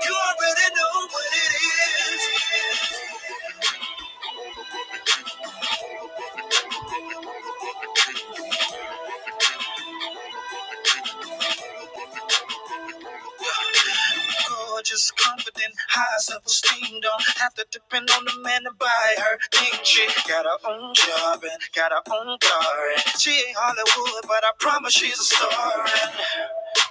You already know what it is. Gorgeous, confident, high self-esteem. Don't have to depend on the man to buy her thing. She got her own job and got her own car. And she ain't Hollywood, but I promise she's a star. and.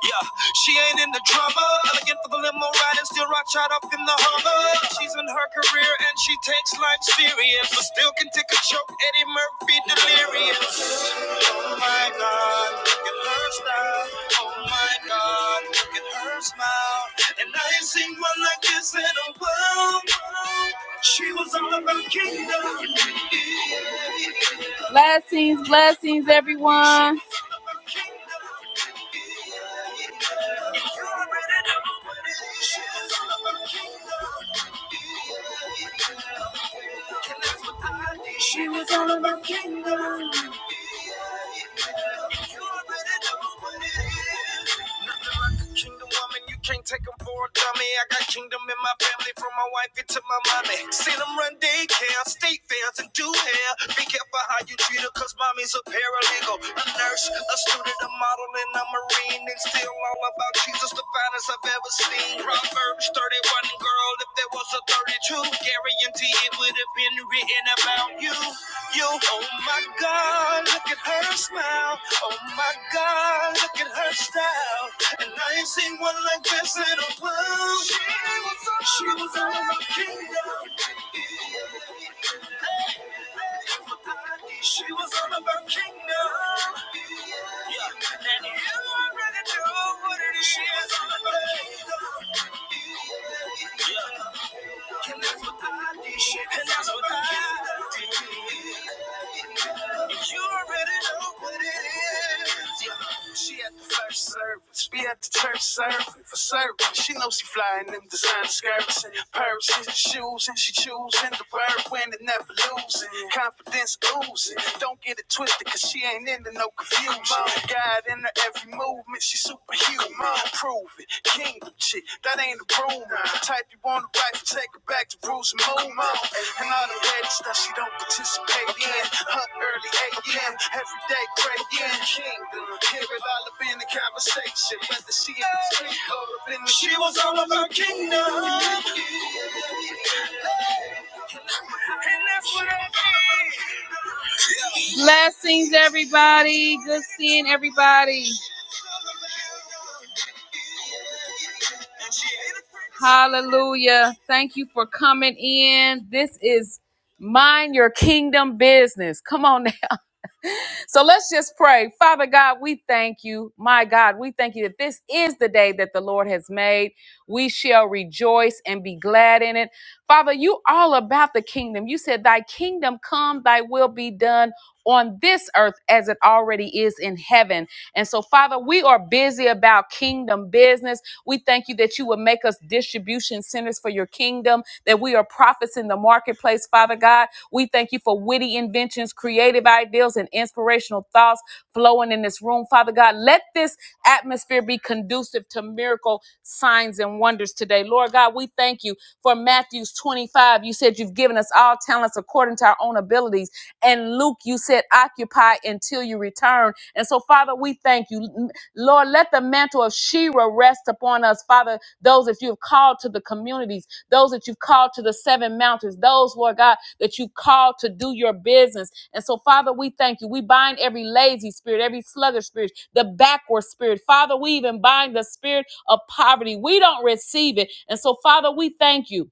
Yeah, she ain't in the drama. Elegant for the limo ride and still rock shot up in the Hummer. She's in her career and she takes life serious, but still can take a choke. Eddie Murphy delirious. Oh my God, look at her style. Oh my God, look at her smile. And I ain't seen one like this in a while. She was all about kingdom. Blessings, blessings, everyone. You already know Kingdom woman, you can't take 'em for a dummy. I got kingdom in my family from my wife into my mommy. See them run daycare, state fairs, and do hair. Be careful how you treat her, cause mommy's a paralegal, a nurse, a student, a model, and a marine. And still all about Jesus, the finest I've ever seen. Proverbs 31, girl, if there was a 32, guarantee it would have been written about you. You, oh my God, look at her smile. Oh my God, look at her style. And I ain't seen one like this in a while. She was all about kingdom. She was all about kingdom. Yeah. And you already know what it is. She was all about kingdom. Yeah. Can never buy this shit. Can never buy. You already know what it is. She at the first service, be at the church service for serving. She knows she flying them designer skirts and purses, and shoes, and she choosing the bird winning, never losing. Confidence oozing, don't get it twisted, cause she ain't into no confusion. God in her every movement, she superhuman. Prove it. King shit, that ain't approved. The type you wanna write, take her back to rules and move And all the ladies that she don't participate in. Up early 8 a.m., every day praying. Kingdom, hear it all up in the conversation. Whether she in the street or up in the She was all of her kingdom. And that's what I mean. Blessings, everybody. Good seeing everybody. Hallelujah. Thank you for coming in. This is Mind Your Kingdom Business. Come on now. So let's just pray. Father God, we thank you. My God, we thank you that this is the day that the Lord has made. We shall rejoice and be glad in it. Father, you all about the kingdom. You said, Thy kingdom come, thy will be done on this earth as it already is in heaven. And so, Father, we are busy about kingdom business. We thank you that you would make us distribution centers for your kingdom, that we are prophets in the marketplace, Father God we thank you for witty inventions, creative ideals, and inspirational thoughts flowing in this room. Father God, let this atmosphere be conducive to miracle signs and wonders today. Lord God, we thank you for Matthew's 25. You said you've given us all talents according to our own abilities. And Luke, you said occupy until you return. And so, Father, we thank you. Lord, let the mantle of Shira rest upon us, Father, those if you have called to the communities those that you've called to the seven mountains, those, Lord God, that you called to do your business. And so, Father, we thank you. We bind every lazy spirit, every sluggish spirit, the backward spirit. Father, we even bind the spirit of poverty. We don't receive it. And so, Father, we thank you.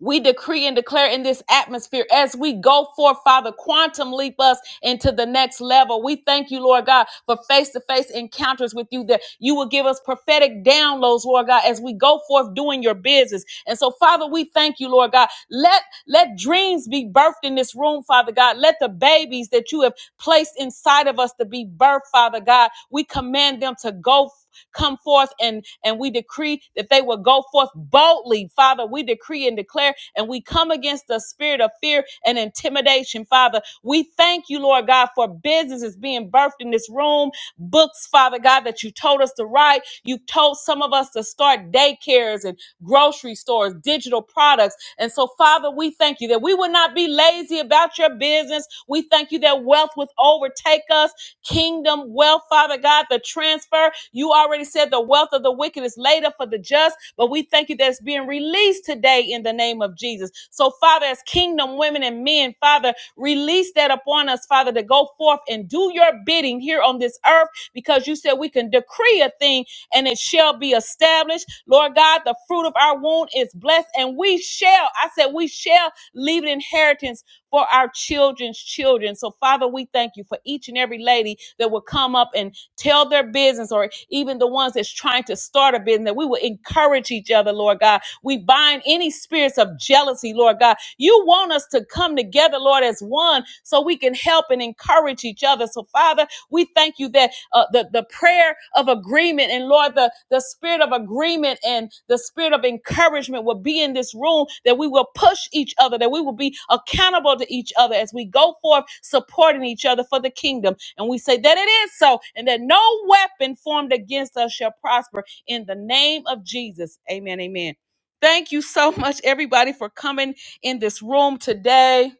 We decree and declare in this atmosphere as we go forth, Father, quantum leap us into the next level. We thank you, Lord God, for face to face encounters with you that you will give us prophetic downloads, Lord God, as we go forth doing your business. And so, Father, we thank you, Lord God. Let let dreams be birthed in this room, Father God. Let the babies that you have placed inside of us to be birthed, Father God. We command them to go come forth and and we decree that they will go forth boldly father we decree and declare and we come against the spirit of fear and intimidation father we thank you lord god for businesses being birthed in this room books father god that you told us to write you told some of us to start daycares and grocery stores digital products and so father we thank you that we would not be lazy about your business we thank you that wealth would overtake us kingdom wealth, Father God, the transfer. You already said the wealth of the wicked is laid up for the just, but we thank you that it's being released today in the name of Jesus. So, Father, as kingdom women and men, Father, release that upon us, Father, to go forth and do your bidding here on this earth because you said we can decree a thing and it shall be established. Lord God, the fruit of our womb is blessed and we shall, I said, we shall leave an inheritance for our children's children. So, Father, we thank you for each and every lady that will come up and tell their business, or even the ones that's trying to start a business, that we will encourage each other, Lord God. We bind any spirits of jealousy, Lord God. You want us to come together, Lord, as one so we can help and encourage each other. So, Father, we thank you that uh, the, the prayer of agreement. And Lord, the, the spirit of agreement and the spirit of encouragement will be in this room, that we will push each other, that we will be accountable to each other as we go forth supporting each other for the kingdom. And we say that it is so, and that no weapon formed against us shall prosper in the name of Jesus. Amen. Amen. Thank you so much, everybody, for coming in this room today.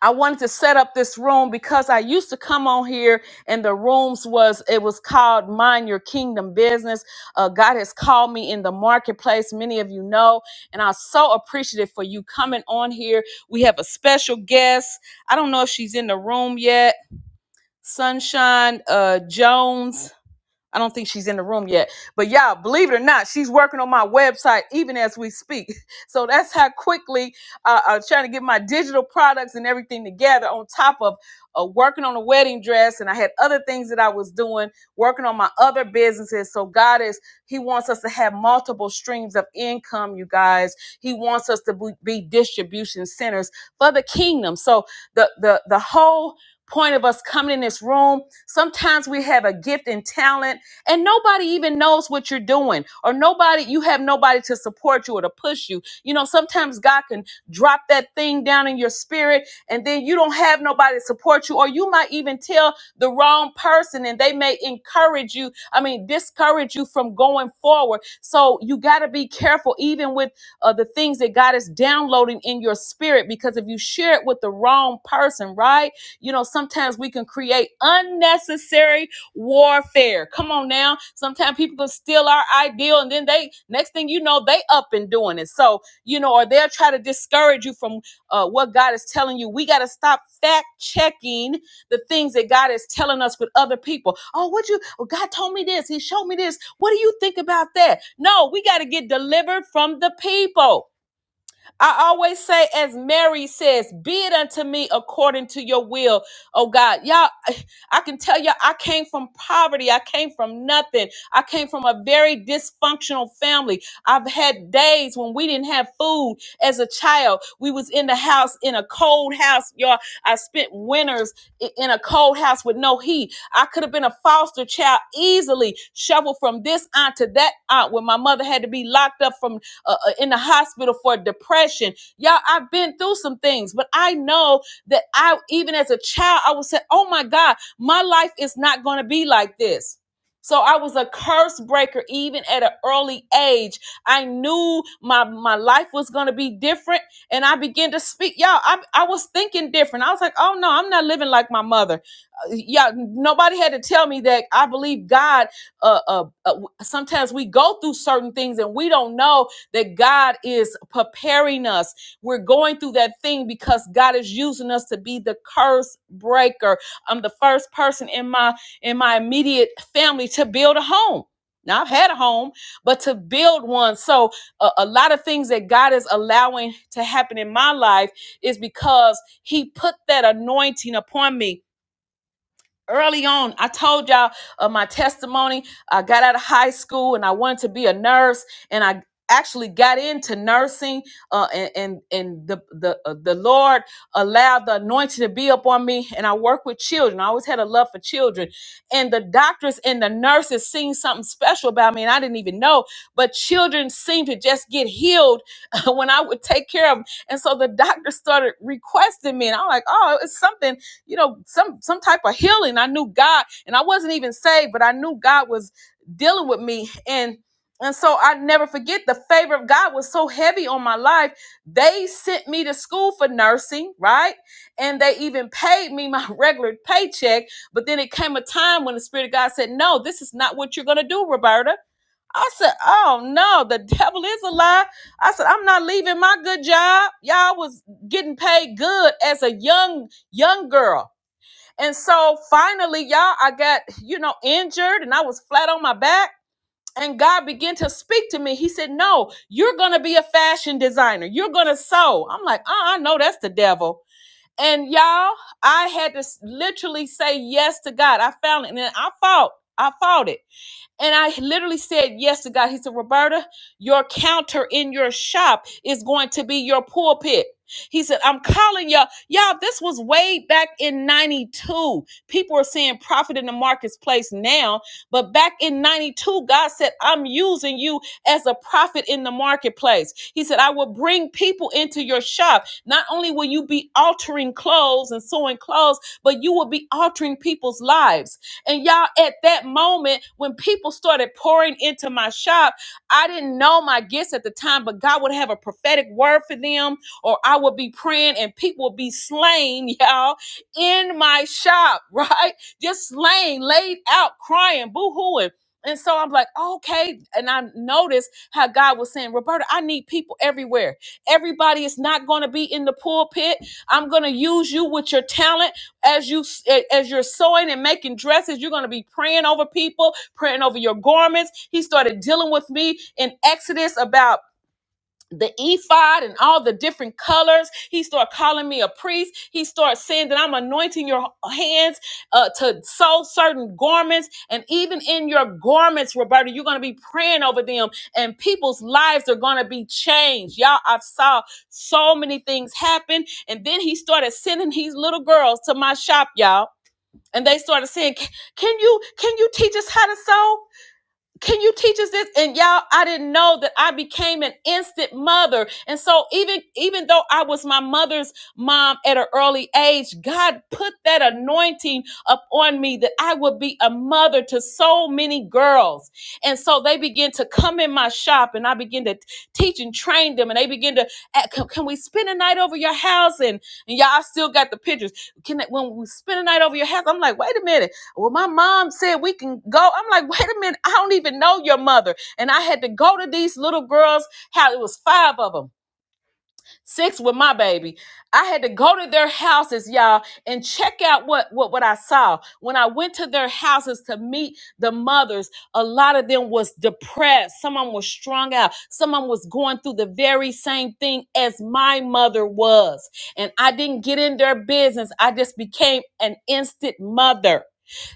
I wanted to set up this room because I used to come on here and the rooms was it was called Mind Your Kingdom Business. Uh, God has called me in the marketplace, many of you know, and I'm so appreciative for you coming on here. We have a special guest. I don't know if she's in the room yet. Sunshine uh, Jones. I don't think she's in the room yet. But y'all, believe it or not, she's working on my website even as we speak. So that's how quickly uh, I'm trying to get my digital products and everything together on top of uh, working on a wedding dress. And I had other things that I was doing, working on my other businesses. So God is, He wants us to have multiple streams of income, you guys. He wants us to be be distribution centers for the kingdom. So the, the, the whole point of us coming in this room, sometimes we have a gift and talent and nobody even knows what you're doing or nobody you have nobody to support you or to push you you know sometimes god can drop that thing down in your spirit and then you don't have nobody to support you or you might even tell the wrong person and they may encourage you i mean discourage you from going forward so you got to be careful even with uh, the things that god is downloading in your spirit because if you share it with the wrong person right you know sometimes we can create unnecessary warfare. Come on now. Sometimes people can steal our ideal and then they next thing you know, they up and doing it. So, you know, or they'll try to discourage you from uh, what God is telling you. We got to stop fact checking the things that God is telling us with other people. Oh, what you, oh, God told me this. He showed me this. What do you think about that? No, we got to get delivered from the people. I always say, as Mary says, be it unto me according to your will. Oh God, y'all, I can tell you, I came from poverty. I came from nothing. I came from a very dysfunctional family. I've had days when we didn't have food as a child. We was in the house in a cold house, y'all. I spent winters i- in a cold house with no heat. I could have been a foster child easily, shoveled from this aunt to that aunt when my mother had to be locked up from uh, uh, in the hospital for depression. Y'all, I've been through some things, but I know that I, even as a child, I would say, oh my God, my life is not going to be like this. So I was a curse breaker even at an early age. I knew my my life was going to be different and I began to speak. Y'all, I, I was thinking different. I was like, "Oh no, I'm not living like my mother." Uh, yeah, nobody had to tell me that I believe God uh, uh, uh, sometimes we go through certain things and we don't know that God is preparing us. We're going through that thing because God is using us to be the curse breaker. I'm the first person in my in my immediate family to build a home. Now I've had a home, but to build one. So a, a lot of things that God is allowing to happen in my life is because He put that anointing upon me early on i told y'all of my testimony i got out of high school and i wanted to be a nurse and i actually got into nursing uh, and and, and the the, uh, the lord allowed the anointing to be upon me and i work with children i always had a love for children and the doctors and the nurses seen something special about me and i didn't even know but children seemed to just get healed when i would take care of them and so the doctor started requesting me and i'm like oh it's something you know, some some type of healing. I knew God, and I wasn't even saved, but I knew God was dealing with me. And and so I never forget the favor of God was so heavy on my life. They sent me to school for nursing, right? And they even paid me my regular paycheck. But then it came a time when the Spirit of God said, No, this is not what you're gonna do, Roberta. I said, Oh no, the devil is a lie. I said, I'm not leaving my good job. Y'all was getting paid good as a young young girl. And so finally, y'all, I got, you know, injured and I was flat on my back. And God began to speak to me. He said, No, you're going to be a fashion designer. You're going to sew. I'm like, Uh uh no, that's the devil. And y'all, I had to s- literally say yes to God. I found it. And then I fought. I fought it. And I literally said yes to God. He said, Roberta, your counter in your shop is going to be your pulpit. He said, I'm calling y'all. Y'all, this was way back in 92. People are seeing profit in the marketplace now. But back in 92, God said, I'm using you as a prophet in the marketplace. He said, I will bring people into your shop. Not only will you be altering clothes and sewing clothes, but you will be altering people's lives. And y'all, at that moment, when people started pouring into my shop, I didn't know my gifts at the time, but God would have a prophetic word for them, or I would be praying and people would be slain, y'all, in my shop, right? Just slain, laid out, crying, boo hooing. And so I'm like, okay. And I noticed how God was saying, Roberta, I need people everywhere. Everybody is not going to be in the pulpit. I'm going to use you with your talent as you as you're sewing and making dresses you're going to be praying over people praying over your garments he started dealing with me in exodus about the ephod and all the different colors. He started calling me a priest. He started saying that I'm anointing your hands uh, to sew certain garments. And even in your garments, Roberta, you're going to be praying over them and people's lives are going to be changed. Y'all, I saw so many things happen. And then he started sending these little girls to my shop, y'all. And they started saying, "Can can you can you teach us how to sew?" can you teach us this and y'all i didn't know that i became an instant mother and so even even though i was my mother's mom at an early age god put that anointing upon me that i would be a mother to so many girls and so they begin to come in my shop and i begin to teach and train them and they begin to "Ah, can, can we spend a night over your house and, and y'all I still got the pictures can when we spend a night over your house i'm like wait a minute well, my mom said we can go. I'm like, wait a minute, I don't even know your mother. And I had to go to these little girls' house. It was five of them, six with my baby. I had to go to their houses, y'all, and check out what, what, what I saw. When I went to their houses to meet the mothers, a lot of them was depressed. Some of them was strung out. Some of them was going through the very same thing as my mother was. And I didn't get in their business. I just became an instant mother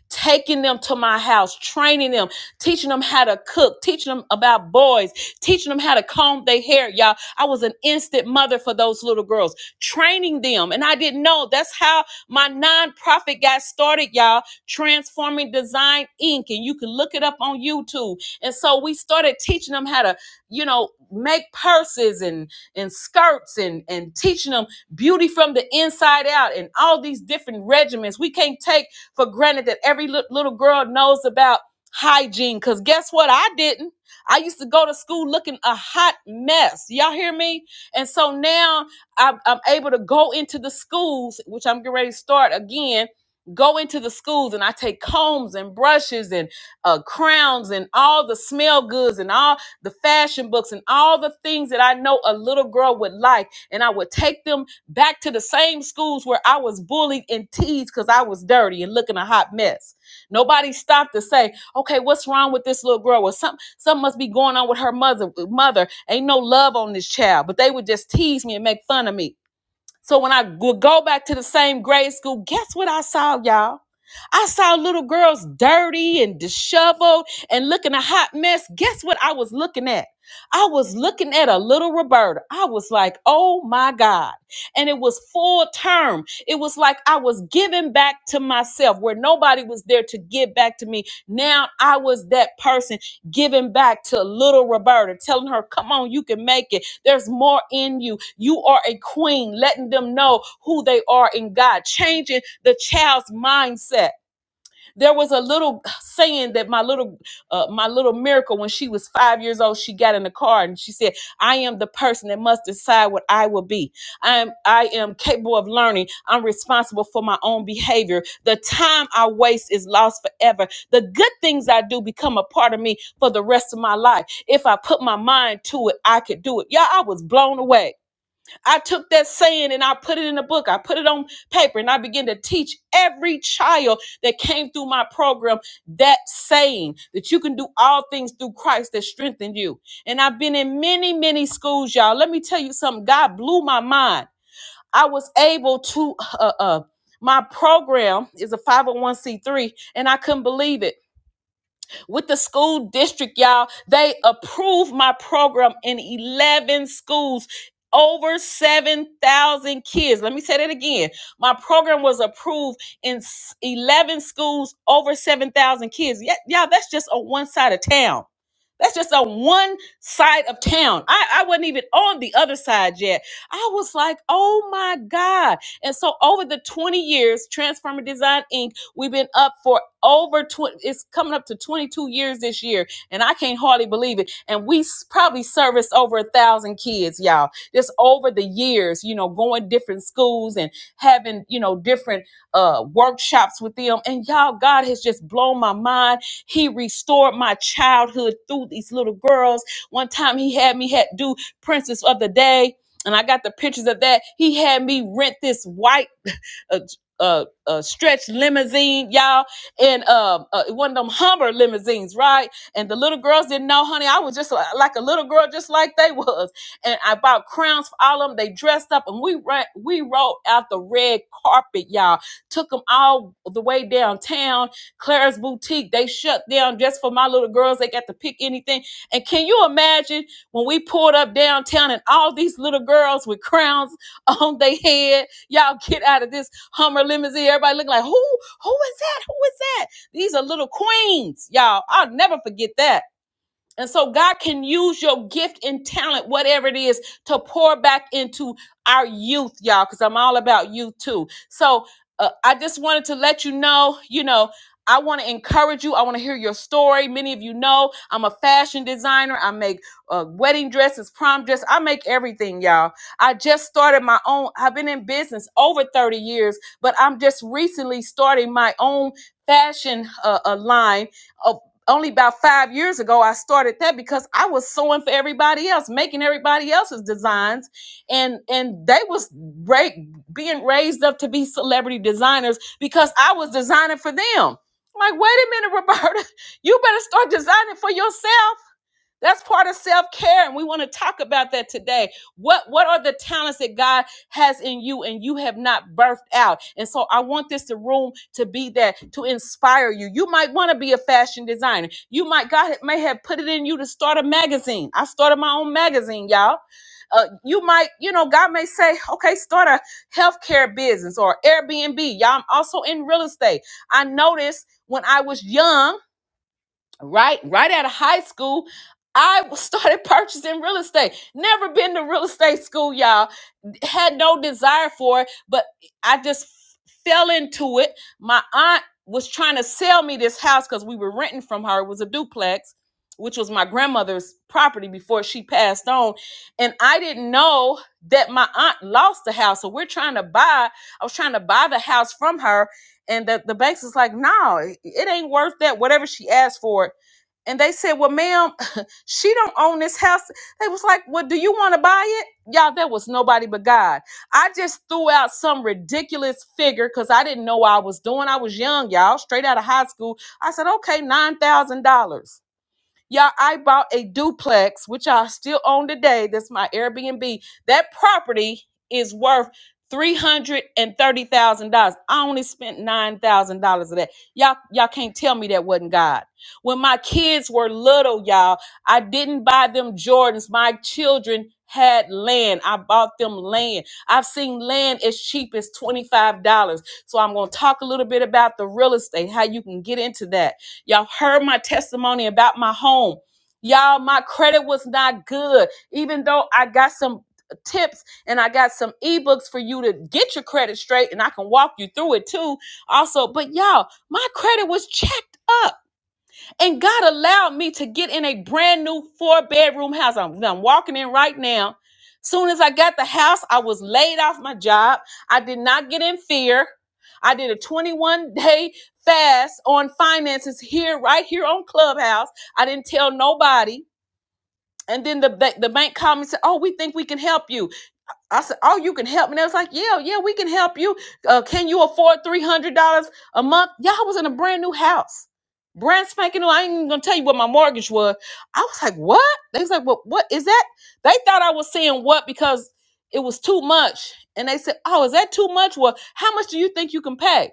taking them to my house, training them, teaching them how to cook, teaching them about boys, teaching them how to comb their hair, y'all. I was an instant mother for those little girls, training them. And I didn't know that's how my nonprofit got started, y'all, Transforming Design Inc. And you can look it up on YouTube. And so we started teaching them how to, you know, make purses and and skirts and and teaching them beauty from the inside out and all these different regimens. We can't take for granted that every lit- little girl knows about hygiene. Because guess what? I didn't. I used to go to school looking a hot mess. Y'all hear me? And so now I'm, I'm able to go into the schools, which I'm getting ready to start again. Go into the schools and I take combs and brushes and uh, crowns and all the smell goods and all the fashion books and all the things that I know a little girl would like. And I would take them back to the same schools where I was bullied and teased because I was dirty and looking a hot mess. Nobody stopped to say, okay, what's wrong with this little girl? Or something, something must be going on with her mother. Mother, ain't no love on this child. But they would just tease me and make fun of me. So when I go go back to the same grade school, guess what I saw, y'all? I saw little girls dirty and disheveled and looking a hot mess. Guess what I was looking at? I was looking at a little Roberta. I was like, oh my God. And it was full term. It was like I was giving back to myself where nobody was there to give back to me. Now I was that person giving back to little Roberta, telling her, Come on, you can make it. There's more in you. You are a queen, letting them know who they are in God, changing the child's mindset. There was a little saying that my little uh, my little miracle when she was five years old, she got in the car and she said, "I am the person that must decide what I will be. I am I am capable of learning. I'm responsible for my own behavior. The time I waste is lost forever. The good things I do become a part of me for the rest of my life. If I put my mind to it, I could do it. Yeah, I was blown away. I took that saying and I put it in a book. I put it on paper and I began to teach every child that came through my program that saying that you can do all things through Christ that strengthened you. And I've been in many, many schools, y'all. Let me tell you something. God blew my mind. I was able to, uh, uh, my program is a 501c3 and I couldn't believe it with the school district, y'all. They approved my program in 11 schools. Over 7,000 kids. Let me say that again. My program was approved in s- 11 schools, over 7,000 kids. Yeah, y'all, that's just on one side of town. That's just on one side of town. I, I wasn't even on the other side yet. I was like, oh my God. And so over the 20 years, Transformer Design Inc., we've been up for over 20 it's coming up to 22 years this year and i can't hardly believe it and we s- probably serviced over a thousand kids y'all just over the years you know going different schools and having you know different uh workshops with them and y'all god has just blown my mind he restored my childhood through these little girls one time he had me had do princess of the day and I got the pictures of that. He had me rent this white a a, a stretch limousine, y'all, and um, uh, one of them Hummer limousines, right? And the little girls didn't know, honey. I was just li- like a little girl, just like they was. And I bought crowns for all of them. They dressed up, and we ran, we rolled out the red carpet, y'all. Took them all the way downtown, Claire's boutique. They shut down just for my little girls. They got to pick anything. And can you imagine when we pulled up downtown and all these little girls with crowns on their head? Y'all get out of this Hummer limousine. Everybody looking like, who, who is that? Who is that? These are little queens, y'all. I'll never forget that. And so God can use your gift and talent, whatever it is, to pour back into our youth, y'all, because I'm all about youth too. So uh, I just wanted to let you know, you know, I want to encourage you. I want to hear your story. Many of you know I'm a fashion designer. I make uh, wedding dresses, prom dress. I make everything, y'all. I just started my own. I've been in business over 30 years, but I'm just recently starting my own fashion uh, uh, line uh, only about five years ago i started that because i was sewing for everybody else making everybody else's designs and and they was ra- being raised up to be celebrity designers because i was designing for them I'm like wait a minute roberta you better start designing for yourself that's part of self-care, and we want to talk about that today. What what are the talents that God has in you and you have not birthed out? And so I want this to room to be that to inspire you. You might want to be a fashion designer. You might God may have put it in you to start a magazine. I started my own magazine, y'all. Uh, you might, you know, God may say, okay, start a healthcare business or Airbnb. Y'all, I'm also in real estate. I noticed when I was young right right out of high school i started purchasing real estate never been to real estate school y'all had no desire for it, but I just fell into it. My aunt was trying to sell me this house because we were renting from her. It was a duplex, which was my grandmother's property before she passed on. And I didn't know that my aunt lost the house. So we're trying to buy, I was trying to buy the house from her. And the, the banks was like, no, it it ain't worth that, whatever she asked for it. And they said, well, ma'am, she don't own this house. They was like, well, do you want to buy it? y'all, that was nobody but God. I just threw out some ridiculous figure because I didn't know what I was doing. I was young, y'all, straight out of high school. I said, okay, $9,000. Y'all, I bought a duplex, which I still own today. That's my Airbnb. That property is worth $330,000. I only spent $9,000 of that. Y'all, y'all can't tell me that wasn't God. When my kids were little, y'all, I didn't buy them Jordans. My children had land. I bought them land. I've seen land as cheap as $25. So I'm going to talk a little bit about the real estate, how you can get into that. Y'all heard my testimony about my home. Y'all, my credit was not good, even though I got some tips and I got some ebooks for you to get your credit straight and I can walk you through it too. Also, but y'all, my credit was checked and God allowed me to get in a brand new four bedroom house. I'm, I'm walking in right now. Soon as I got the house, I was laid off my job. I did not get in fear. I did a 21 day fast on finances here, right here on Clubhouse. I didn't tell nobody. And then the, ba- the bank called me and said, Oh, we think we can help you. I said, "Oh, you can help me." And they was like, "Yeah, yeah, we can help you. Uh, can you afford three hundred dollars a month?" Y'all was in a brand new house, brand spanking new. I ain't even gonna tell you what my mortgage was. I was like, "What?" They was like, "What? What is that?" They thought I was saying what because it was too much, and they said, "Oh, is that too much? Well, how much do you think you can pay?"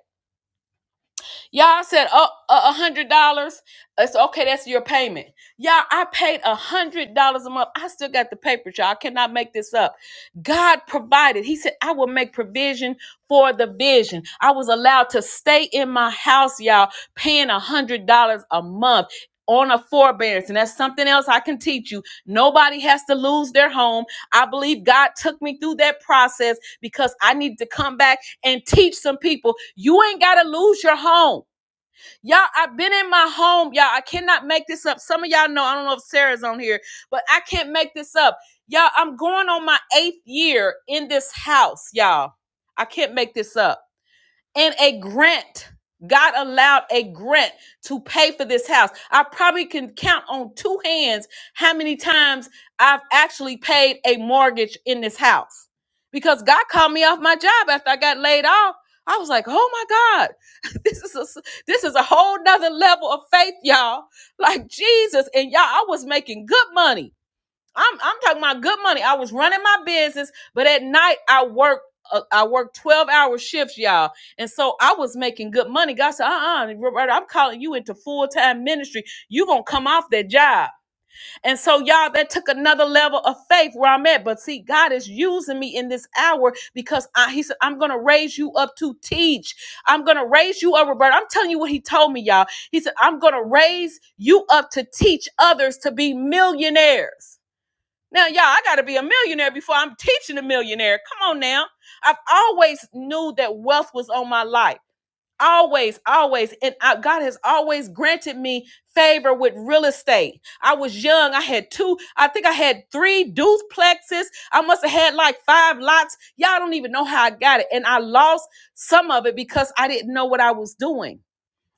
Y'all said, oh, a hundred dollars. It's okay. That's your payment. Y'all, I paid a hundred dollars a month. I still got the paper, y'all. I cannot make this up. God provided. He said, I will make provision for the vision. I was allowed to stay in my house, y'all, paying a hundred dollars a month on a forbearance. And that's something else I can teach you. Nobody has to lose their home. I believe God took me through that process because I needed to come back and teach some people. You ain't got to lose your home. Y'all, I've been in my home. Y'all, I cannot make this up. Some of y'all know, I don't know if Sarah's on here, but I can't make this up. Y'all, I'm going on my eighth year in this house, y'all. I can't make this up and a grant. God allowed a grant to pay for this house. I probably can count on two hands how many times I've actually paid a mortgage in this house because God called me off my job after I got laid off. I was like, "Oh my God, this is a, this is a whole nother level of faith, y'all." Like Jesus and y'all, I was making good money I'm I'm talking about good money. I was running my business, but at night I worked uh, I worked 12 hour shifts, y'all. And so I was making good money. God said, uh-uh, Roberta, I'm calling you into full-time ministry. you gonna come off that job. And so, y'all, that took another level of faith where I'm at. But see, God is using me in this hour because I, He said, I'm gonna raise you up to teach. I'm gonna raise you up, Roberta. I'm telling you what He told me, y'all. He said, I'm gonna raise you up to teach others to be millionaires. Now, y'all, I gotta be a millionaire before I'm teaching a millionaire. Come on now. I've always knew that wealth was on my life. Always, always. And I, God has always granted me favor with real estate. I was young. I had two, I think I had three duplexes. I must have had like five lots. Y'all don't even know how I got it. And I lost some of it because I didn't know what I was doing.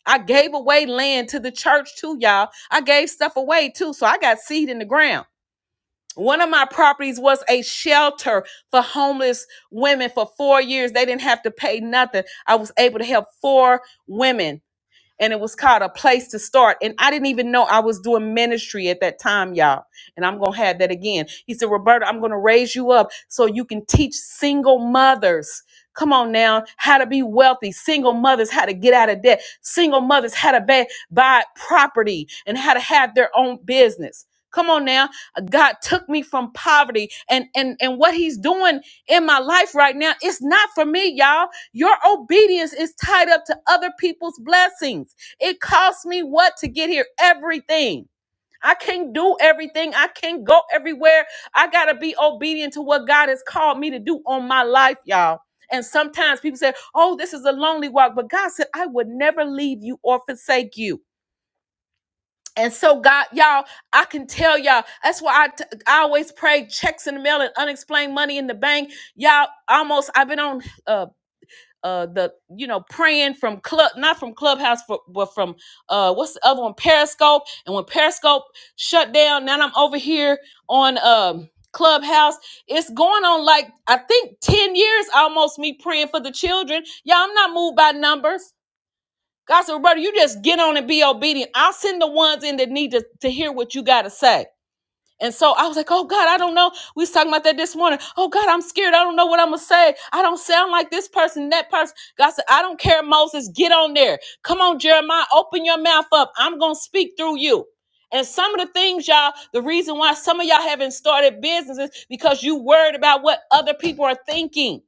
I gave away land to the church too, y'all. I gave stuff away too. So I got seed in the ground. One of my properties was a shelter for homeless women for four years. They didn't have to pay nothing. I was able to help four women and it was called a place to start and i didn't even know i was doing ministry at that time y'all and i'm gonna have that again he said roberta i'm gonna raise you up so you can teach single mothers come on now how to be wealthy single mothers how to get out of debt single mothers how to ba- buy property and how to have their own business come on now god took me from poverty and and and what he's doing in my life right now it's not for me y'all your obedience is tied up to other people's blessings. It cost me what to get here? Everything. I can't do everything. I can't go everywhere. I got to be obedient to what God has called me to do on my life, y'all. And sometimes people say, oh, this is a lonely walk. But God said, I would never leave you or forsake you. And so, God, y'all, I can tell y'all. That's why I, t- I always pray checks in the mail and unexplained money in the bank. Y'all, almost, I've been on. uh, uh the you know praying from club not from clubhouse for, but from uh what's the other one periscope and when periscope shut down now i'm over here on um clubhouse it's going on like i think 10 years almost me praying for the children yeah i'm not moved by numbers god said brother you just get on and be obedient i'll send the ones in that need to, to hear what you got to say and so I was like, oh God, I don't know. We was talking about that this morning. Oh God, I'm scared. I don't know what I'm gonna say. I don't sound like this person, that person. God said, I don't care, Moses. Get on there. Come on, Jeremiah, open your mouth up. I'm gonna speak through you. And some of the things, y'all, the reason why some of y'all haven't started businesses because you worried about what other people are thinking.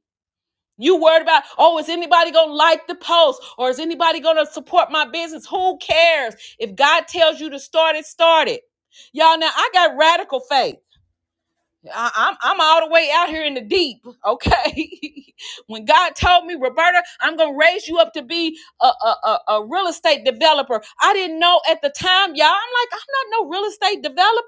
You worried about, oh, is anybody going to like the post or is anybody going to support my business? Who cares? If God tells you to start it, start it. Y'all, now I got radical faith. I, I'm, I'm all the way out here in the deep, okay? when God told me, Roberta, I'm going to raise you up to be a, a, a, a real estate developer, I didn't know at the time, y'all. I'm like, I'm not no real estate developer.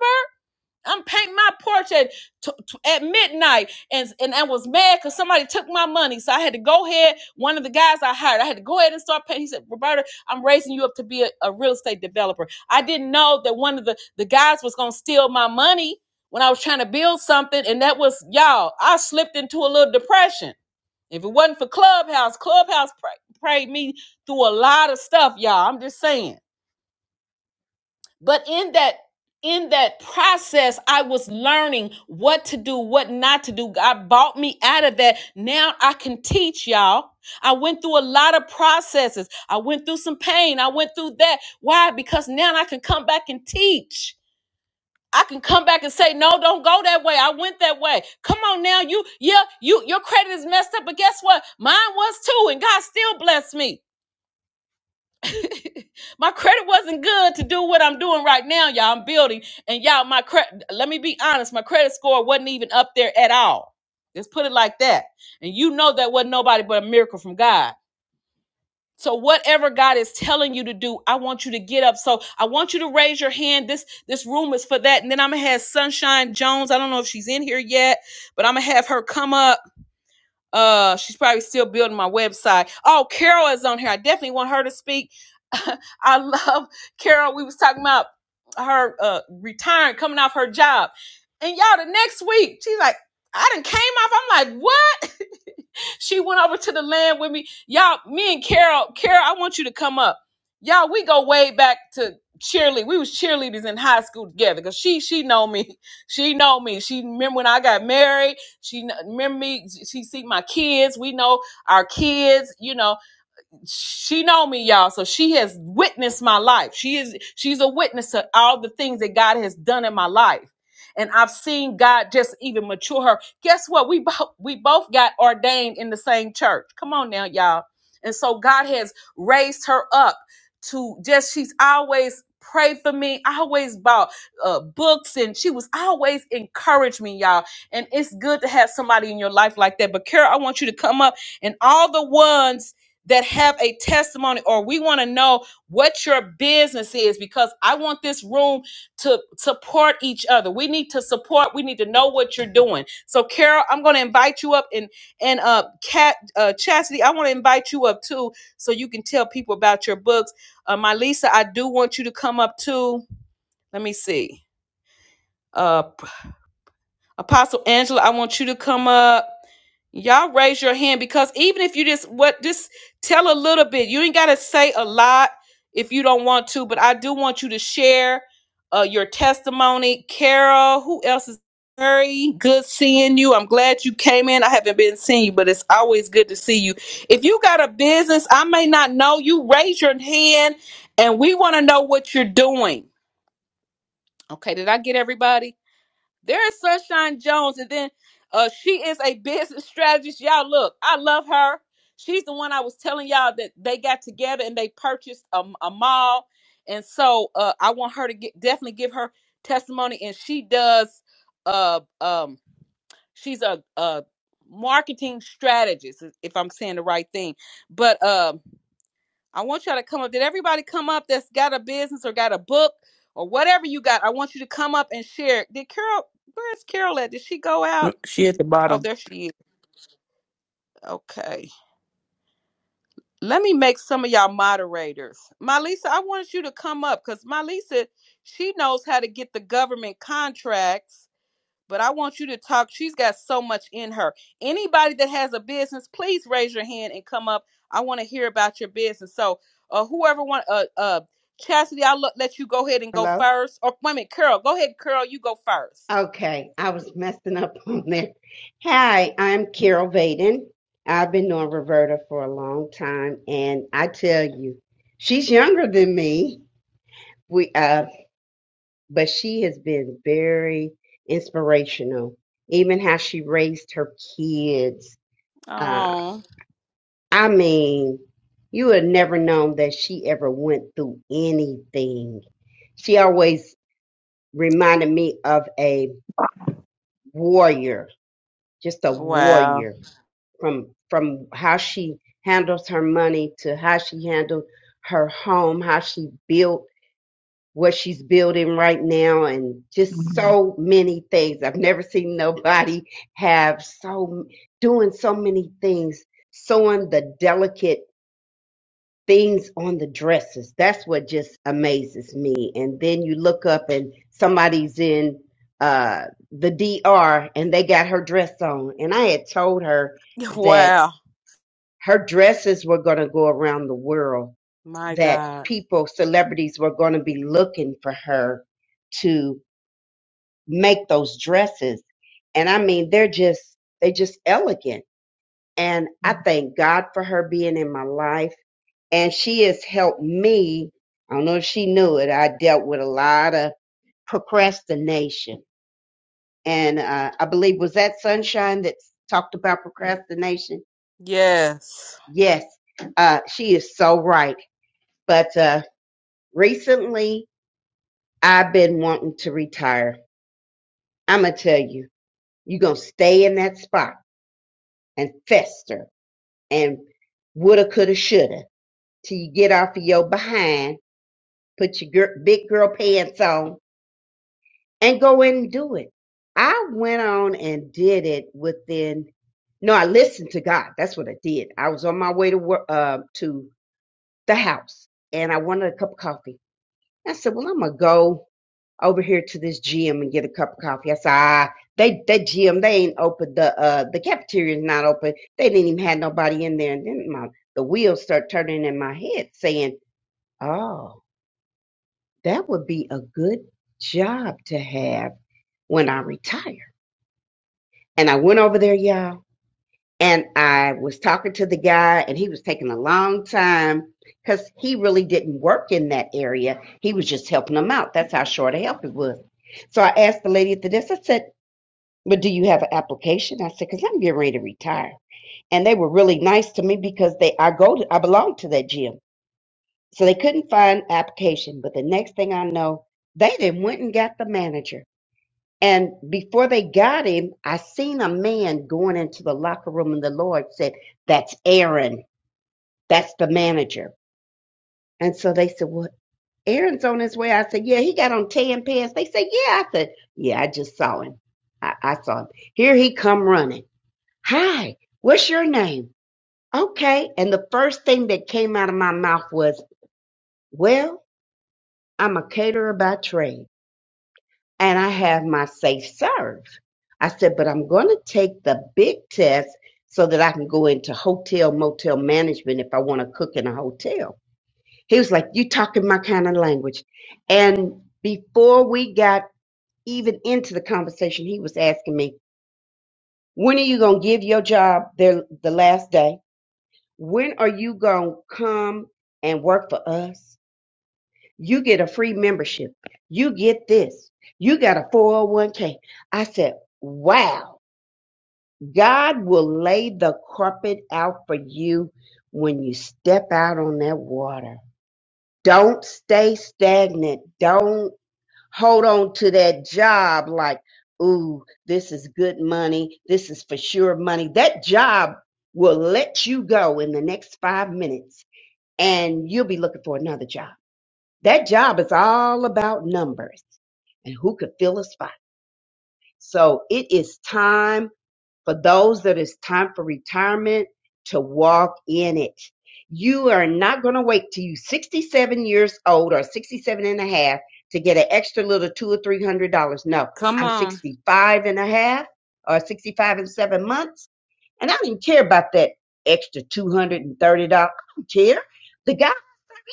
I'm painting my porch at t- t- at midnight, and and I was mad because somebody took my money, so I had to go ahead. One of the guys I hired, I had to go ahead and start painting. He said, "Roberta, I'm raising you up to be a, a real estate developer." I didn't know that one of the the guys was gonna steal my money when I was trying to build something, and that was y'all. I slipped into a little depression. If it wasn't for Clubhouse, Clubhouse pra- prayed me through a lot of stuff, y'all. I'm just saying but in that in that process i was learning what to do what not to do god bought me out of that now i can teach y'all i went through a lot of processes i went through some pain i went through that why because now i can come back and teach I can come back and say, no, don't go that way. I went that way. Come on now. You, yeah, you, your credit is messed up, but guess what? Mine was too, and God still blessed me. my credit wasn't good to do what I'm doing right now, y'all. I'm building, and y'all, my credit. Let me be honest, my credit score wasn't even up there at all. Let's put it like that. And you know that wasn't nobody but a miracle from God. So whatever God is telling you to do, I want you to get up. So I want you to raise your hand. This this room is for that. And then I'm gonna have Sunshine Jones. I don't know if she's in here yet, but I'm gonna have her come up uh, she's probably still building my website. Oh, Carol is on here. I definitely want her to speak. I love Carol. We was talking about her uh retiring, coming off her job, and y'all the next week she's like, "I didn't came off." I'm like, "What?" she went over to the land with me. Y'all, me and Carol, Carol, I want you to come up. Y'all, we go way back to cheerlead. We was cheerleaders in high school together. Cause she she know me. She know me. She remember when I got married. She kn- remember me. She she see my kids. We know our kids, you know she know me y'all so she has witnessed my life she is she's a witness to all the things that god has done in my life and i've seen god just even mature her guess what we both we both got ordained in the same church come on now y'all and so god has raised her up to just she's always prayed for me always bought uh, books and she was always encouraged me y'all and it's good to have somebody in your life like that but kara i want you to come up and all the ones that have a testimony or we want to know what your business is because I want this room to support each other. We need to support, we need to know what you're doing. So Carol, I'm going to invite you up and and uh Cat uh Chastity, I want to invite you up too so you can tell people about your books. Uh my Lisa, I do want you to come up too. Let me see. Uh. Apostle Angela, I want you to come up. Y'all raise your hand because even if you just what just tell a little bit, you ain't gotta say a lot if you don't want to, but I do want you to share uh your testimony. Carol, who else is very good seeing you? I'm glad you came in. I haven't been seeing you, but it's always good to see you. If you got a business, I may not know you, raise your hand and we want to know what you're doing. Okay, did I get everybody? There's Sunshine Jones, and then uh, she is a business strategist. Y'all, look, I love her. She's the one I was telling y'all that they got together and they purchased a, a mall, and so uh, I want her to get definitely give her testimony. And she does. Uh, um, she's a, a marketing strategist, if I'm saying the right thing. But um, I want y'all to come up. Did everybody come up that's got a business or got a book or whatever you got? I want you to come up and share. Did Carol, where's Carol at? Did she go No, out? she at the Oh, bottom. there she is. Okay. Let me make some of y'all moderators. Malisa, I wanted you to come up because Malisa, she knows how to get the government contracts but I want you to talk. She's got so much in her. Anybody that has a business, please raise your hand and come up. I want to hear about your business. So, uh, whoever want, uh, uh, Chastity, I'll let you go ahead and go Hello? first. Or wait a minute, Carol, go ahead, Carol, you go first. Okay, I was messing up on there. Hi, I'm Carol Vaden. I've been knowing Roberta for a long time, and I tell you, she's younger than me. We, uh, but she has been very inspirational. Even how she raised her kids. Uh, Oh, I mean, you would never known that she ever went through anything. She always reminded me of a warrior just a wow, warrior from from how she handles her money to how she handled her home, how she built what she's building right now and just Mhm. so many things. I've never seen nobody have so doing so many things, sewing the delicate things on the dresses. That's what just amazes me. And then you look up and somebody's in uh, the DR and they got her dress on. And I had told her that wow, her dresses were going to go around the world, my that God, people, celebrities were going to be looking for her to make those dresses. And I mean, they're just, they just elegant and I thank God for her being in my life. And she has helped me. I don't know if she knew it. I dealt with a lot of procrastination. And uh, I believe, was that Sunshine that talked about procrastination? yes, Yes. Uh, she is so right. But uh, recently, I've been wanting to retire. I'm going to tell you, you're going to stay in that spot and fester and woulda, coulda, shoulda till you get off of your behind put your gir big girl pants on and go in and do it. I went on and did it within. No, I listened to God. That's what I did. I was on my way to work uh, to the house, and I wanted a cup of coffee. I said, "Well, I'm gonna go over here to this gym and get a cup of coffee." I said, "Ah, they that gym they ain't open. The uh the cafeteria's not open. They didn't even have nobody in there." And then my the wheels start turning in my head, saying, "Oh." That would be a good job to have when I retire. And I went over there, y'all, and I was talking to the guy, and he was taking a long time because he really didn't work in that area. He was just helping them out. That's how short of help it was. So I asked the lady at the desk, I said, But do you have an application? I said, Because I'm getting ready to retire. And they were really nice to me because they I go to I belong to that gym. So they couldn't find application. But the next thing I know, they then went and got the manager And before they got him, I seen a man going into the locker room, and the Lord said, That's Aaron. That's the manager. And so they said, Well, Aaron's on his way. I said, Yeah, he got on tan pants. They said, Yeah. I said, Yeah, I just saw him. I, I saw him. Here he come running. Hi, what's your name? Okay. And the first thing that came out of my mouth was, Well, I'm a caterer by trade. and I have my safe serve. I said, but I'm going to take the big test so that I can go into hotel motel management if I want to cook in a hotel. He was like, you talking my kind of language. And before we got even into the conversation, he was asking me, when are you going to give your job the, the last day? When are you going to come and work for us? You get a free membership. You get this. You got a 401k. I said, wow, God will lay the carpet out for you when you step out on that water. Don't stay stagnant. Don't hold on to that job like, ooh, this is good money. This is for sure money. That job will let you go in the next five minutes and you'll be looking for another job. That job is all about numbers and who could fill a spot. So it is time for those that it's time for retirement to walk in it. You are not going to wait till you 67 years old or 67 and a half to get an extra little two or three hundred dollars. No, come I'm on, 65 and a half or 65 and seven months, and I didn't care about that extra $230. I don't care. The guy.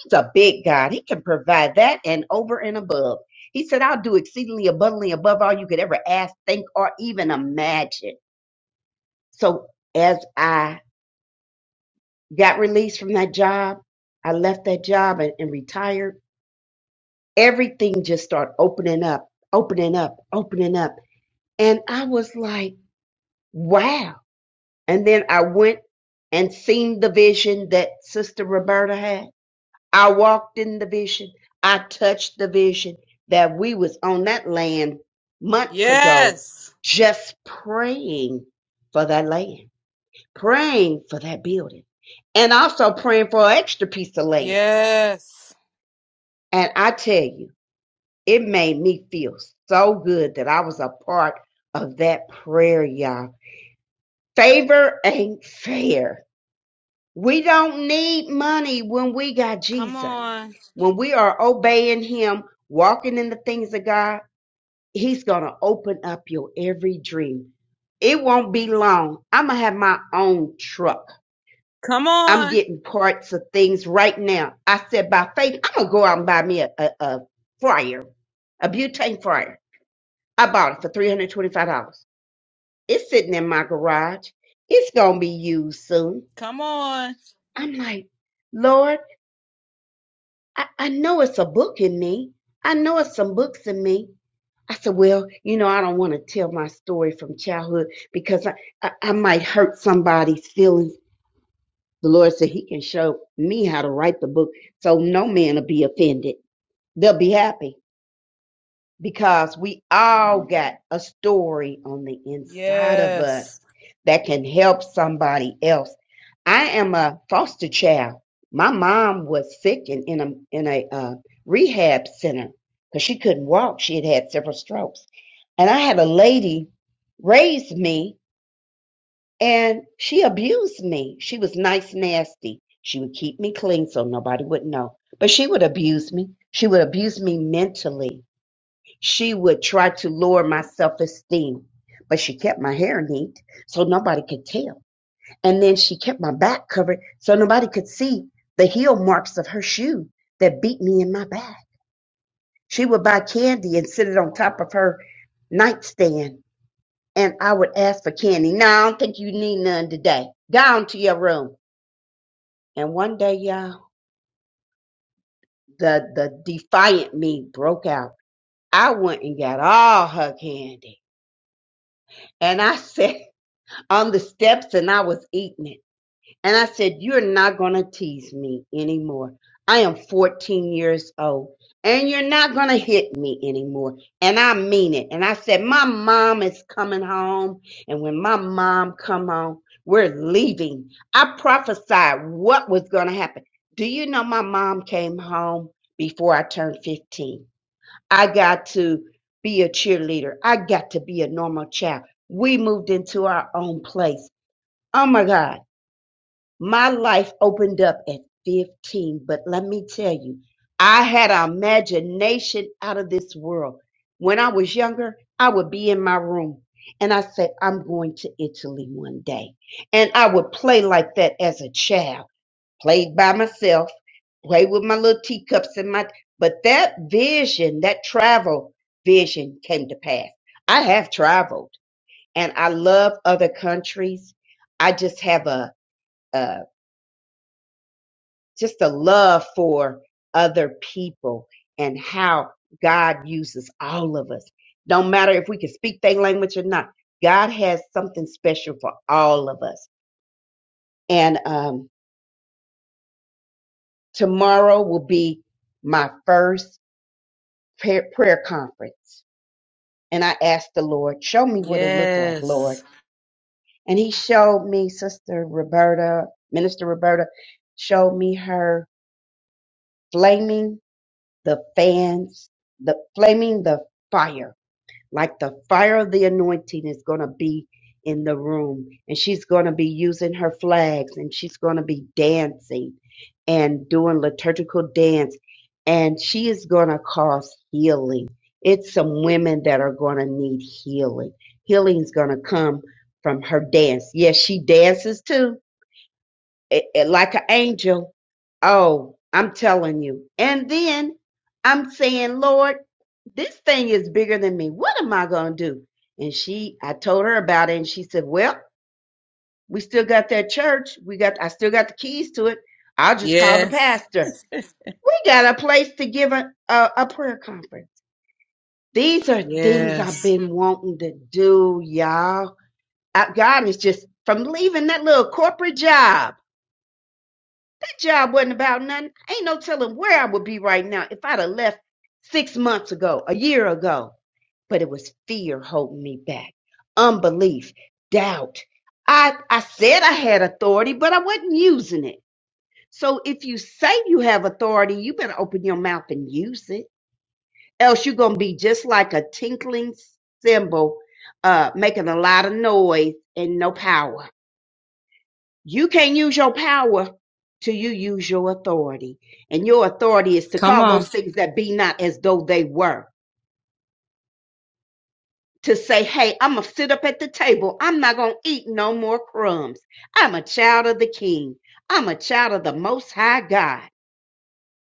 He's a big God. He can provide that and over and above. He said, I'll do exceedingly abundantly above all you could ever ask, think, or even imagine. So as I got released from that job, I left that job and, and retired. Everything just started opening up, opening up, opening up. And I was like, wow. And then I went and seen the vision that Sister Roberta had. I walked in the vision. I touched the vision that we was on that land months ago, yes, just praying for that land, praying for that building, and also praying for an extra piece of land. yes, And I tell you, it made me feel so good that I was a part of that prayer, y'all. Favor ain't fair. We don't need money when we got come Jesus. on, When we are obeying Him, walking in the things of God, He's going to open up your every dream. It won't be long. I'm going to have my own truck. come I'm on, getting parts of things right now. I said, by faith, I'm going to go out and buy me a, a, a fryer, a butane fryer. I bought it for $325. It's sitting in my garage. It's going to be used soon. come on, I'm like, Lord, I, I know it's a book in me. I know it's some books in me. I said, well, you know, I don't want to tell my story from childhood because I, I, I might hurt somebody's feelings. The Lord said he can show me how to write the book so no man will be offended. They'll be happy because we all got a story on the inside of us yes, that can help somebody else. I am a foster child. My mom was sick and in a in a uh, rehab center because she couldn't walk. She had had several strokes, and I had a lady raise me, and she abused me. She was nice, nasty. She would keep me clean so nobody would know, but she would abuse me. She would abuse me mentally she would try to lower my self esteem. But she kept my hair neat so nobody could tell. And then she kept my back covered so nobody could see the heel marks of her shoe that beat me in my back. She would buy candy and sit it on top of her nightstand. And I would ask for candy. No, I don't think you need none today. Go on to your room. And one day, y'all, the, the defiant me broke out. I went and got all her candy. And I said, on the steps and I was eating it. And I said, You're not going to tease me anymore. I am 14 years old and you're not going to hit me anymore. And I mean it. And I said, My mom is coming home. And when my mom come home, we're leaving. I prophesied what was going to happen. Do you know my mom came home before I turned 15? I got to be a cheerleader. I got to be a normal child. We moved into our own place Oh my God, my life opened up at 15, but let me tell you, I had an imagination out of this world. When I was younger, I would be in my room and I said, I'm going to Italy one day. And I would play like that as a child, played by myself, play with my little teacups and my, but that vision, that travel vision came to pass. I have traveled and I love other countries. I just have a, uh, just a love for other people and how God uses all of us. Don't matter if we can speak their language or not, God has something special for all of us. And um, tomorrow will be my first prayer, prayer conference. And I asked the Lord, show me what it looked like, Lord. yes. And he showed me Sister Roberta, Minister Roberta, showed me her flaming the fans, the flaming the fire, like the fire of the anointing is going to be in the room. And she's going to be using her flags and she's going to be dancing and doing liturgical dance. And she is going to cause healing. It's some women that are going to need healing. Healing's going to come from her dance. Yes, she dances too it- it- like an angel. Oh, I'm telling you. And then I'm saying, Lord, this thing is bigger than me. What am I going to do? And she, I told her about it and she said, well, we still got that church. We got, I still got the keys to it. I'll just call the Yes. pastor. We got a place to give a, a, a prayer conference. These are things I've Yes. been wanting to do, y'all. I, God is just from leaving that little corporate job. job wasn't about nothing. Ain't no telling where I would be right now if I'd have left six months ago, a year ago. But it was fear holding me back, unbelief, doubt. I, I said I had authority, but I wasn't using it. So if you say you have authority, you better open your mouth and use it. Else you're going to be just like a tinkling cymbal, uh, making a lot of noise and no power. You can't use your power till you use your authority. And your authority is to Come call on. those things that be not as though they were. To say, hey, I'm going to sit up at the table. I'm not going to eat no more crumbs. I'm a child of the King. I'm a child of the Most High God.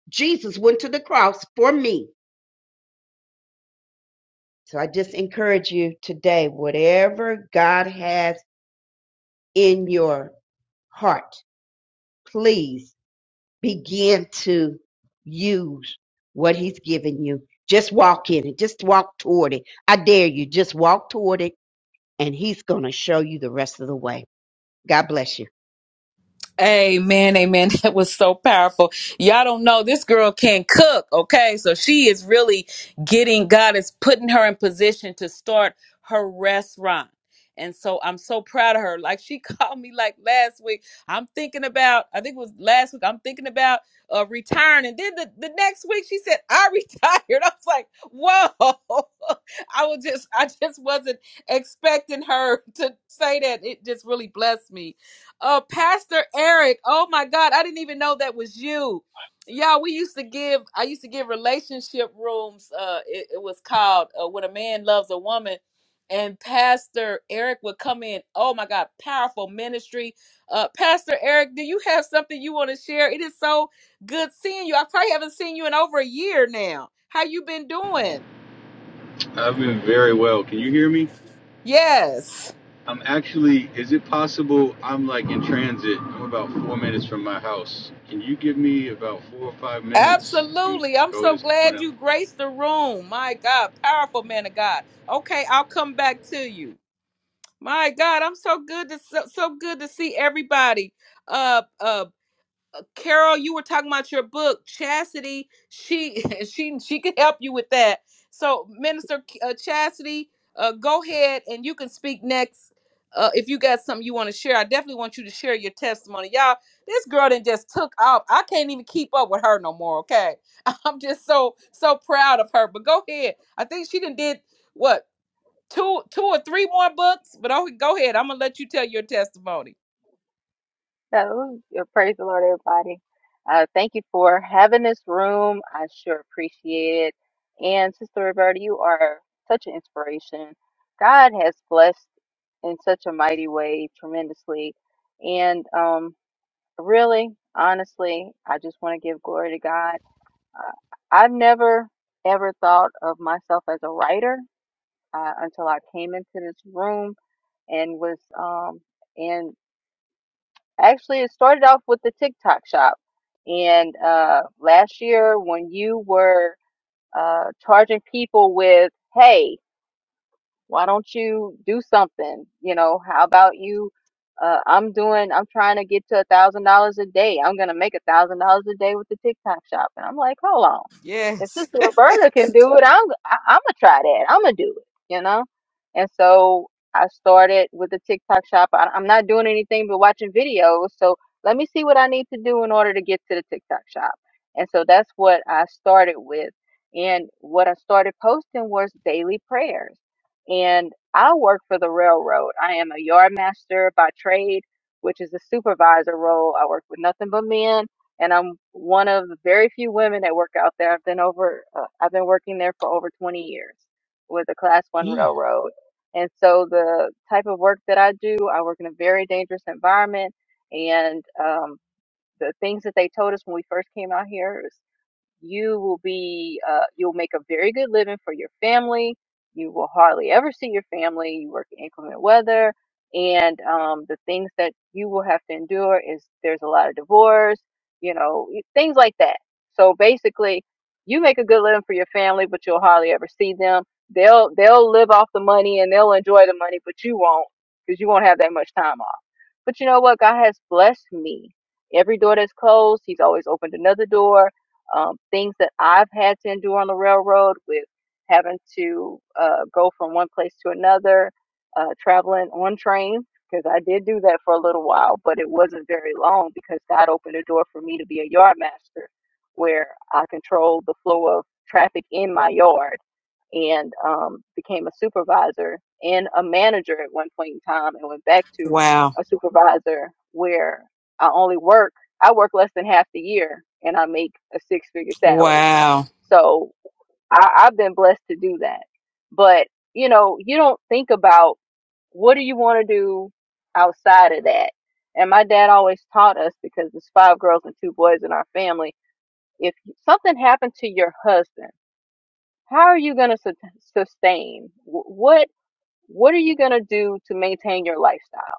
Jesus went to the cross for me. So I just encourage you today, whatever God has in your heart, please begin to use what he's given you. Just walk in it. Just walk toward it. I dare you. Just walk toward it, and he's going to show you the rest of the way. God bless you. Amen, amen. That was so powerful. Y'all don't know this girl can cook, okay? So she is really getting, God is putting her in position to start her restaurant. And so I'm so proud of her. Like she called me like last week. I'm thinking about, I think it was last week, I'm thinking about uh, retiring. And then the, the next week she said, I retired. I was like, whoa. I was just, I just wasn't expecting her to say that. It just really blessed me. Uh, Pastor Eric. Oh my God, I didn't even know that was you. Y'all, we used to give. I used to give relationship rooms. Uh, it, it was called uh, "When a Man Loves a Woman," and Pastor Eric would come in. Oh my God, powerful ministry. Uh, Pastor Eric, do you have something you want to share? It is so good seeing you. I probably haven't seen you in over a year now. How you been doing? I've been very well. Can you hear me? Yes. I'm actually, is it possible I'm like in transit? I'm about four minutes from my house. Can you give me about four or five minutes and Absolutely. I'm go so to glad someone else? you graced the room. My God, powerful man of God. Okay, I'll come back to you. My God, I'm so good to so, so good to see everybody. Uh. Uh. Carol, you were talking about your book, Chastity. She she she can help you with that. So, Minister uh, Chastity, uh, go ahead and you can speak next. Uh, if you got something you want to share, I definitely want you to share your testimony, y'all. This girl then just took off. I can't even keep up with her no more. Okay, I'm just so so proud of her. But go ahead. I think she done did what two two or three more books. But oh, go ahead. I'm gonna let you tell your testimony. So, yeah, praise the Lord, everybody. Uh, thank you for having this room. I sure appreciate it. And Sister Roberta, you are such an inspiration. God has blessed in such a mighty way, tremendously. And um, really, honestly, I just want to give glory to God. Uh, I've never ever thought of myself as a writer uh, until I came into this room and was um, Actually, it started off with the TikTok shop. And uh, last year, when you were uh, charging people with, hey, why don't you do something you know how about you uh, i'm doing i'm trying to get to a thousand dollars a day i'm gonna make a thousand dollars a day with the tiktok shop and i'm like hold on if Yes. sister roberta can do it i'm I, i'm gonna try that i'm gonna do it you know and so i started with the tiktok shop I, i'm not doing anything but watching videos so let me see what i need to do in order to get to the tiktok shop and so that's what i started with and what I started posting was daily prayers and I work for the railroad. I am a yard master by trade, which is a supervisor role. I work with nothing but men, and I'm one of the very few women that work out there. I've been over, uh, I've been working there for over 20 years with a Class One Yeah. railroad, and so the type of work that I do, I work in a very dangerous environment, and um, the things that they told us when we first came out here. is you will be uh, you'll make a very good living for your family you will hardly ever see your family you work in inclement weather and um, the things that you will have to endure is there's a lot of divorce you know things like that so basically you make a good living for your family but you'll hardly ever see them they'll they'll live off the money and they'll enjoy the money but you won't because you won't have that much time off but you know what god has blessed me every door that's closed he's always opened another door um, things that I've had to endure on the railroad with having to uh, go from one place to another, uh, traveling on train, because I did do that for a little while, but it wasn't very long because God opened the door for me to be a yard master where I control the flow of traffic in my yard and um, became a supervisor and a manager at one point in time and went back to Wow. a supervisor where I only work, I work less than half the year and I make a six figure salary. Wow. So I, I've been blessed to do that. But, you know, you don't think about what do you want to do outside of that? And my dad always taught us because there's five girls and two boys in our family. If something happened to your husband, how are you going to su- sustain Wh- what what are you going to do to maintain your lifestyle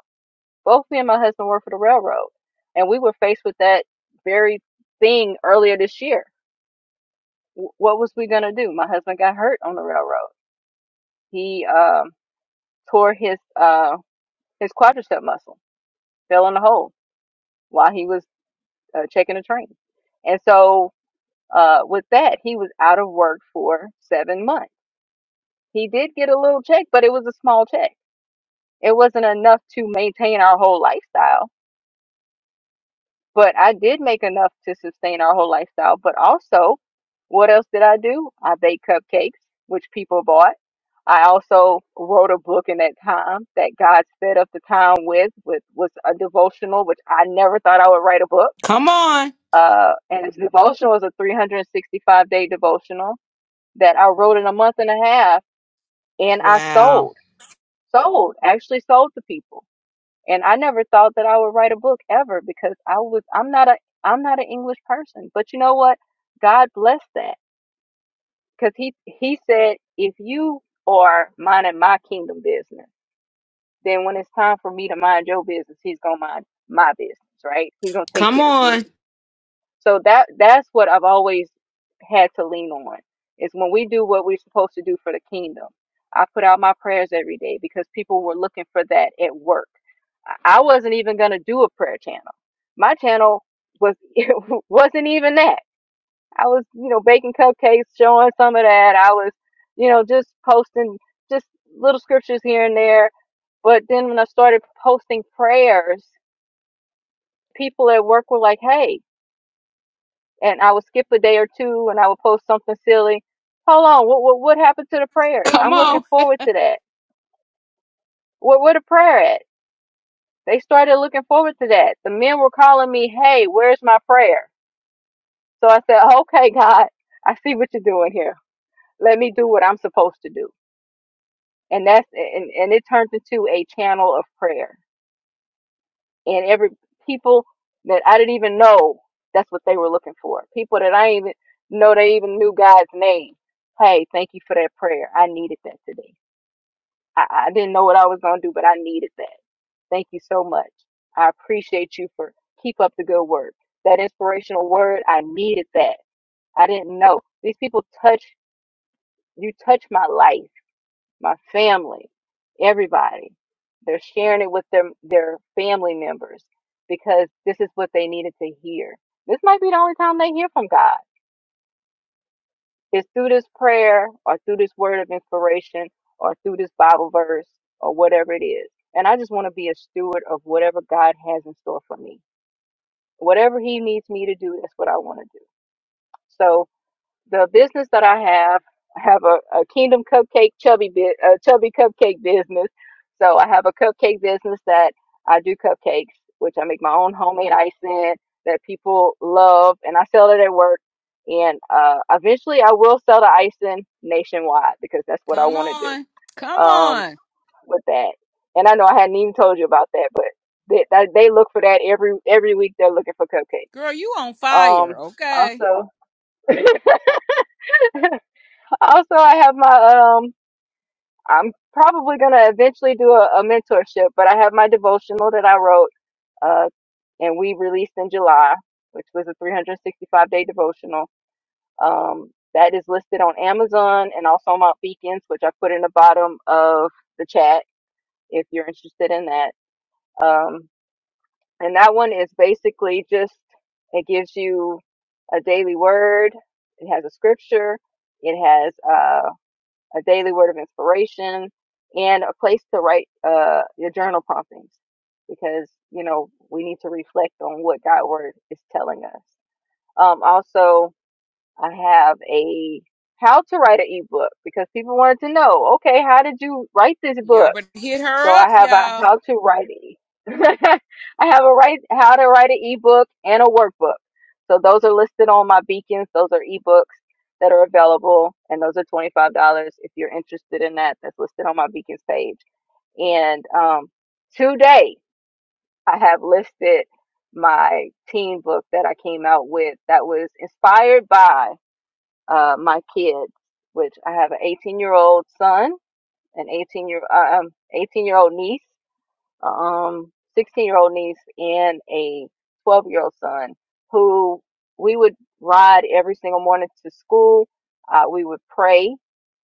both me and my husband work for the railroad and we were faced with that very thing earlier this year Wh- what was we going to do my husband got hurt on the railroad he um, tore his uh, his quadricep muscle fell in a hole while he was uh, checking a train and so uh, with that he was out of work for seven months he did get a little check but it was a small check It wasn't enough to maintain our whole lifestyle, but I did make enough to sustain our whole lifestyle. But also, what else did I do? I baked cupcakes, which people bought. I also wrote a book in that time that God fed up the town with, which was a devotional, which I never thought I would write a book. Come on. Uh, and the devotional was a 365 day devotional that I wrote in a month and a half, and I Wow. sold, sold, actually sold to people. and I never thought that I would write a book ever because I was I'm not a I'm not an English person. But you know what? God blessed that because he he said if you are minding my kingdom business, then when it's time for me to mind your business, he's gonna mind my business, right? He's gonna take Come care of on. me. So that that's what I've always had to lean on is when we do what we're supposed to do for the kingdom. I put out my prayers every day because people were looking for that at work. I I wasn't even gonna do a prayer channel. My channel was it wasn't even that. I was, you know, baking cupcakes, showing some of that. I was, you know, just posting just little scriptures here and there. But then when I started posting prayers, people at work were like, "Hey, and I would skip a day or two and I would post something silly. Hold on, what what, what happened to the prayers? Come I'm looking on. forward to that. Where where the prayer at? They started looking forward to that. The men were calling me, "Hey, where's my prayer?" So I said, "Okay, God, I see what you're doing here. Let me do what I'm supposed to do." And that's and and it turned into a channel of prayer. and every people that I didn't even know that's what they were looking for. People that I didn't even know they even knew God's name. Hey, thank you for that prayer. I needed that today. I, I didn't know what I was gonna do, but I needed that. Thank you so much. I appreciate you for keep up the good work. That inspirational word, I needed that. I didn't know. These people touch you touch my life my family, everybody. They're sharing it with their their family members because this is what they needed to hear. This might be the only time they hear from God. It's through this prayer or through this word of inspiration or through this Bible verse or whatever it is. And I just want to be a steward of whatever God has in store for me. Whatever he needs me to do, that's what I want to do. So. the business that I have, I have a, a Kingdom Cupcake chubby bit, a chubby cupcake business. So I have a cupcake business that I do cupcakes, which I make my own homemade icing that people love, and I sell it at work. And uh, eventually, I will sell the icing nationwide because that's what I Come want to on. do Come um, on. with that. And I know I hadn't even told you about that, but they, they they look for that every every week. They're looking for cupcakes. Girl, you on fire, Um, okay? also. Also, I have my um. I'm probably gonna eventually do a, a mentorship, but I have my devotional that I wrote, uh, and we released in July, which was a 365 day devotional. Um, that is listed on Amazon and also on Mount Beacons, which I put in the bottom of the chat if you're interested in that. Um, and that one is basically just it gives you a daily word. It has a scripture. It has uh, a daily word of inspiration, and a place to write uh, your journal promptings because, you know, we need to reflect on what God word is telling us. Um, also, I have a how to write an ebook because people wanted to know, okay, how did you write this book? Y'all better hit So her up, I have a y'all. how to write e. I have a write how to write an ebook and a workbook. So those are listed on my beacons. Those are ebooks that are available, and those are twenty five dollars if you're interested in that. That's listed on my beacons page. And um, today I have listed my teen book that I came out with that was inspired by uh, my kids, which I have an eighteen year old son, an eighteen year uh, um eighteen year old niece um 16 year old niece and a 12 year old son who we would ride every single morning to school uh, we would pray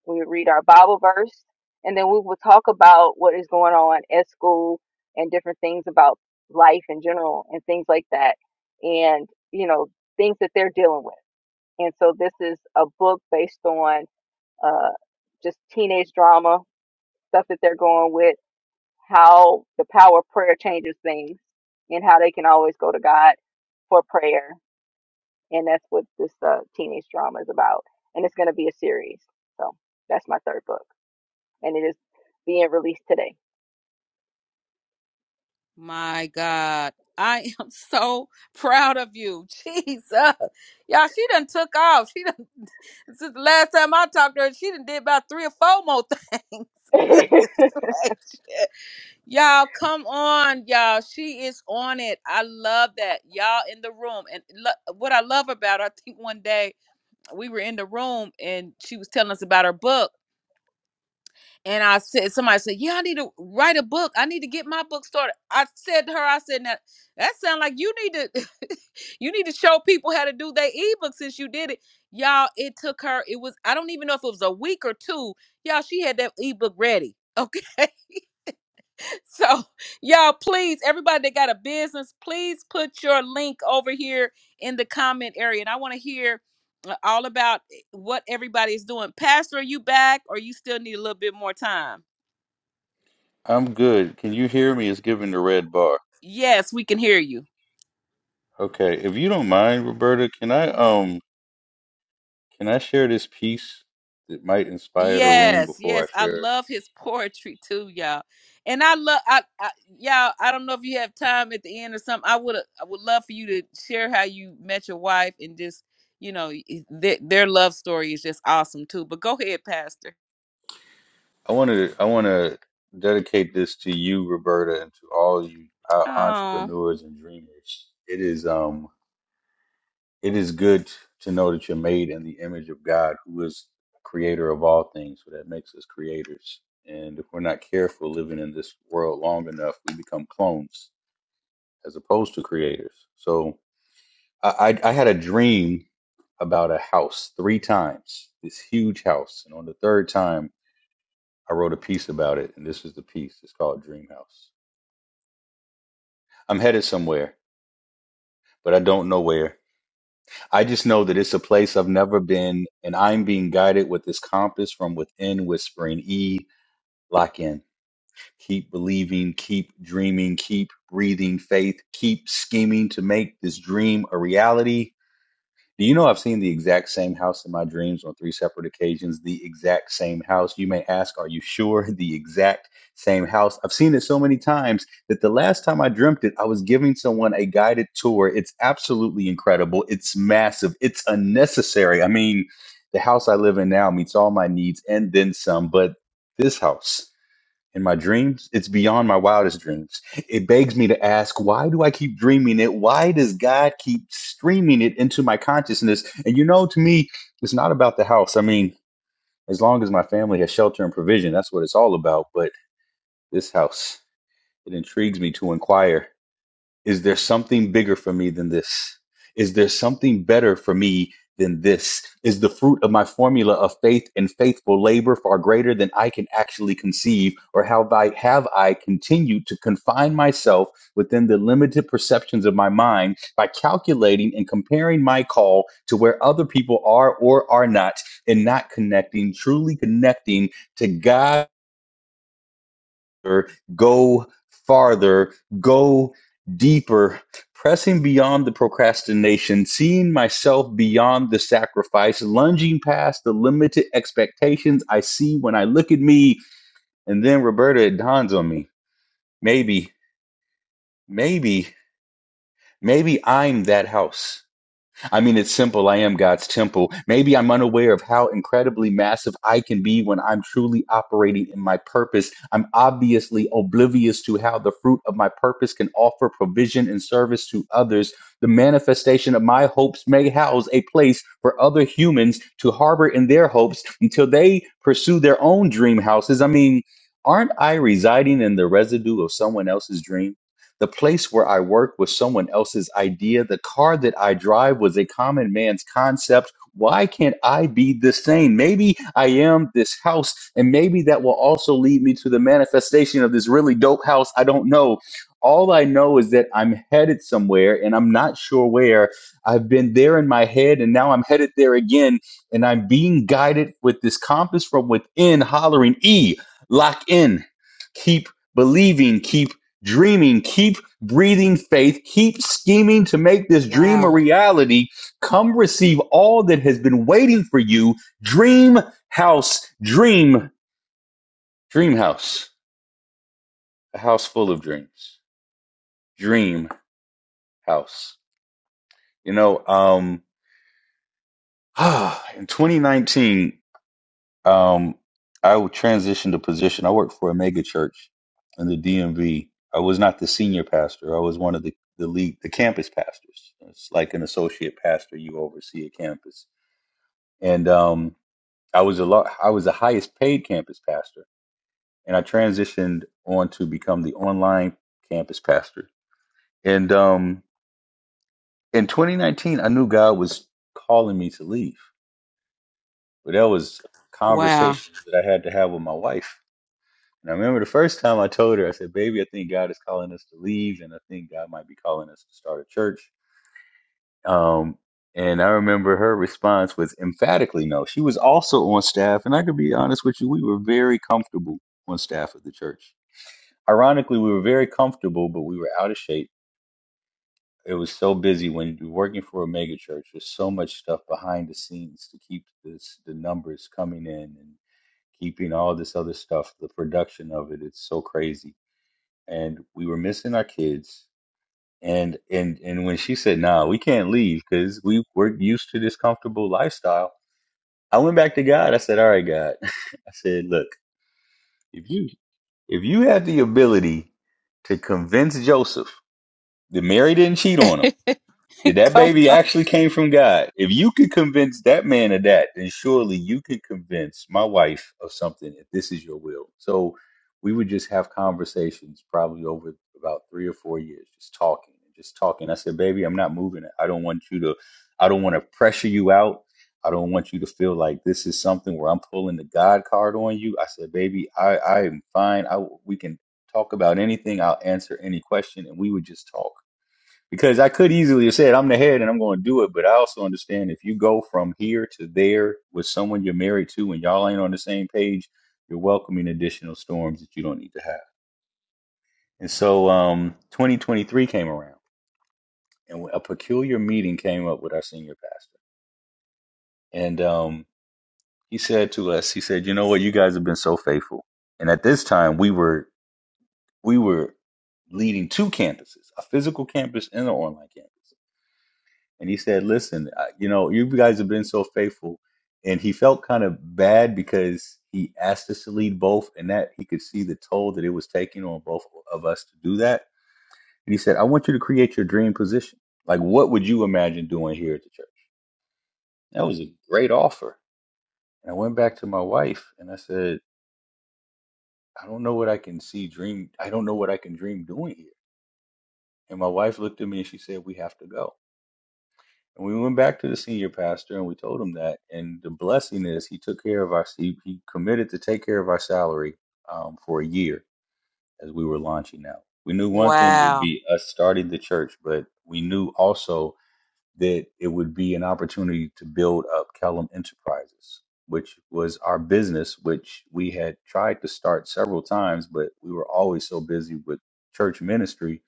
we would read our bible verse and then we would talk about what is going on at school and different things about life in general and things like that and you know things that they're dealing with and so this is a book based on uh, just teenage drama stuff that they're going with how the power of prayer changes things and how they can always go to God for prayer. And that's what this uh, teenage drama is about. And it's going to be a series. So that's my third book. And it is being released My God. I am so proud of you. Jesus. Y'all, she done took off. She done since the last time I talked to her, she done did about three or four more things. today. Goodness gracious. Y'all, come on, y'all. She is on it. I love that. Y'all in the room. And lo- what I love about her, I think one day we were in the room and she was telling us about her book. And I said, somebody said, Yeah, I need to write a book. I need to get my book started. I said to her, I said, Now, that sounds like you need to you need to show people how to do their ebook since you did it. Y'all, it took her, it was, I don't even know if it was a week or two. Y'all, she had that ebook ready. Okay. So, y'all, please, everybody that got a business, please put your link over here in the comment area. And I want to hear uh, all about eh, what everybody is doing. Pastor, are you back or you still need a little bit more time? I'm good. Can you hear me? It's giving the red bar. Yes, we can hear you. Okay, if you don't mind, Roberta, can I um can I share this piece that might inspire the room Yes, before I yes. I share it? love his poetry too, y'all. And I love I, I y'all, I don't know if you have time at the end or something. I would I would love for you to share how you met your wife and just, you know, y- their, their love story is just awesome too. But go ahead, Pastor. I want to I want to dedicate this to you, Roberta, and to all you uh, Oh, entrepreneurs and dreamers. It is um it is good to know that you're made in the image of God, who is creator of all things, so that makes us creators. And if we're not careful living in this world long enough, we become clones as opposed to creators. So I, I, I had a dream about a house three times, this huge house. And on the third time, I wrote a piece about it. And this is the piece. It's called Dream House. I'm headed somewhere, but I don't know where. I just know that it's a place I've never been, and I'm being guided with this compass from within, whispering, E, lock in. Keep believing, keep dreaming, keep breathing faith, keep scheming to make this dream a reality do you know I've seen the exact same house in my dreams on three separate occasions? The exact same house. You may ask, are you sure? The exact same house. I've seen it so many times that the last time I dreamt it, I was giving someone a guided tour. It's absolutely incredible. It's massive. It's unnecessary. I mean, the house I live in now meets all my needs and then some, but this house in my dreams. It's beyond my wildest dreams. It begs me to ask, why do I keep dreaming it? Why does God keep streaming it into my consciousness? And you know, to me, it's not about the house. I mean, as long as my family has shelter and provision, that's what it's all about. But this house, it intrigues me to inquire. Is there something bigger for me than this? Is there something better for me than this? Is the fruit of my formula of faith and faithful labor far greater than I can actually conceive? Or have I, have I continued to confine myself within the limited perceptions of my mind by calculating and comparing my call to where other people are or are not and not connecting, truly connecting to God? go farther, go deeper, pressing beyond the procrastination, seeing myself beyond the sacrifice, lunging past the limited expectations I see when I look at me. And then, Roberta, it dawns on me maybe, maybe, maybe I'm that house. I mean, it's simple. I am God's temple. Maybe I'm unaware of how incredibly massive I can be when I'm truly operating in my purpose. I'm obviously oblivious to how the fruit of my purpose can offer provision and service to others. The manifestation of my hopes may house a place for other humans to harbor in their hopes until they pursue their own dream houses. I mean, aren't I residing in the residue of someone else's dream? The place where I work was someone else's idea. The car that I drive was a common man's concept. Why can't I be the same? Maybe I am this house, and maybe that will also lead me to the manifestation of this really dope house. I don't know. All I know is that I'm headed somewhere and I'm not sure where. I've been there in my head and now I'm headed there again. And I'm being guided with this compass from within, hollering, E, lock in, keep believing, keep dreaming, keep breathing faith, keep scheming to make this dream a Wow. reality. Come receive all that has been waiting for you. Dream house, dream, dream house, a house full of dreams, dream house. You know, um, in 2019, Um, I would transition to position. I worked for a mega church in the DMV. I was not the senior pastor. I was one of the the lead, the campus pastors. It's like an associate pastor. You oversee a campus, and um, I was a lot. I was the highest paid campus pastor, and I transitioned on to become the online campus pastor. And um, in 2019, I knew God was calling me to leave, but that was Wow. conversations that I had to have with my wife And I remember the first time I told her, I said, "Baby, I think God is calling us to leave, and I think God might be calling us to start a church." Um, and I remember her response was emphatically no. She was also on staff, and I could be honest with you, we were very comfortable on staff of the church. Ironically, we were very comfortable, but we were out of shape. It was so busy when you're working for a mega church. There's so much stuff behind the scenes to keep this the numbers coming in and keeping all this other stuff. The production of it, it's so crazy and we were missing our kids. And and and when she said, "Nah, we can't leave because we we're used to this comfortable lifestyle," I went back to God. I said, "All right, God," I said, "Look, if you if you have the ability to convince Joseph that Mary didn't cheat on him." Did that Come. baby actually came from God? If you could convince that man of that, then surely you could convince my wife of something if this is your will. So we would just have conversations probably over about three or four years, just talking and just talking. I said, baby, I'm not moving it. I don't want you to, I don't want to pressure you out. I don't want you to feel like this is something where I'm pulling the God card on you. I said, baby, I, I am fine. I, we can talk about anything. I'll answer any question. And we would just talk because I could easily have said I'm the head and I'm going to do it, but I also understand if you go from here to there with someone you're married to and y'all ain't on the same page, you're welcoming additional storms that you don't need to have. And so, um, 2023 came around, and a peculiar meeting came up with our senior pastor, and um, he said to us, he said, "You know what? You guys have been so faithful." And at this time, we were we were leading two campuses, a physical campus and an online campus. and he said, "Listen, uh, you know, you guys have been so faithful." And he felt kind of bad because he asked us to lead both, and that he could see the toll that it was taking on both of us to do that. And he said, "I want you to create your dream position. Like, what would you imagine doing here at the church?" That was a great offer. And I went back to my wife and I said, "I don't know what I can see dream. I don't know what I can dream doing here." And my wife looked at me and she said, "We have to go." And we went back to the senior pastor and we told him that. And the blessing is he took care of our, he, he committed to take care of our salary um, for a year as we were launching out. We knew one thing would Wow. be us starting the church, but we knew also that it would be an opportunity to build up Kellum Enterprises, which was our business, which we had tried to start several times, but we were always so busy with church ministry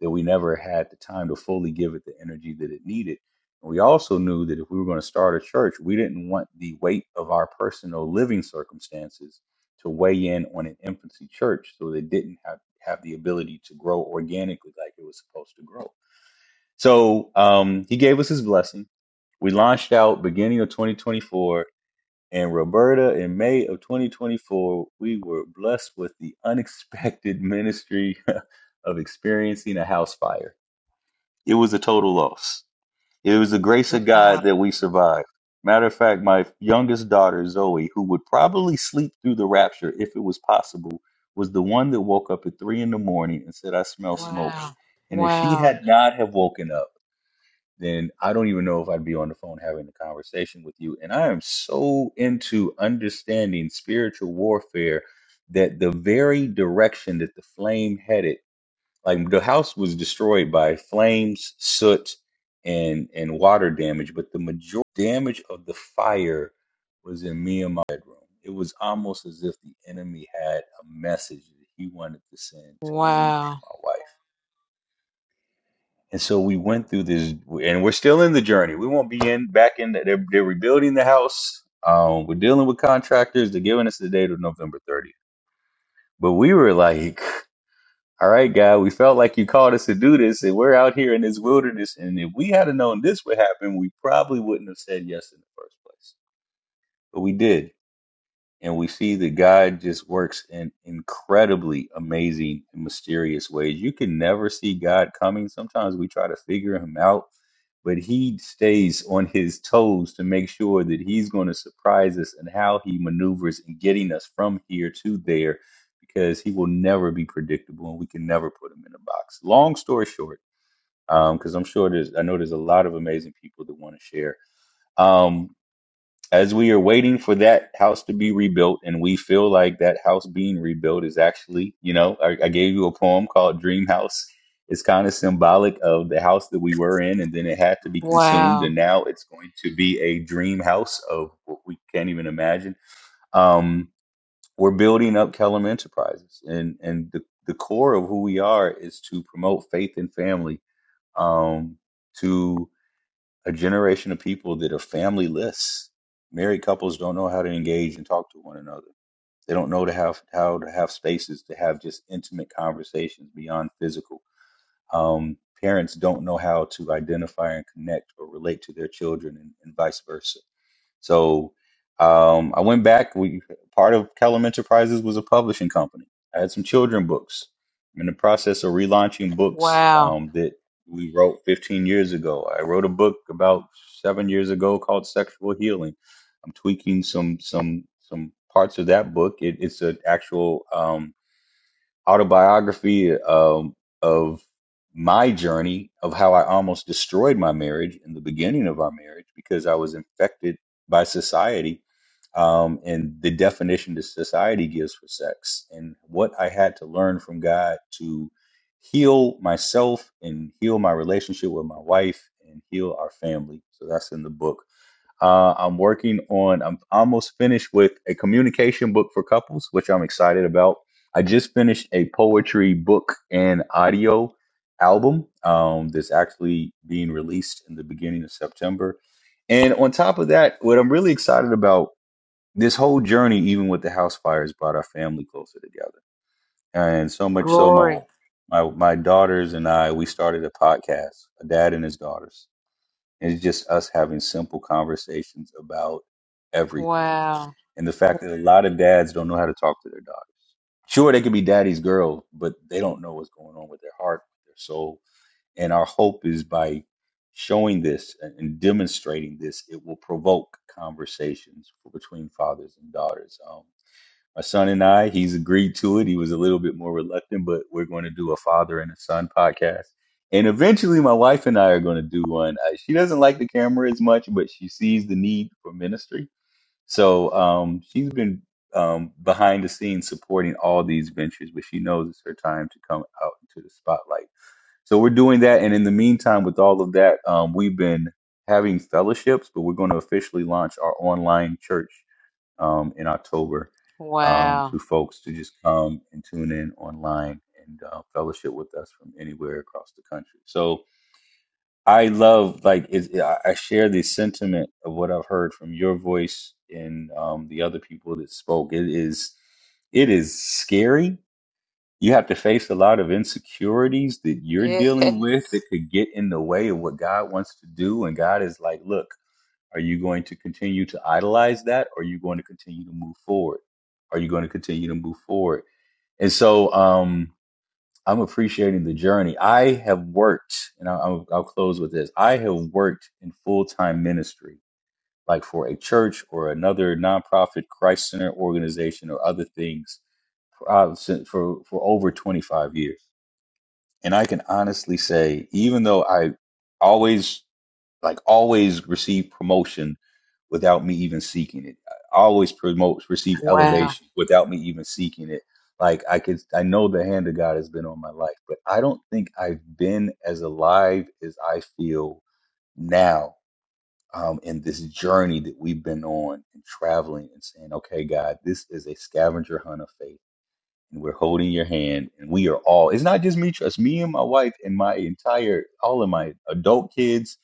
that we never had the time to fully give it the energy that it needed. And we also knew that if we were going to start a church, we didn't want the weight of our personal living circumstances to weigh in on an infancy church so they didn't have, have the ability to grow organically like it was supposed to grow. So um, he gave us his blessing. We launched out beginning of 2024. And Roberta, in May of 2024, we were blessed with the unexpected ministry of experiencing a house fire. It was a total loss. It was the grace of Wow. God that we survived. Matter of fact, my youngest daughter, Zoe, who would probably sleep through the rapture if it was possible, was the one that woke up at three in the morning and said, I smell smoke. Wow. And if she Wow. had not have woken up, then I don't even know if I'd be on the phone having a conversation with you. And I am so into understanding spiritual warfare that the very direction that the flame headed like the house was destroyed by flames, soot, and and water damage, but the major damage of the fire was in me and my bedroom. It was almost as if the enemy had a message that he wanted to send to me Wow. and my wife. And so we went through this, and we're still in the journey. We won't be in back in. The, they're, they're rebuilding the house. Um, we're dealing with contractors. They're giving us the date of November 30th. But we were like, All right, God, we felt like you called us to do this, and we're out here in this wilderness. And if we had have known this would happen, we probably wouldn't have said yes in the first place. But we did and we see that God just works in incredibly amazing and mysterious ways. You can never see God coming. Sometimes we try to figure him out, but he stays on his toes to make sure that he's going to surprise us and how he maneuvers in getting us from here to there because he will never be predictable and we can never put him in a box. Long story short, because I'm sure there's, I know there's a lot of amazing people that want to share. Um, as we are waiting for that house to be rebuilt and we feel like that house being rebuilt is actually you know i, I gave you a poem called dream house it's kind of symbolic of the house that we were in and then it had to be consumed Wow. and now it's going to be a dream house of what we can't even imagine um, we're building up kellum enterprises and and the, the core of who we are is to promote faith and family um, to a generation of people that are familyless. Married couples don't know how to engage and talk to one another. They don't know to have how to have spaces to have just intimate conversations beyond physical. Um, parents don't know how to identify and connect or relate to their children, and, and vice versa. So um, I went back. We part of Kellum Enterprises was a publishing company. I had some children books. I'm in the process of relaunching books Wow. um, that we wrote 15 years ago. I wrote a book about seven years ago called Sexual Healing. I'm tweaking some some some parts of that book. It, it's an actual. Um, autobiography um, of my journey of how I almost destroyed my marriage in the beginning of our marriage because I was infected by society um, and the definition that society gives for sex, and what I had to learn from God to heal myself and heal my relationship with my wife and heal our family. So that's in the book. Uh, I'm working on, I'm almost finished with a communication book for couples, which I'm excited about. I just finished a poetry book and audio album um, that's actually being released in the beginning of September. And on top of that, what I'm really excited about this whole journey, even with the house fires, brought our family closer together. And so much so, my Glory. my, my daughters and I, we started a podcast, a dad and his daughters and it's just us having simple conversations about everything. Wow. And the fact that a lot of dads don't know how to talk to their daughters. Sure, they could be daddy's girl, but they don't know what's going on with their heart, with their soul. And our hope is by showing this and and demonstrating this, it will provoke conversations between fathers and daughters. Um, my son and I. He's agreed to it. He was a little bit more reluctant, but we're going to do a father and a son podcast. And eventually, my wife and I are going to do one. Uh, She doesn't like the camera as much, but she sees the need for ministry. So um, she's been um, behind the scenes supporting all these ventures, but she knows it's her time to come out into the spotlight. So we're doing that. And in the meantime, with all of that, um, we've been having fellowships, but we're going to officially launch our online church um, in October um, Wow. to folks to just come and tune in online and uh, fellowship with us from anywhere across the country. So I love, like, it, I I share the sentiment of what I've heard from your voice and um, the other people that spoke. It is, it is scary. You have to face a lot of insecurities that you're Yeah. dealing with that could get in the way of what God wants to do. And God is like, look. Are you going to continue to idolize that? Or are you going to continue to move forward? Are you going to continue to move forward? And so um, I'm appreciating the journey. I have worked, and I'll, I'll close with this I have worked in full time ministry, like for a church or another nonprofit Christ Center organization or other things uh, since for for over 25 years and i can honestly say even though i always like always receive promotion without me even seeking it. I always promote receive Wow. elevation without me even seeking it. Like I could I know the hand of God has been on my life, but I don't think I've been as alive as I feel now um in this journey that we've been on and traveling and saying, Okay, God, this is a scavenger hunt of faith and we're holding your hand and we are all it's not just me trust me and my wife and my entire all of my adult kids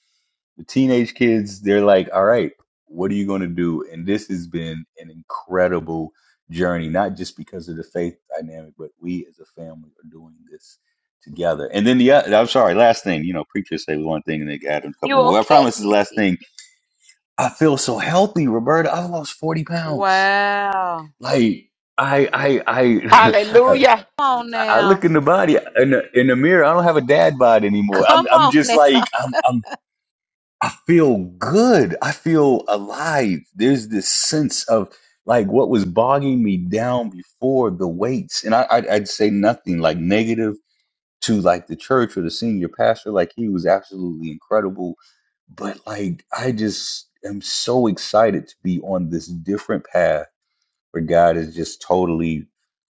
the teenage kids they're like all right what are you going to do and this has been an incredible journey not just because of the faith dynamic but we as a family are doing this together and then the other i'm sorry last thing you know preachers say one thing and they add a couple You more i promise this is the okay? last thing i feel so healthy roberta i lost 40 pounds Wow. like I I I Hallelujah. Come on I now. look in the body in the, in the mirror. I don't have a dad bod anymore. I'm Come I'm on just now. like I'm I'm I feel good. I feel alive. There's this sense of like what was bogging me down before the weights, and I I'd, I'd say nothing like negative to like the church or the senior pastor. Like he was absolutely incredible, but like I just am so excited to be on this different path where God is just totally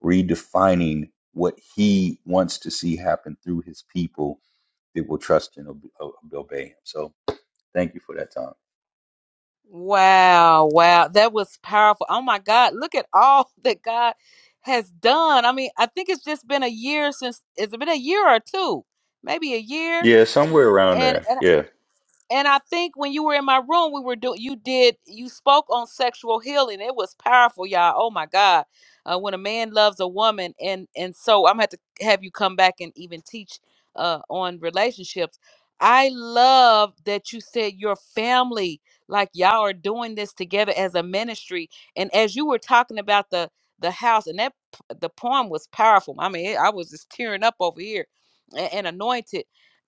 redefining what He wants to see happen through His people that will trust and ob- ob- obey Him. So thank you for that time. Wow. Wow. That was powerful. Oh my God. Look at all that God has done. I mean, I think it's just been a year since, it's been a year or two, maybe a year Yeah, somewhere around and there. and Yeah, and I think when you were in my room, we were doing you did you spoke on sexual healing. It was powerful, y'all. Oh my God, uh, when a man loves a woman, and and so I'm gonna have to have you come back and even teach uh, on relationships. I love that you said your family, like y'all are doing this together as a ministry, and as you were talking about the the house and that p- the poem was powerful. I mean, I was just tearing up over here and, and anointed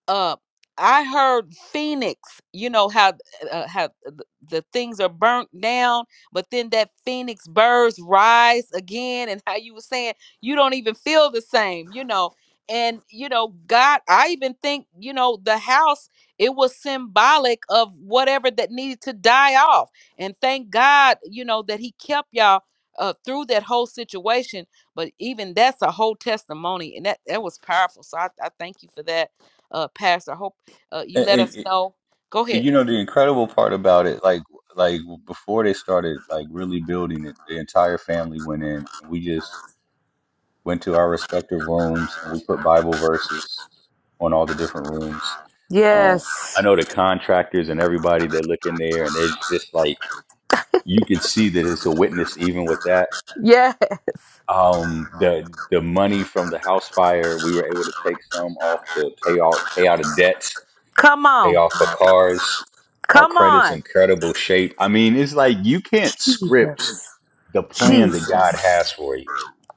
uh, I heard Phoenix, you know how uh, uh, how the, the things are burnt down, but then that Phoenix birds rise again, and how you were saying you don't even feel the same, you know. And you know, God, I even think you know the house it was symbolic of whatever that needed to die off, and thank God, you know, that He kept y'all uh, through that whole situation. But even that's a whole testimony, and that that was powerful. So I, I thank you for that uh, Pastor. Uh, you and, let us and- know. Go and, ahead. you know the incredible part about it, like like before they started like really building it, the entire family went in and we just went to our respective rooms and we put Bible verses on all the different rooms. Um, I Yes. know the contractors and everybody they look in there and they're just like you can see that it's a witness even with that. Yeah. Um, the the money from the house fire, we were able to take some off to pay out pay out of debts, Come pay on. off for cars. Our Come credit's in on. incredible shape. I mean, it's like you can't script Jesus. the plan that Jesus. God has for you.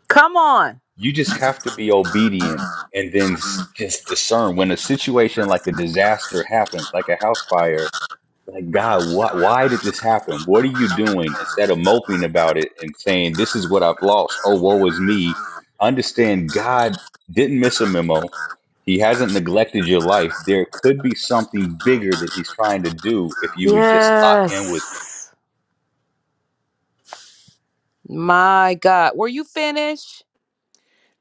Come on. You just have to be obedient and then s- just discern when a situation like a disaster happens, like a house fire. Like, God, why, why did this happen? What are you doing? Instead of moping about it and saying, This is what I've lost. Oh, woe is me. Understand God didn't miss a memo. He hasn't neglected your life. There could be something bigger that he's trying to do if you would just lock in with him. Yes. My God. Were you finished?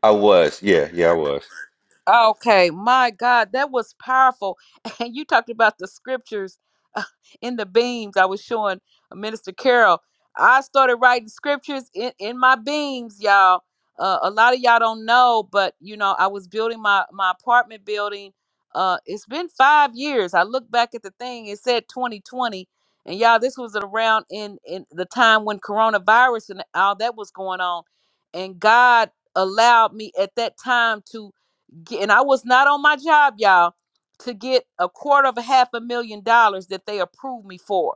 I was. Yeah, yeah, I was. Okay, my God, that was powerful. And you talked about the scriptures uh, in the beams. I was showing uh, Minister Carol. I started writing scriptures in, in my beams, y'all. Uh, a lot of y'all don't know, but you know, I was building my my apartment building. Uh, it's been five years. I look back at the thing. It said 2020, and y'all, this was around in in the time when coronavirus and all that was going on, and God allowed me at that time to G- and I was not on my job, y'all, to get a quarter of a half a million dollars that they approved me for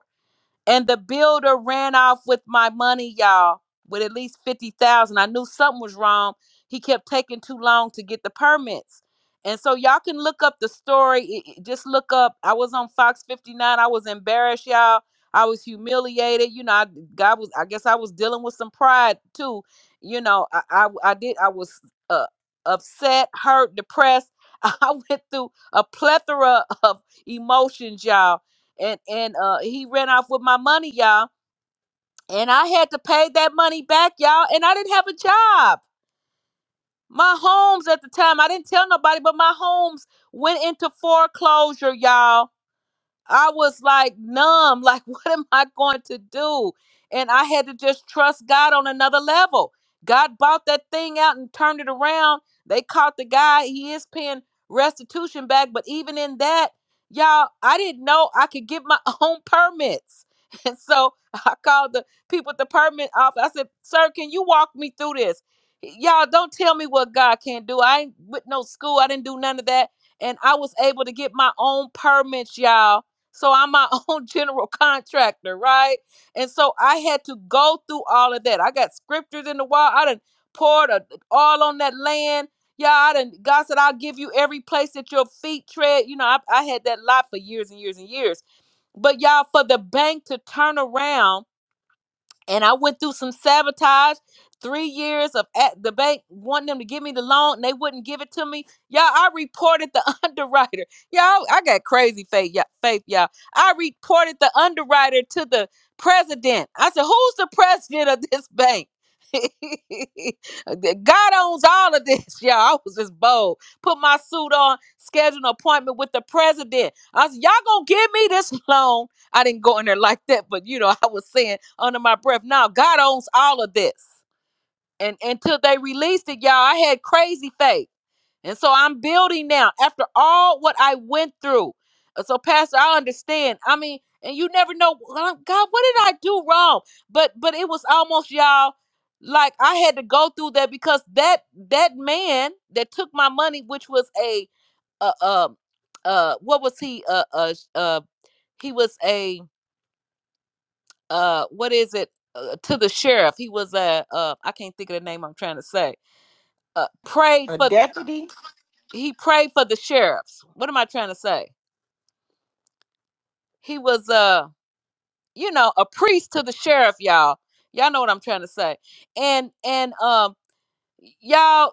and the builder ran off with my money, y'all, with at least fifty thousand. I knew something was wrong. He kept taking too long to get the permits, and so y'all can look up the story. It- it- just look up. I was on Fox fifty nine. I was embarrassed, y'all. I was humiliated. You know, I, God was. I guess I was dealing with some pride too. You know, I I, I did. I was uh, upset, hurt, depressed. I went through a plethora of emotions, y'all and and uh he ran off with my money y'all and i had to pay that money back y'all and i didn't have a job my homes at the time i didn't tell nobody but my homes went into foreclosure y'all I was like numb, like, what am I going to do? And I had to just trust God on another level. God bought that thing out and turned it around. They caught the guy. He is paying restitution back. But even in that, y'all, I didn't know I could get my own permits. And so I called the people at the permit office. I said, Sir, can you walk me through this? Y'all, don't tell me what God can't do. I ain't with no school. I didn't do none of that. And I was able to get my own permits, y'all so I'm my own general contractor, right? And so I had to go through all of that. I got scriptures in the wall. I done poured a, all on that land. Yeah, I done, God said, I'll give you every place that your feet tread. You know, I, I had that lot for years and years and years. But y'all, for the bank to turn around and I went through some sabotage. Three years of at the bank wanting them to give me the loan, and they wouldn't give it to me. Y'all, I reported the underwriter. Y'all, I got crazy faith, y'all, faith, y'all. I reported the underwriter to the president. I said, "Who's the president of this bank?" God owns all of this, y'all. I was just bold. Put my suit on, scheduled an appointment with the president. I said, "Y'all gonna give me this loan?" I didn't go in there like that, but you know, I was saying under my breath, now God owns all of this. And until they released it, y'all, I had crazy faith. And so I'm building now after all what I went through. Uh, So, Pastor, I understand. I mean, and you never know, "Well, God, what did I do wrong? But but it was almost y'all like I had to go through that because that that man that took my money, which was a uh uh uh, what was he uh uh, uh he was a uh what is it uh, to the sheriff he was a uh i can't think of the name i'm trying to say uh prayed A for deputy. he prayed for the sheriffs what am i trying to say he was uh you know a priest to the sheriff y'all y'all know what i'm trying to say and and um y'all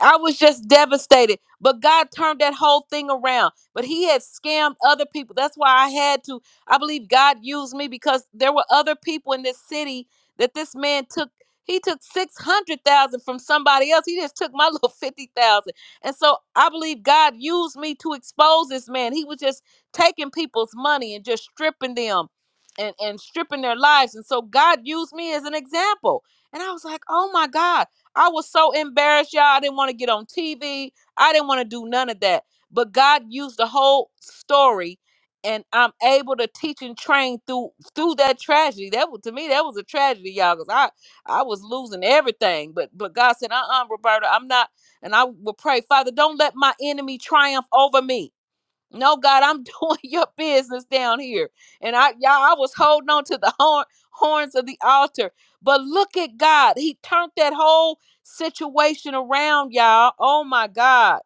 I was just devastated. But God turned that whole thing around. But he had scammed other people. That's why I had to. I believe God used me because there were other people in this city that this man took. He took six hundred thousand from somebody else. He just took my little fifty thousand. And so I believe God used me to expose this man. He was just taking people's money and just stripping them and, and stripping their lives. And so God used me as an example. And I was like, oh my God. I was so embarrassed, y'all. I didn't want to get on TV. I didn't want to do none of that. But God used the whole story, and I'm able to teach and train through through that tragedy. That was to me, that was a tragedy, y'all, because I I was losing everything. But but God said, uh-uh, Roberta, I'm not. And I will pray, Father, don't let my enemy triumph over me. No, God, I'm doing your business down here. And I y'all, I was holding on to the horn, horns of the altar. But look at God. He turned that whole situation around, y'all. Oh my God.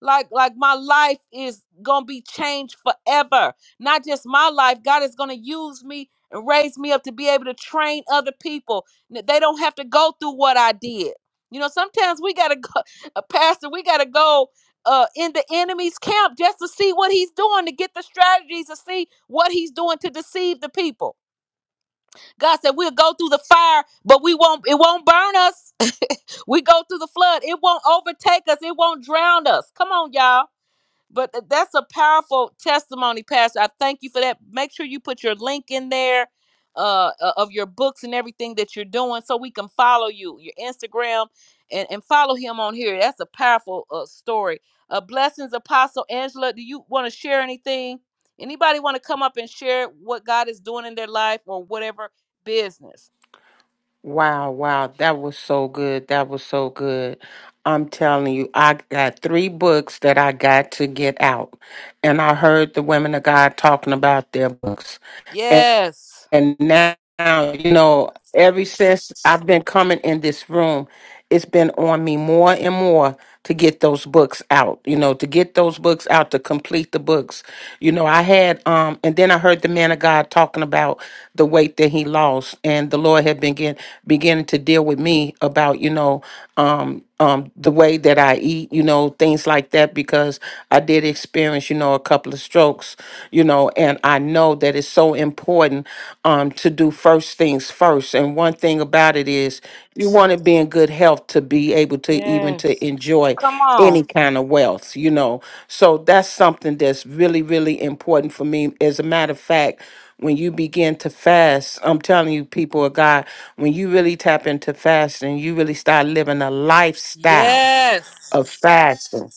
Like, like my life is gonna be changed forever. Not just my life. God is gonna use me and raise me up to be able to train other people. N- They don't have to go through what I did. You know, sometimes we gotta go, a pastor, we gotta go uh, in the enemy's camp just to see what he's doing, to get the strategies, to see what he's doing to deceive the people. God said, "We'll go through the fire, but we won't. It won't burn us. We go through the flood. It won't overtake us. It won't drown us. Come on, y'all." But uh, that's a powerful testimony, Pastor. I thank you for that. Make sure you put your link in there uh, uh, of your books and everything that you're doing so we can follow you, your Instagram, and, and follow him on here. That's a powerful uh, story. Uh, blessings, Apostle Angela. Do you want to share anything? Anybody want to come up and share what God is doing in their life or whatever business? Wow, wow. That was so good. That was so good. I'm telling you, I got three books that I got to get out. And I heard the women of God talking about their books. Yes. And now, you know, ever since I've been coming in this room, it's been on me more and more to get those books out, you know, to get those books out, to complete the books. You know, I had, um, and then I heard the man of God talking about the weight that he lost, and the Lord had been begin, beginning to deal with me about, you know, um, um, the way that I eat, you know, things like that, because I did experience, you know, a couple of strokes, you know, and I know know that it's so important um, to do first things first. And one thing about it is you want to be in good health to be able to even to Yes. enjoy Come any on. kind of wealth, you know. So that's something that's really, really important for me. As a matter of fact, when you begin to fast, I'm telling you, people of God, when you really tap into fasting, you really start living a lifestyle Yes. of fasting.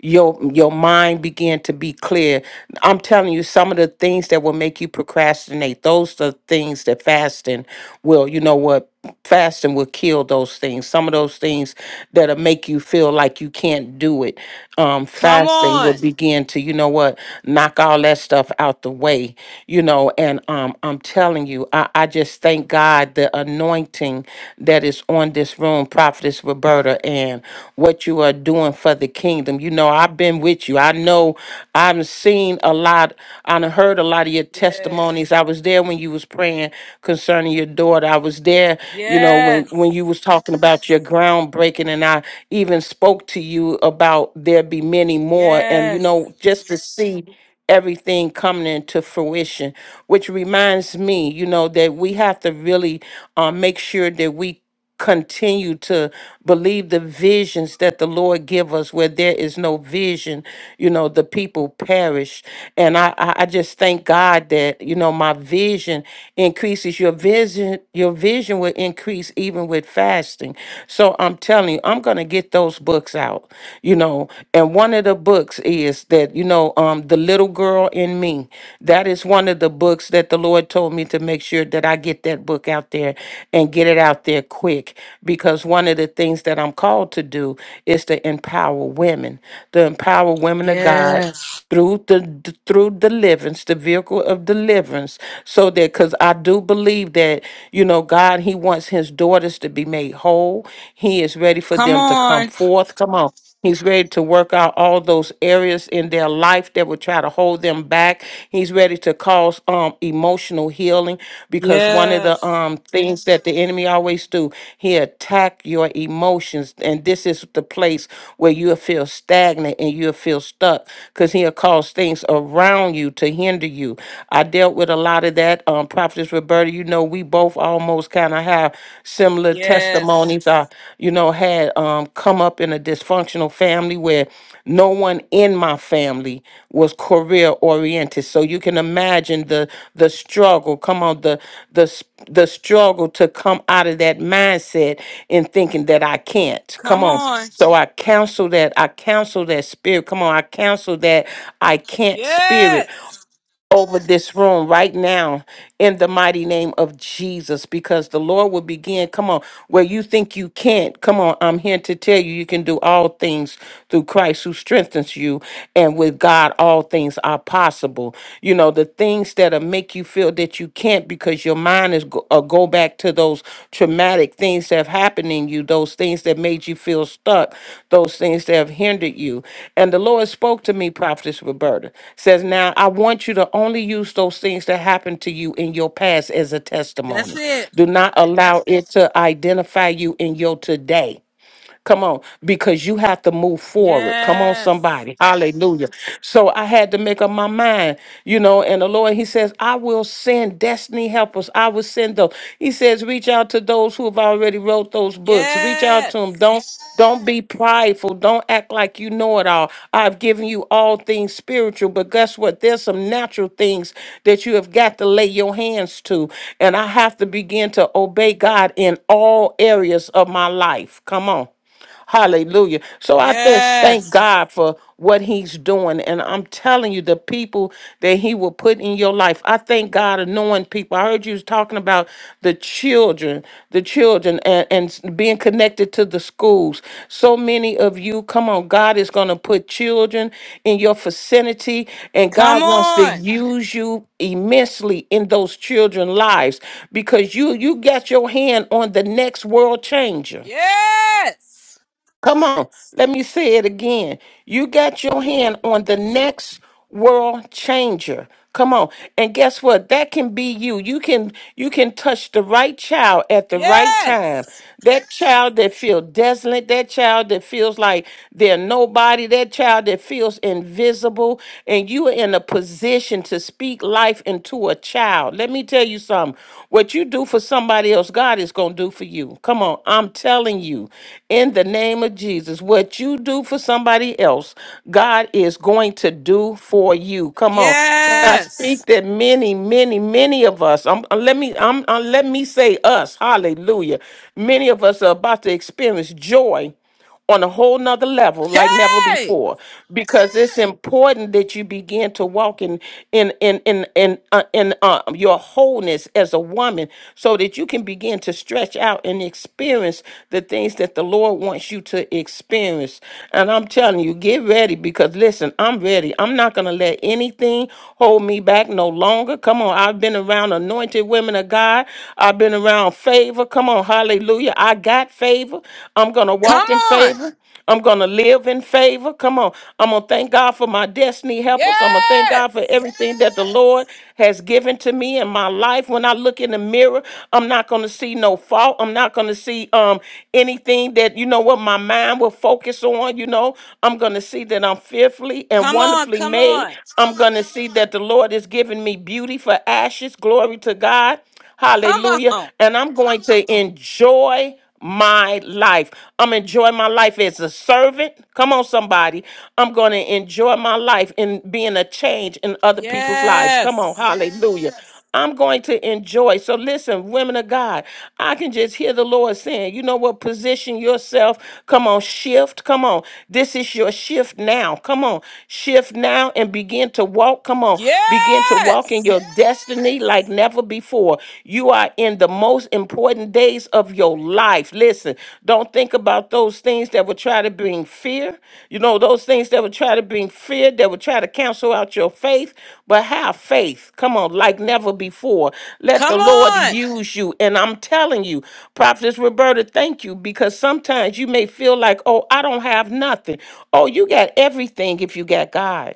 Your your mind began to be clear. I'm telling you, some of the things that will make you procrastinate, those are things that fasting will, you know what, fasting will kill those things. Some of those things that'll make you feel like you can't do it. Um, Come fasting will on. begin to, you know what, knock all that stuff out the way, you know, and um I'm telling you, I, I just thank God the anointing anointing that is on this room, Prophetess Roberta, and what you are doing for the kingdom. You know, I've been with you. I know I've seen a lot, I done heard a lot of your Yes. testimonies. I was there when you was praying concerning your daughter. I was there, you know, when Yes. when you was talking about your groundbreaking, and I even spoke to you about there be many more. And you Yes. know, just to see everything coming into fruition which reminds me you know that we have to really uh, make sure that we continue to believe the visions that the lord give us where there is no vision you know the people perish and i i I just thank god that you know my vision increases your vision your vision will increase even with fasting so i'm telling you i'm gonna get those books out you know you know and one of the books is that you know um the little girl in me that is one of the books that the lord told me to make sure that i get that book out there and get it out there quick because one of the things that i'm called to do is to empower women to empower women of god Yes. through the d- through deliverance the vehicle of deliverance so that because i do believe that you know god he wants his daughters to be made whole he is ready for Come them to come on. forth come on he's ready to work out all those areas in their life that would try to hold them back he's ready to cause um emotional healing because one of the Yes. um things that the enemy always do. He attack your emotions, and this is the place where you'll feel stagnant and you'll feel stuck because he'll cause things around you to hinder you. I dealt with a lot of that. Um, Prophetess Roberta, you know, we both almost kind of have similar Yes. testimonies. I, you know, had um come up come up in a dysfunctional family where no one in my family was career oriented. So you can imagine the the struggle. Come on, the the s- the struggle to come out of that mindset and thinking that I can't. Come Come on. on. So I counsel that. I counsel that spirit. Come on. I counsel that I can't spirit Yes. over this room right now in the mighty name of Jesus because the Lord will begin. Come on, where you think you can't, come on, I'm here to tell you you can do all things through Christ who strengthens you, and with God, all things are possible. You know, the things that make you feel that you can't because your mind is go- uh, or go back to those traumatic things that have happened in you, those things that made you feel stuck, those things that have hindered you. And the Lord spoke to me, Prophetess Roberta, says, Now I want you to only use those things that happened to you in your past as a That's testimony. it. Do not allow it to identify you in your today Come on, because you have to move forward. Come on, Yes. somebody. Hallelujah. So I had to make up my mind, you know, and the Lord, He says, I will send destiny helpers. I will send those. He says, reach out to those who have already wrote those books. Reach out to them. Yes. Don't don't be prideful. Don't act like you know it all. I've given you all things spiritual, but guess what? There's some natural things that you have got to lay your hands to. And I have to begin to obey God in all areas of my life. Come on. Hallelujah. So I just thank Yes. God for what he's doing. And I'm telling you, the people that he will put in your life. I thank God knowing people. I heard you was talking about the children, the children and, and s- being connected to the schools. So many of you, come on, God is going to put children in your vicinity and Come God wants to on. use you immensely in those children's lives because you you got your hand on the next world changer. Yes. Come on, let me say it again. You got your hand on the next world changer. Come on. And guess what? That can be you. You can you can touch the right child at the right time. Yes. That child that feels desolate, that child that feels like they're nobody, that child that feels invisible, and you are in a position to speak life into a child. Let me tell you something. What you do for somebody somebody else, God is going to do for you. Come on, I'm telling you, in the name of Jesus, what you do for somebody else, God is going to do for you. Come on. And I Yes. speak that many, many, many of us, um, uh, let me um, uh, let me say us, hallelujah. Many of us are about to experience joy on a whole nother level like never Hey. before because it's important that you begin to walk in in in in in, uh, in uh, your wholeness as a woman so that you can begin to stretch out and experience the things that the lord wants you to experience and i'm telling you get ready because listen i'm ready i'm not gonna let anything hold me back no longer come on i've been around anointed women of god i've been around favor come on hallelujah Hallelujah. I got favor. I'm going to Come walk in on. favor. I'm going to live in favor. Come on. I'm going to thank God for my destiny Yes. helpers. I'm going to thank God for everything that the Lord has given to me in my life. When I look in the mirror, I'm not going to see no fault. I'm not going to see um anything that you know what my mind will focus on, you know. I'm going to see that I'm fearfully and Come on. wonderfully Come made. on. I'm going to see that the Lord has given me beauty for ashes. Glory to God. Come Hallelujah. on. And I'm going to enjoy my life. I'm enjoying my life as a servant. Come on, somebody. I'm going to enjoy my life in being a change in other people's lives. Come on. Yes. Hallelujah. Yes. I'm going to enjoy. So listen, women of God, I can just hear the Lord saying, you know what? Position yourself. Come on, shift. Come on. This is your shift now. Come on. Shift now and begin to walk. Come on. Begin to walk walking Yes. your destiny like never before. You are in the most important days of your life. Listen, don't think about those things that would try to bring fear. You know, those things that would try to bring fear, that would try to cancel out your faith, but have faith. Come on, like never before. Let the Come Lord on. use you. And I'm telling you, Prophetess Roberta, thank you because sometimes you may feel like, oh, I don't have nothing. Oh, you got everything if you got God.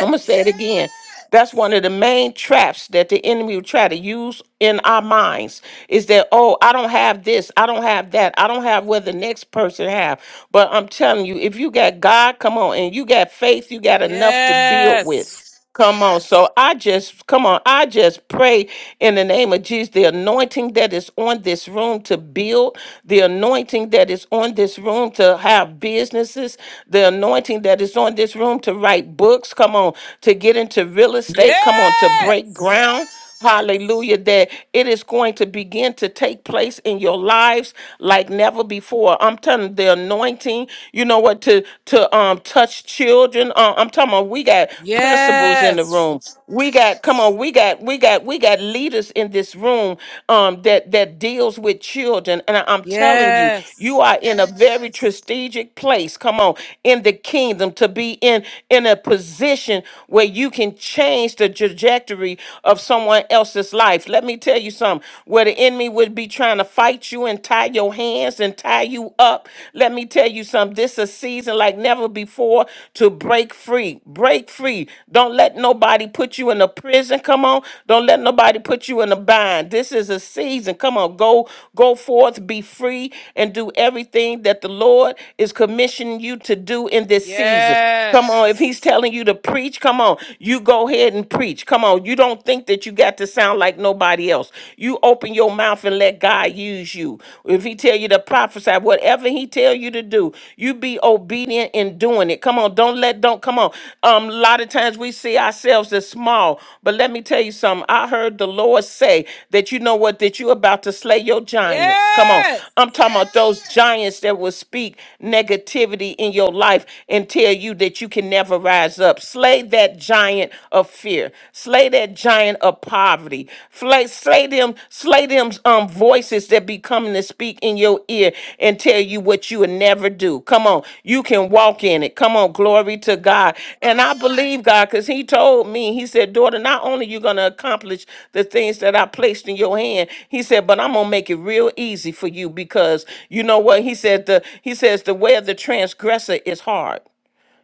I'm gonna say it again. That's one of the main traps that the enemy will try to use in our minds is that oh I don't have this I don't have that I don't have what the next person have but I'm telling you if you got God come on and you got faith you got enough to build Yes. with Come on. So I just, come on, I just pray in the name of Jesus, the anointing that is on this room to build, the anointing that is on this room to have businesses, the anointing that is on this room to write books, come on, to get into real estate, come on, to break Yes. ground. Hallelujah, that it is going to begin to take place in your lives like never before. I'm telling you, the anointing, you know what, to to um touch children. Uh, I'm talking about we got principals in the Yes. room. We got come on, we got we got we got leaders in this room um that that deals with children and I, am Yes. telling you, you are in a very strategic place. Come on, in the kingdom to be in in a position where you can change the trajectory of someone else's life. Let me tell you something. Where the enemy would be trying to fight you and tie your hands and tie you up, let me tell you you something. This is a season like never before to break free. Break free. Don't let nobody put you in a prison. Come on. Don't let nobody put you in a bind. This is a season. Come on. Go go forth, be free, and do everything that the Lord is commissioning you to do in this season. Come on, if Yes. he's telling you to preach, come on. You go ahead and preach. Come on. You don't think that you got to sound like nobody else. You open your mouth and let God use you. If he tell you to prophesy, whatever he tell you to do, you be obedient in doing it. Come on. Don't let don't come on. Um a lot of times we see ourselves as small, but let me tell you something. I heard the Lord say that you know what that you're about to slay your giants. Come on. Yes. I'm talking about those giants that will speak negativity in your life and tell tell you that you can never rise up. Slay that giant of fear. Slay that giant of poverty. Slay, slay them, slay them um voices that be coming to speak in your ear and tell you what you would never do. Come on, you can walk in it. Come on, glory to God. And I believe God because He told me, He said, daughter, not only you gonna accomplish the things that I placed in your hand, He said, but I'm gonna make it real easy for you because you know what He said. The He says the way of the transgressor is hard.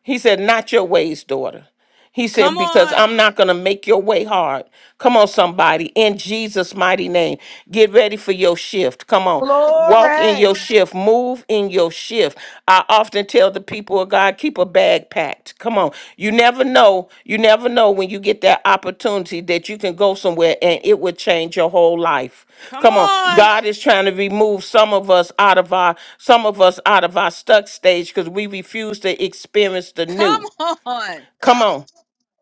He said, Not your ways, daughter. He Come said, Because on. I'm not going to make your way hard. Come on, somebody, in Jesus' mighty name. Get ready for your shift. Come on. Walk in your Glory. shift. Move in your shift. I often tell the people of God, keep a bag packed. Come on. You never know. You never know when you get that opportunity that you can go somewhere and it will change your whole life. Come Come on. on. God is trying to remove some of us out of our some of us out of our stuck stage because we refuse to experience the Come new. on. Come on.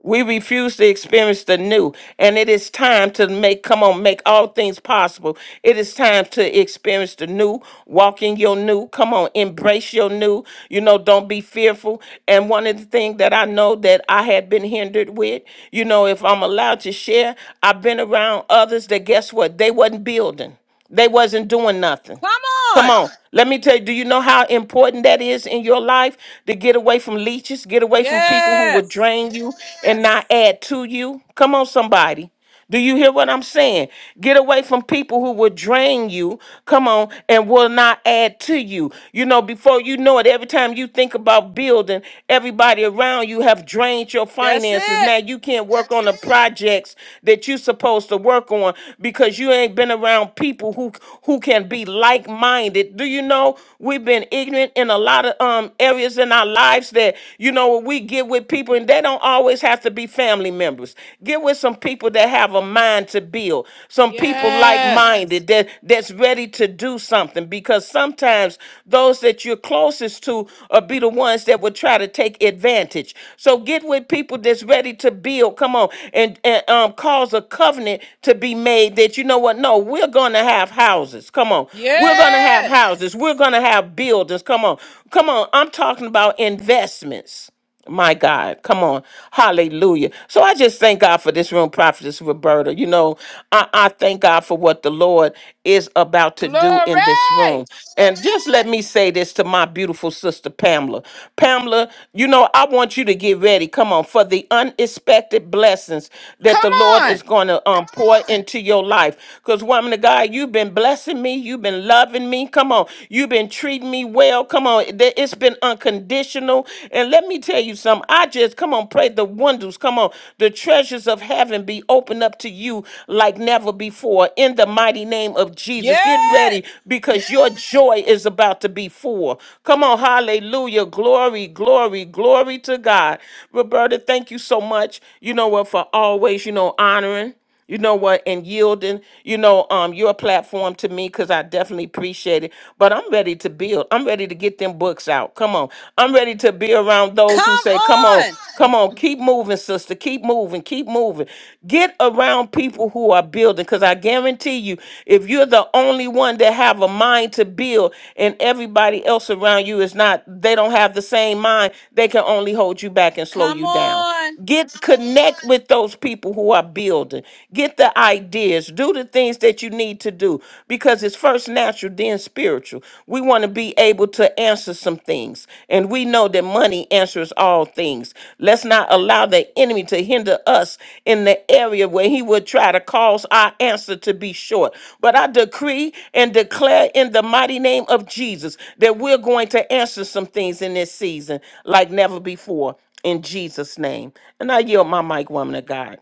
We refuse to experience the new, and it is time to make come on, make all things possible. It is time to experience the new, walk in your new. Come on, embrace your new. You know, don't be fearful. And one of the things that I know that I had been hindered with, you know, if I'm allowed to share, I've been around others that guess what? They wasn't building. They wasn't doing nothing. Come Come on. on. Let me tell you, do you know how important that is in your life to get away from leeches, get away from people who would Yes. drain you and not add to you? Come on, somebody. Do you hear what I'm saying? Get away from people who will drain you, come on, and will not add to you. You know, before you know it, every time you think about building, everybody around you have drained your That's finances. it. Now you can't work on the projects that you're supposed to work on because you ain't been around people who who can can be like minded. Do you know we've been ignorant in a lot of um, areas in our lives that, you know, we get with people and they don't always have to be family members. Get with some people that have a mind to build, some people like Yes. minded that, that's ready to do something because sometimes those that you're closest to will be the ones that would try to take advantage. So get with people that's ready to build. Come on, and, and um, cause a covenant to be made that you know what? No, we're going to to have houses. Come on. We're going to have Yes. houses. We're going to have buildings. Come on. Come on. I'm talking about investments. My God, come on. Hallelujah. So I just thank God for this room, Prophetess Roberta. You know, I, I thank God for what the Lord is about to do in this room. Glory. And just let me say this to my beautiful sister, Pamela. Pamela, you know, I want you to get ready, come on, for the unexpected blessings that Come the Lord is on. going to um, pour into your life. Because, woman of God, you've been blessing me. You've been loving me. Come on. You've been treating me well. Come on. Th- It's been unconditional. And let me tell you something. I just, come on, pray the wonders. Come on. The treasures of heaven be opened up to you like never before in the mighty name of Jesus. Get Yes. ready because your joy is about to be full. Come on. Hallelujah. Glory, glory, glory to God. Roberta, thank you so much, you know what, for always, you know, honoring you know what, and yielding, you know, um, your platform to me because I definitely appreciate it. But I'm ready to build. I'm ready to get them books out. Come on. I'm ready to be around Come those who say, Come on, on. come on, keep moving, sister. Keep moving, keep moving. Get around people who are building. Cause I guarantee you, if you're the only one that have a mind to build and everybody else around you is not, they don't have the same mind, they can only hold you back and slow Come you down. on. Get connect with those people who are start building. Get the ideas. Do the things that you need to do because it's first natural, then spiritual. We want to be able to answer some things. And we know that money answers all things. Let's not allow the enemy to hinder us in the area where he would try to cause our answer to be short. But I decree and declare in the mighty name of Jesus that we're going to answer some things in this season like never before in Jesus' name. And I yield my mic, woman of God.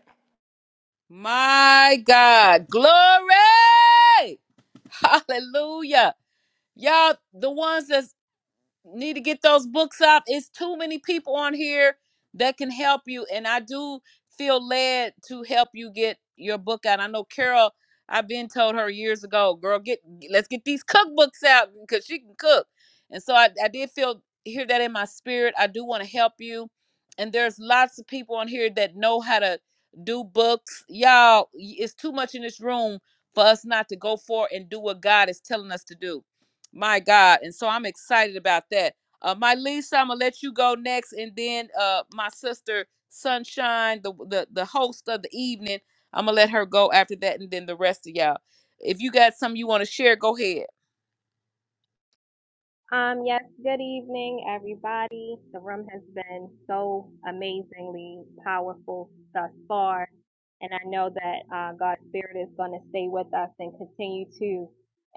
My God. Glory. Hallelujah. Y'all, the ones that need to get those books out. It's too many people on here that can help you, and I do feel led to help you get your book out. I know Carol. I've been told her years ago, girl, get let's get these cookbooks out because she can cook. And so I, I did feel hear that in my spirit. I do want to help you, and there's lots of people on here that know how to do books. Y'all, y- it's too much in this room for us not to go for and do what God is telling us to do my God. And so I'm excited about that. Uh, my Lisa, I'm gonna let you go next, and then uh, my sister Sunshine, the, the the host of the evening, I'm gonna let her go after that, and then the rest of y'all. If you got something you want to share, go ahead. Um, yes, good evening, everybody. The room has been so amazingly powerful thus far. And I know that uh, God's Spirit is going to stay with us and continue to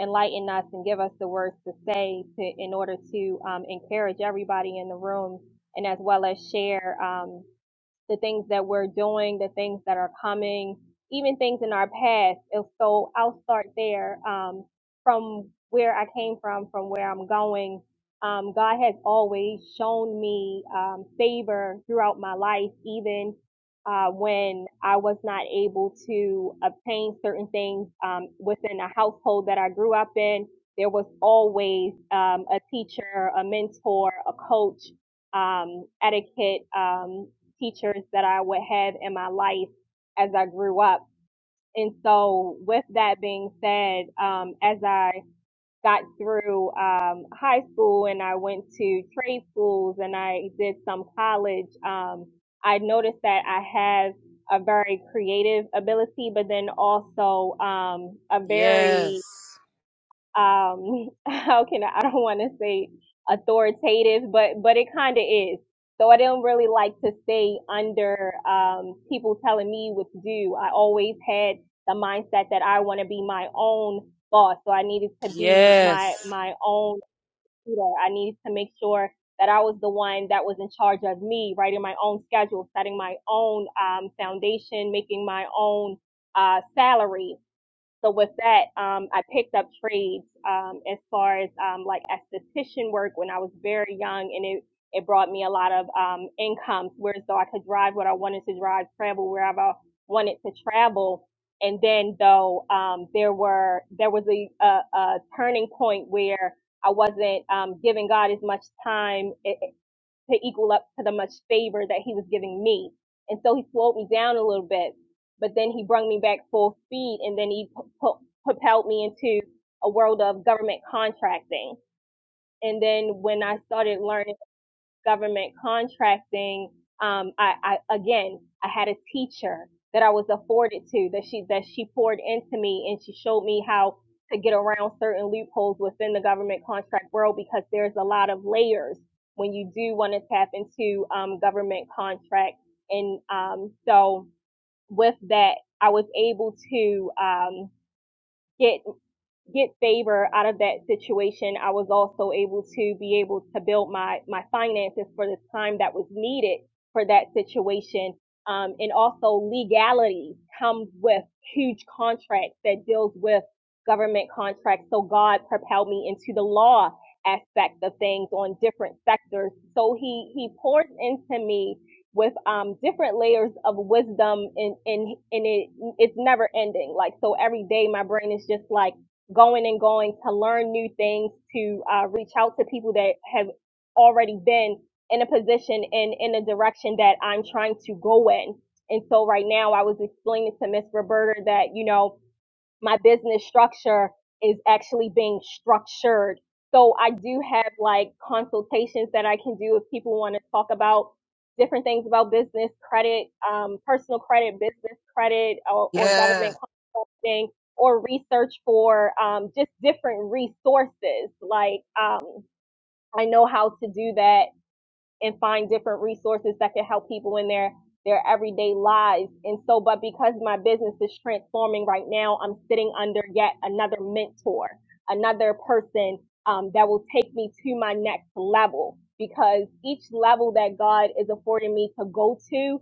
enlighten us and give us the words to say to, in order to um, encourage everybody in the room and as well as share. Um, the things that we're doing, the things that are coming, even things in our past. And so I'll start there. Um, from where I came from, from where I'm going, um, God has always shown me um, favor throughout my life, even uh, when I was not able to obtain certain things um, within a household that I grew up in. There was always um, a teacher, a mentor, a coach, um, etiquette. Um, teachers that I would have in my life as I grew up. And so, with that being said, um, as I got through um, high school and I went to trade schools and I did some college, um, I noticed that I have a very creative ability, but then also um, a very Yes. um how can I, I don't want to say authoritative but but it kind of is so i don't really like to stay under um people telling me what to do i always had the mindset that i want to be my own boss so i needed to be Yes. my my own leader i needed to make sure that i was the one that was in charge of me writing my own schedule setting my own um foundation making my own uh salary so with that, um, I picked up trades um, as far as um, like esthetician work when I was very young, and it it brought me a lot of um, income, whereas though I could drive what I wanted to drive, travel wherever I wanted to travel. And then though um, there were there was a, a, a turning point where I wasn't um, giving God as much time. eh, eh, to equal up to the much favor that he was giving me. And so he slowed me down a little bit, but then he brought me back full speed and then he propelled me into a world of government contracting. And then when I started learning government contracting. Um, I, I again, I had a teacher that I was afforded to that she that she poured into me, and she showed me how to get around certain loopholes within the government contract world because there's a lot of layers when you do want to tap into um, government contract. And um, so with that, I was able to um, get get favor out of that situation, I was also able to be able to build my my finances for the time that was needed for that situation. Um, and also legality comes with huge contracts that deals with government contracts. So God propelled me into the law aspect of things on different sectors. So he he poured into me with um different layers of wisdom and and and it it's never ending. Like so every day my brain is just like going and going to learn new things, to uh, reach out to people that have already been in a position and in a direction that I'm trying to go in. And so right now I was explaining to Miss Roberta that, you know, my business structure is actually being structured. So I do have like consultations that I can do if people want to talk about different things about business credit, um, personal credit, business credit, or, or government Yes. consulting, or research for um, just different resources. Like um, I know how to do that and find different resources that can help people in their their everyday lives. And so, but because my business is transforming right now, I'm sitting under yet another mentor, another person um, that will take me to my next level. Because each level that God is affording me to go to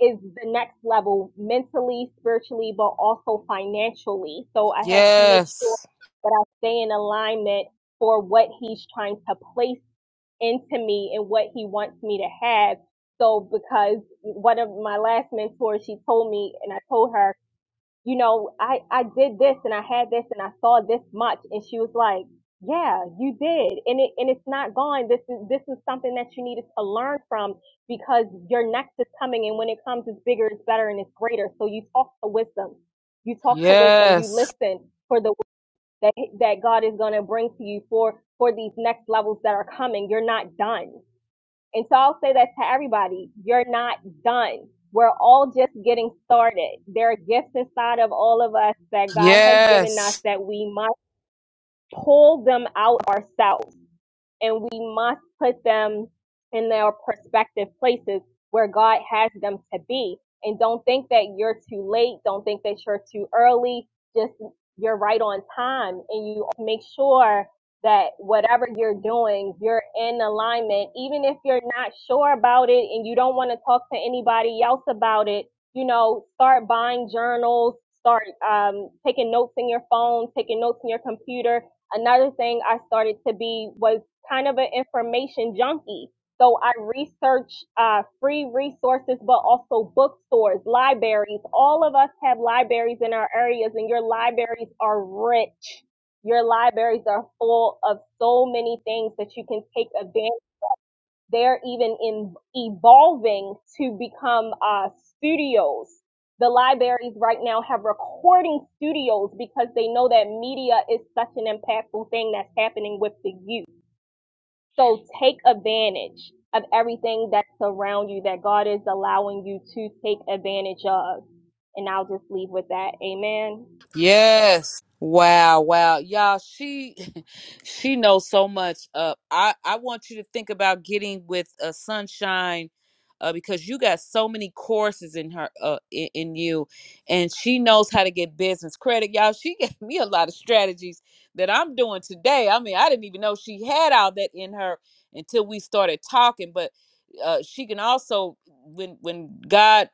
is the next level mentally, spiritually, but also financially. So I have to make sure Yes. that I stay in alignment for what He's trying to place into me and what he wants me to have. So because one of my last mentors, she told me and I told her, you know, I, I did this and I had this and I saw this much. And she was like, yeah, you did. And it, and it's not gone. This is, this is something that you needed to learn from because your next is coming. And when it comes, it's bigger, it's better, and it's greater. So you talk to wisdom. You talk to wisdom. You Yes. listen for the that that God is going to bring to you for for these next levels that are coming. You're not done. And so I'll say that to everybody. You're not done. We're all just getting started. There are gifts inside of all of us that God has given us Yes. that we must pull them out ourselves and we must put them in their prospective places where God has them to be. And don't think that you're too late. Don't think that you're too early. Just you're right on time and you make sure that whatever you're doing, you're in alignment. Even if you're not sure about it and you don't want to talk to anybody else about it, you know, start buying journals, start um, taking notes in your phone, taking notes in your computer, another thing I started to be was kind of an information junkie. So I research uh, free resources, but also bookstores, libraries. All of us have libraries in our areas, and your libraries are rich. Your libraries are full of so many things that you can take advantage. They're even in evolving to become uh, studios. The libraries right now have recording studios because they know that media is such an impactful thing that's happening with the youth so take advantage of everything that's around you that God is allowing you to take advantage of. And I'll just leave with that. Amen. Yes. Wow, wow. Y'all, she she knows so much. Uh I I want you to think about getting with uh, Sunshine uh because you got so many courses in her uh in, in you and she knows how to get business credit. Y'all, she gave me a lot of strategies that I'm doing today. I mean, I didn't even know she had all that in her until we started talking, but uh she can also when when God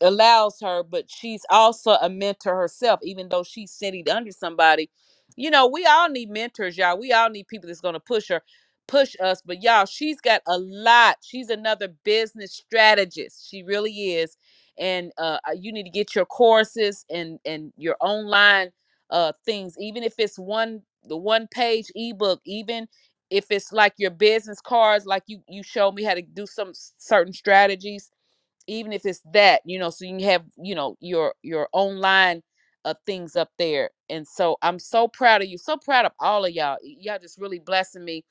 allows her, but she's also a mentor herself, even though she's sitting under somebody. You know, we all need mentors, y'all. We all need people that's gonna push her, push us. But y'all, she's got a lot. She's another business strategist. She really is. And uh, uh, you need to get your courses and and your online uh things, even if it's one the one page ebook, even if it's like your business cards, like you you showed me how to do some s- certain strategies even if it's that you know so you can have you know your your online uh, things up there and so i'm so proud of you so proud of all of y'all y'all just really blessing me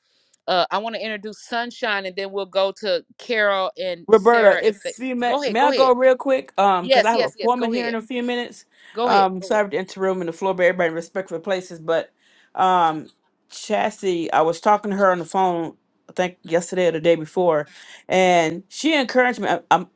uh i want to introduce sunshine and then we'll go to carol and Roberta, sarah if if they you may, go ahead may go I ahead go real quick? Um, because yes I have an yes yes appointment go here in ahead a few minutes. go ahead Um, go ahead sorry for the interim and the floor, but everybody in respectful places. But, um, Chassie, I was talking to her on the phone. I think yesterday or the day before, and she encouraged me. I- I'm,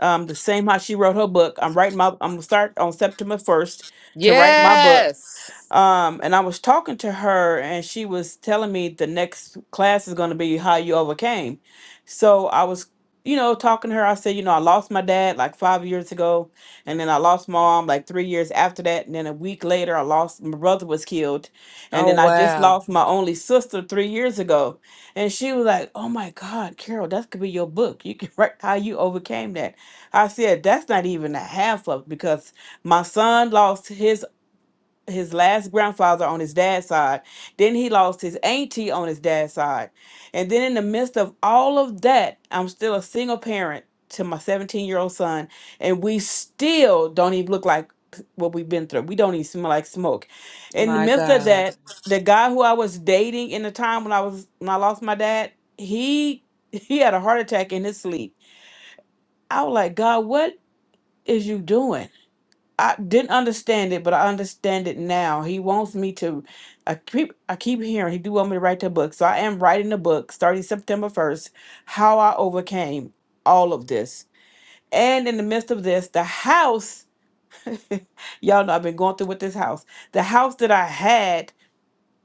um, the same how she wrote her book. I'm writing my. I'm gonna start on September first to write my book yes Um, and I was talking to her, and she was telling me the next class is going to be how you overcame. So I was, you know, talking to her. I said, you know, I lost my dad like five years ago, and then I lost my mom like three years after that, and then a week later, I lost my brother was killed, and Oh then I just wow. lost my only sister three years ago. And she was like, "Oh my God, Carol, that could be your book. You can write how you overcame that." I said, "That's not even a half of it because." My son lost his his last grandfather on his dad's side. Then he lost his auntie on his dad's side. And then in the midst of all of that, I'm still a single parent to my 17 year old son. And we still don't even look like what we've been through. We don't even smell like smoke. In the My midst of God. that, the guy who I was dating in the time when I was when I lost my dad, he he had a heart attack in his sleep. I was like, God, what is you doing? I didn't understand it, but I understand it now. He wants me to. I keep I keep hearing he do want me to write the book, so I am writing the book starting September first. How I overcame all of this, and in the midst of this, the house. y'all know I've been going through with this house. The house that I had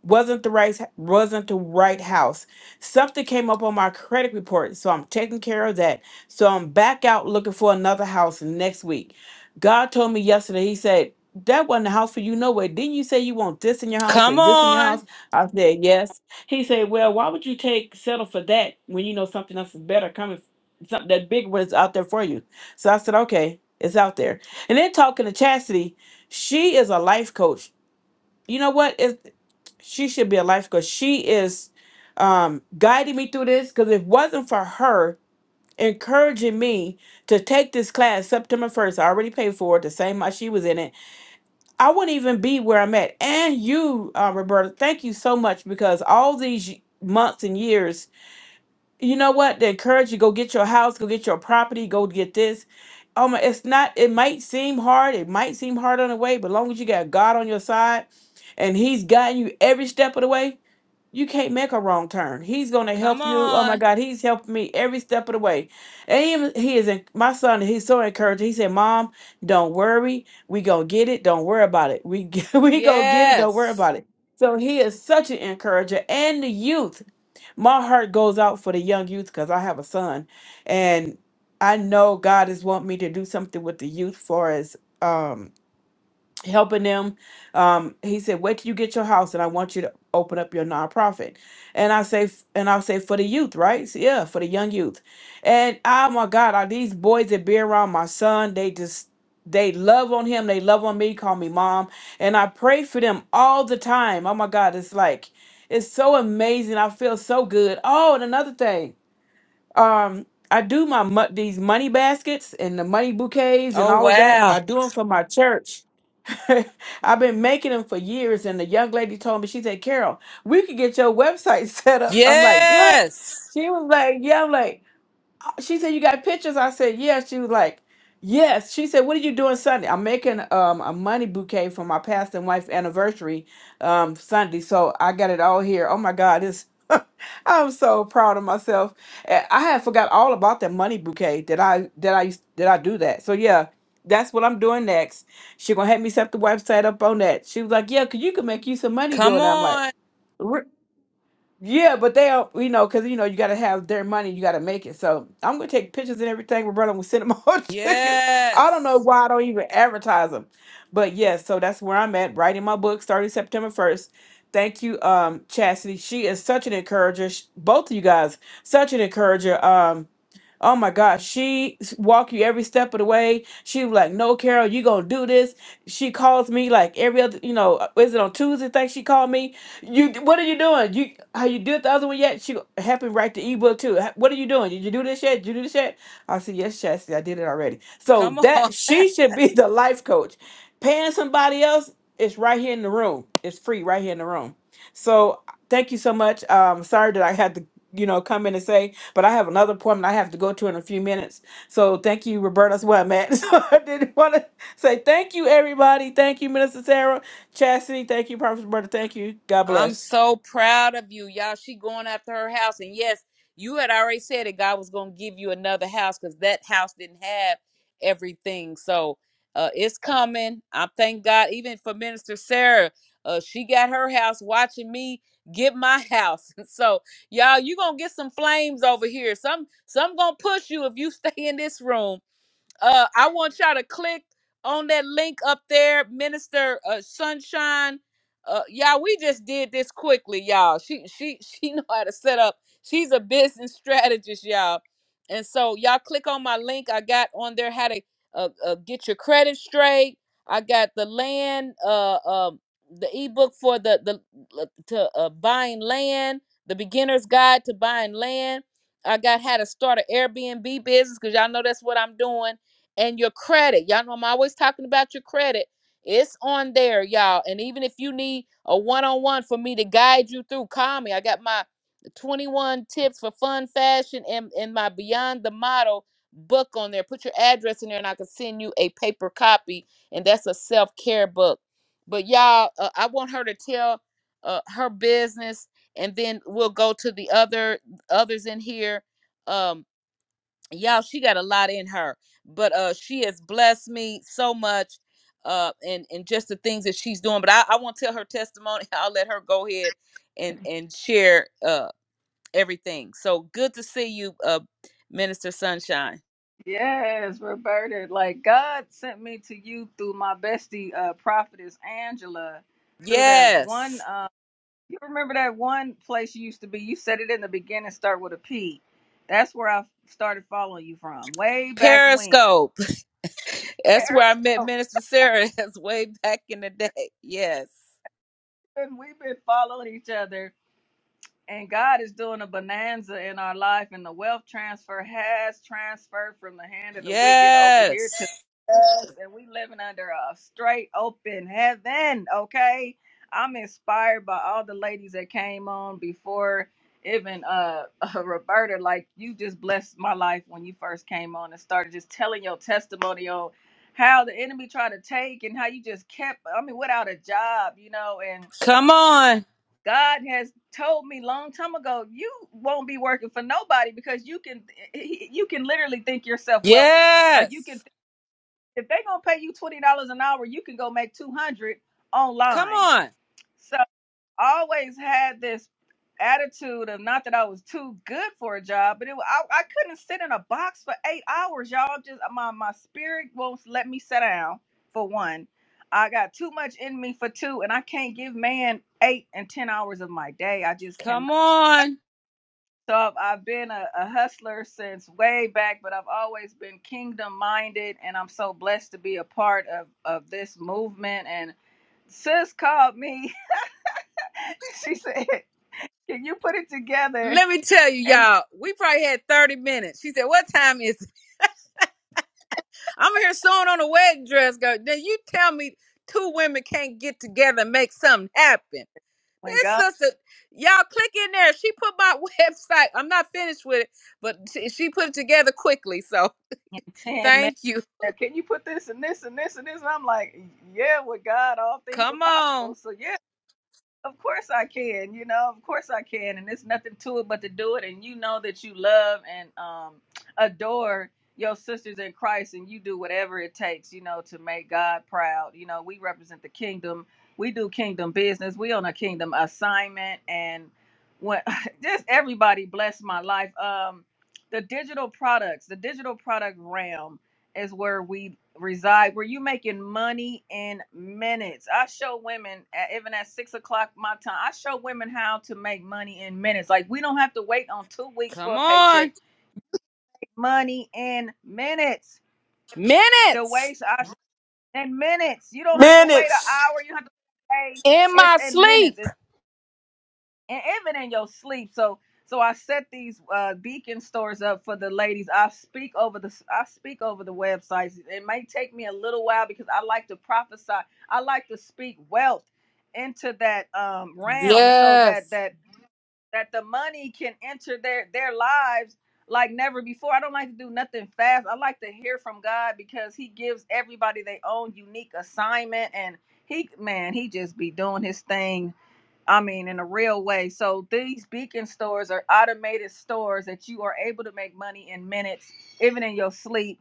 wasn't the right wasn't the right house. Something came up on my credit report, so I'm taking care of that. So I'm back out looking for another house next week. God told me yesterday. He said that wasn't the house for you no way. Didn't you say you want this in your house Come and this in your on. house? I said yes. He said, well, why would you take settle for that when you know something else is better coming? Something that big was out there for you. So I said okay, it's out there. And then talking to Chastity, she is a life coach you know what? If she should be a life coach. She is um, guiding me through this because if it wasn't for her encouraging me to take this class September 1st, I already paid for it the same month she was in it. I wouldn't even be where I'm at. And you, uh, Roberta, thank you so much because all these y- months and years you know what? They encourage you go get your house, go get your property, go get this. Um, it's not. It might seem hard. It might seem hard on the way, but long as you got God on your side, and He's guiding you every step of the way, you can't make a wrong turn. He's going to Come help you. Oh my on. God, he's helped me every step of the way. And even he is en- my son. He's so encouraging. He said, "Mom, don't worry. We gonna get it. Don't worry about it. We we gonna get it. Don't worry Yes. about it." So he is such an encourager, and the youth. My heart goes out for the young youth because I have a son, and I know God is want me to do something with the youth for as um helping them. Um, he said, "Wait till you get your house, and I want you to open up your nonprofit." And I say, f- and I'll say for the youth, right? So, yeah, for the young youth. And oh my God, are these boys that be around my son? They just they love on him. They love on me. Call me mom, and I pray for them all the time. Oh my God, it's like it's so amazing. I feel so good. Oh, and another thing, um. I do my mo- these money baskets and the money bouquets and Oh all of that. wow. I do them for my church I've been making them for years. And the young lady told me, she said, Carol, we could get your website set up. I'm like, what? Yes. She was like, yeah, I'm like, she said you got pictures i said yes she was like yes she said what are you doing sunday i'm making um a money bouquet for my past and wife anniversary um sunday so i got it all here oh my god it's i'm so proud of myself And I had forgot all about that money bouquet that i that i used that i do that so yeah that's what i'm doing next she gonna help me set the website up on that she was like "Yeah, 'cause you can make you some money Come doing that i'm on. like yeah, but they are, you know, because you know you got to have their money, you got to make it. So I'm gonna take pictures and everything, Roberta. I'm gonna send them all to you. I don't know Yes. why I don't even advertise them, but yes. so that's where I'm at. Writing my book starting September 1st. Thank you, um, Chastity. She is such an encourager. Sh- Both of you guys, such an encourager. Um, Oh my gosh, she s- walk you every step of the way. She was like, "No, Carol, you gonna do this." She calls me like every other, you know, uh, is it on Tuesday? Think she called me. You, d- what are you doing? You, have you did the other one yet? She go- happened right to write the ebook too. "Ha- What are you doing? Did you do this yet? Did you do this yet? I said, "Yes, Chastity, I did it already." So Come on. that she should be the life coach. Paying somebody else is right here in the room. It's free right here in the room. So thank you so much. Um, sorry that I had to, you know, come in and say, but I have another appointment I have to go to in a few minutes. So thank you, Roberta. That's where I'm at. So I didn't want to say thank you, everybody. Thank you, Minister Sarah, Chastity. Thank you, Prophet Roberta. Thank you. God I'm bless. so proud of you. Y'all, she going after her house. And yes, you had already said that God was going to give you another house because that house didn't have everything. So uh, it's coming. I thank God, even for Minister Sarah. Uh, she got her house watching me get my house. So y'all, you gonna get some flames over here. Some some gonna push you if you stay in this room Uh, I want y'all to click on that link up there, Minister uh, Sunshine. Uh, y'all, we just did this quickly, y'all. She she she know how to set up. She's a business strategist, y'all. And so y'all click on my link I got on there how to uh, uh, get your credit straight. I got the land, uh, um, the ebook for the the l- to uh, buying land, the beginner's guide to buying land. I got how to start an Airbnb business because y'all know that's what I'm doing and your credit. Y'all know I'm always talking about your credit. It's on there, y'all. And even if you need a one on one for me to guide you through, call me. I got my 21 tips for fun fashion and, and my Beyond the Model book on there. Put your address in there and I can send you a paper copy. And that's a self care book. But y'all, uh, I want her to tell uh, her business and then we'll go to the other others in here. Um, y'all she got a lot in her but uh she has blessed me so much uh and and just the things that she's doing but i, I won't tell her testimony i'll let her go ahead and and share uh everything so good to see you uh minister sunshine Yes, Roberta. Like God sent me to you through my bestie, uh, prophetess Angela, through that one. yes Uh, you remember that one place you used to be? You said it in the beginning, start with a P. That's where I started following you from, way back when. periscope that's where i met Periscope. minister sarah that's way back in the day yes And we've been following each other, and God is doing a bonanza in our life, and the wealth transfer has transferred from the hand of the wicked over here yes and we living under a straight open heaven okay i'm inspired by all the ladies that came on before even uh, roberta like you just blessed my life when you first came on and started just telling your testimony on how the enemy tried to take and how you just kept i mean without a job you know and come on god has told me long time ago you won't be working for nobody because you can you can literally think yourself wealthy like you can yes if they gonna pay you twenty dollars an hour, you can go make two hundred come online. on So I always had this attitude of not that I was too good for a job, but it wa- I, I couldn't sit in a box for eight hours, y'all. Just my my spirit won't let me sit down. For one, I got too much in me. For two, and I can't give man eight and ten hours of my day. I just cannot. come on So I've, I've been a, a hustler since way back, but I've always been kingdom minded, and I'm so blessed to be a part of of this movement. And sis called me. she said, "Can you put it together?" Let me tell you, And y'all, we probably had 30 minutes. She said, What time is it? I'm here sewing on a wedding dress, girl. Then you tell me two women can't get together and make something happen. when This God sister, y'all click in there. She put my website. I'm not finished with it, but she she put it together quickly. So intend, man, thank you. can you put this and this and this and this? And I'm like, "Yeah, with God, all things are Come possible." on. So yeah. Of course I can, you know, of course I can. And there's nothing to it but to do it. And you know that you love and um, adore your sisters in Christ and you do whatever it takes, you know, to make God proud. You know, we represent the kingdom. We do kingdom business. We on a kingdom assignment. And when just everybody bless my life. Um, the digital products, the digital product realm is where we reside, where you making money in minutes. I show women, at, even at six o'clock my time, I show women how to make money in minutes. Like we don't have to wait on two weeks for Come a on. paycheck. Money in minutes. The Minutes ways I in minutes. You don't have to wait an minutes. hour. You don't have to pay. in It's my in minutes. sleep. and even in your sleep. So so I set these uh, beacon stores up for the ladies. I speak over the I speak over the websites. It may take me a little while because I like to prophesy. I like to speak wealth into that um, realm so that Yes. that that the money can enter their their lives like never before. I don't like to do nothing fast. I like to hear from God because He gives everybody their own unique assignment and. He man, he just be doing his thing I mean, in a real way. So these beacon stores are automated stores that you are able to make money in minutes, even in your sleep.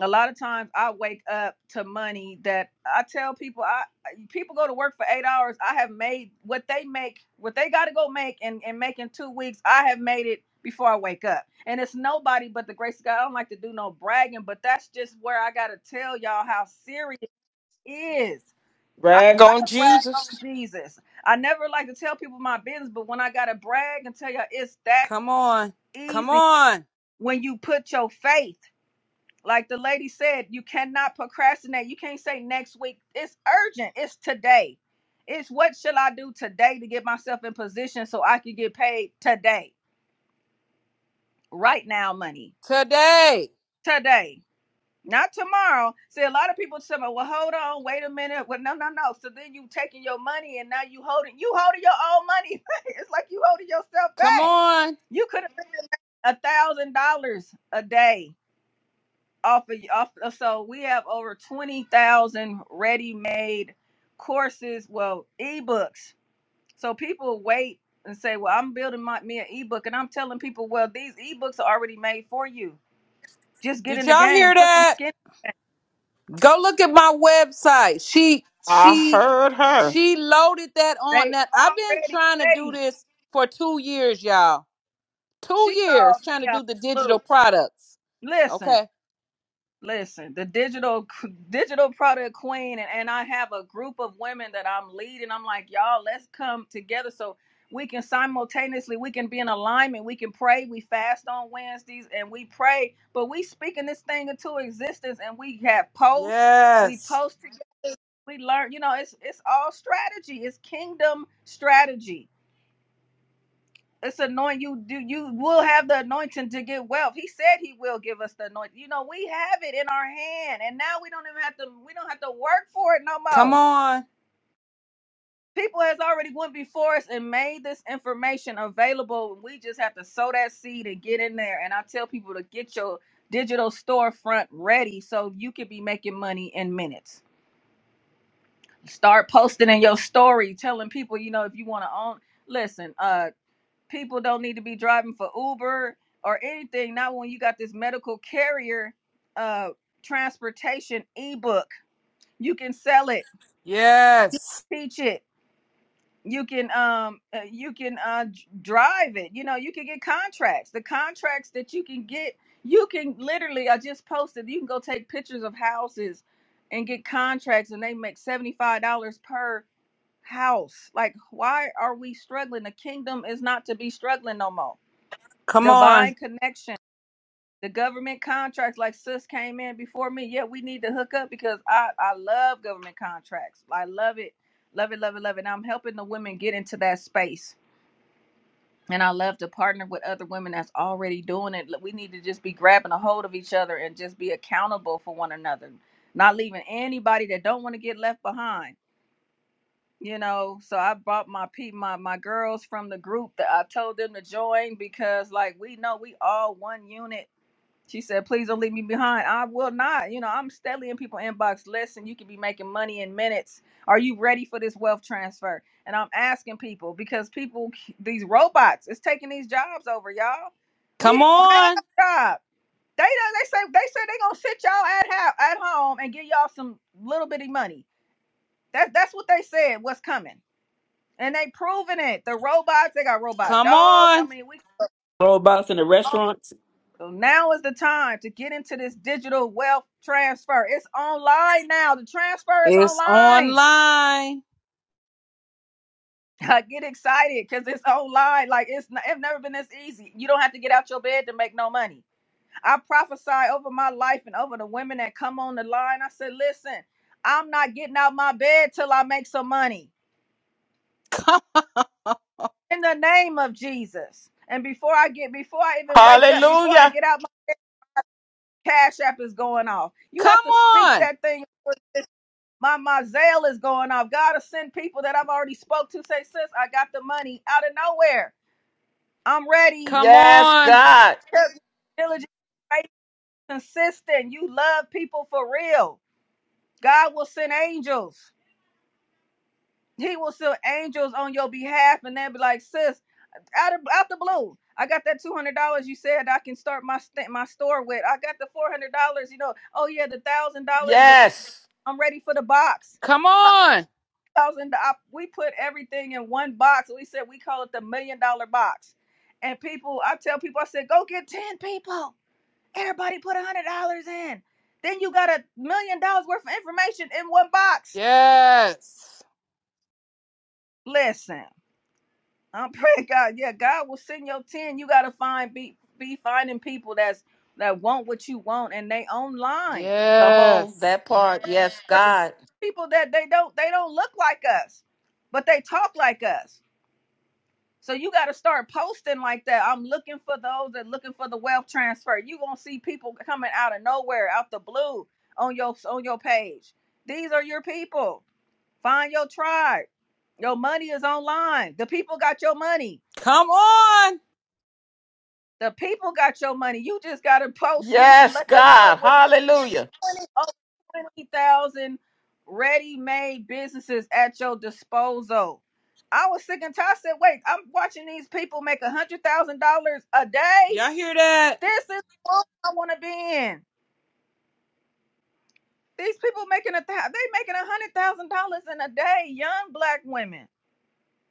A lot of times I wake up to money that I tell people I people go to work for eight hours. I have made what they make, what they gotta go make and, and make in two weeks, I have made it before I wake up. And it's nobody but the grace of God. I don't like to do no bragging, but that's just where I gotta tell y'all how serious it is I Rag on gotta brag Jesus. on Jesus. I never like to tell people my business, but when I gotta brag and tell you it's that Come on. Come easy on. when you put your faith, like the lady said, you cannot procrastinate. You can't say next week. It's urgent. It's today. It's what shall I do today to get myself in position so I can get paid today, right now, money Today. today. Not tomorrow. See, a lot of people say, "Well, hold on, wait a minute." Well, no, no, no. So then you taking your money, and now you holding you holding your own money. it's like you holding yourself Come back. on. You could have made a thousand dollars a day off of off. Of, so we have over twenty thousand ready made courses, well, ebooks. So people wait and say, "Well, I'm building my me an ebook," and I'm telling people, "Well, these ebooks are already made for you. Just get Did in the y'all hear game, put some that? skin." Go look at my website. She I she heard her. she loaded that on. They Now I've been already trying to do ready. this for two years, y'all. Two She years called trying to me out. do the digital Look, products. listen, Okay. listen. The digital digital product queen, and, and I have a group of women that I'm leading. I'm like, y'all, let's come together so we can simultaneously we can be in alignment. We can pray. We fast on Wednesdays and we pray, but we speaking this thing into existence, and we have posts. We Yes. post. together, We learn. You know, it's it's all strategy. It's kingdom strategy it's anointing you do you will have the anointing to get wealth he said he will give us the anointing you know we have it in our hand and now we don't even have to we don't have to work for it no Come more on. people has already went before us and made this information available we just have to sow that seed and get in there and i tell people to get your digital storefront ready so you can be making money in minutes start posting in your story telling people you know if you want to own listen uh. people don't need to be driving for Uber or anything. Not when you got this medical carrier uh transportation ebook. You can sell it, Yes. teach it. You can um uh, you can uh d- drive it. You know, you can get contracts. The contracts that you can get, you can literally I just posted, you can go take pictures of houses and get contracts and they make $75 per house. Like why are we struggling? The kingdom is not to be struggling no more Come on. divine connection. the government contracts like sis came in before me yeah we need to hook up because i i love government contracts i love it love it love it love it and i'm helping the women get into that space and i love to partner with other women that's already doing it we need to just be grabbing a hold of each other and just be accountable for one another not leaving anybody that don't want to get left behind you know so i brought my pe my my girls from the group that i told them to join because like we know we all one unit she said, please don't leave me behind. I will not. You know, I'm steadily in people inbox. Listen, you could be making money in minutes. Are you ready for this wealth transfer? And I'm asking people because people, these robots, it's taking these jobs over, y'all. We Come ain't gonna have on. a job. They done, they say they said they gonna sit y'all at ho- at home and give y'all some little bitty money. That's that's what they said. What's coming? And they proving it. The robots, they got robot Come dogs. I on. mean, we Roll bottles in the restaurant. So now is the time to get into this digital wealth transfer. It's online now. The transfer is It's online. online. I get excited because it's online. Like it's, n- it's never been this easy. You don't have to get out your bed to make no money. I prophesy over my life and over the women that come on the line. I said, listen, I'm not getting out my bed till I make some money in the name of Jesus. And before I get, before I even wake up, before I Hallelujah. get out, my cash app is going off. You have Come to speak on. that thing My my zeal is going off. God to send people that I've already spoke to say, sis, I got the money out of nowhere. I'm ready. Come Yes, on. God. Just Diligent, faithful, consistent. You love people for real. God will send angels. He will send angels on your behalf, and they'll be like, sis, out of out the blue. I got that two hundred dollars you said I can start my st- my store with. I got the four hundred dollars. You know, oh yeah, the thousand dollars. The Yes. I'm ready for the box. Come on. thousand. dollars. We put everything in one box. We said we call it the million dollar box. And people, I tell people, I said, go get ten people. Everybody put a hundred dollars in. Then you got a million dollars worth of information in one box. Yes. Listen, I'm praying God. Yeah, God will send your ten. You gotta find be be finding people that's that want what you want and they online. Come on, Yes. that part. Yes, God. People that they don't they don't look like us, but they talk like us So you got to start posting like that. I'm looking for those that looking for the wealth transfer. You gonna see people coming out of nowhere, out the blue, on your on your page. These are your people. Find your tribe. Your money is online. The people got your money. Come on. The people got your money. You just gotta post so you can Yes, let them know God. what Hallelujah. twenty over twenty thousand ready-made businesses at your disposal. I was sick and tired. I said, wait, I'm watching these people make a hundred thousand dollars a day Y'all hear that? This is the world I want to be in. These people making a thou- they making a hundred thousand dollars in a day. Young black women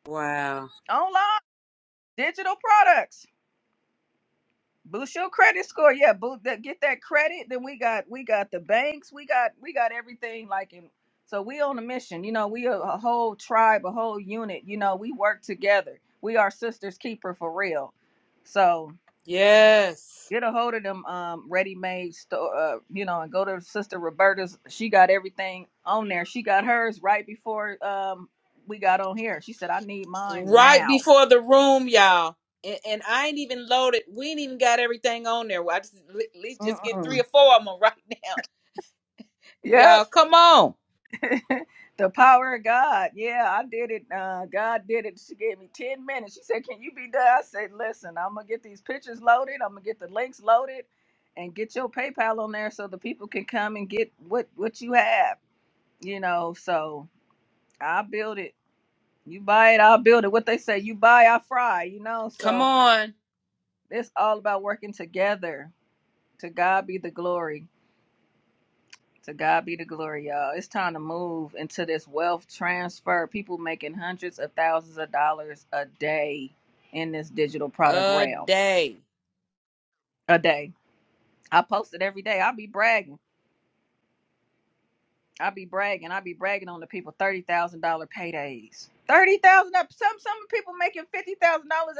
Wow. online digital products. Boost your credit score. Yeah, boost that. Get that credit. Then we got we got the banks. We got we got everything like in. So we on a mission. You know, we a, a whole tribe, a whole unit. You know, we work together. We are sisters keeper for real. So Yes. get a hold of them um ready-made store uh, you know and go to sister roberta's she got everything on there she got hers right before um we got on here she said i need mine Right now before the room, y'all. And, and I ain't even loaded. We ain't even got everything on there. Well, I just at least just get three Mm-mm. or four of them right now. Y'all, yep come on. the power of god yeah i did it uh god did it she gave me 10 minutes she said can you be done i said listen i'm gonna get these pictures loaded i'm gonna get the links loaded and get your paypal on there so the people can come and get what what you have you know so i built it You buy it, I'll build it. What they say, you buy, I fry, you know? Come So on. it's all about working together. To God be the glory. To God be the glory, y'all. It's time to move into this wealth transfer. People making hundreds of thousands of dollars a day in this digital product A realm. day. A day. I post it every day. I'll be bragging. I'll be bragging. I'll be bragging on the people $30,000 paydays. $30,000. Some some people making $50,000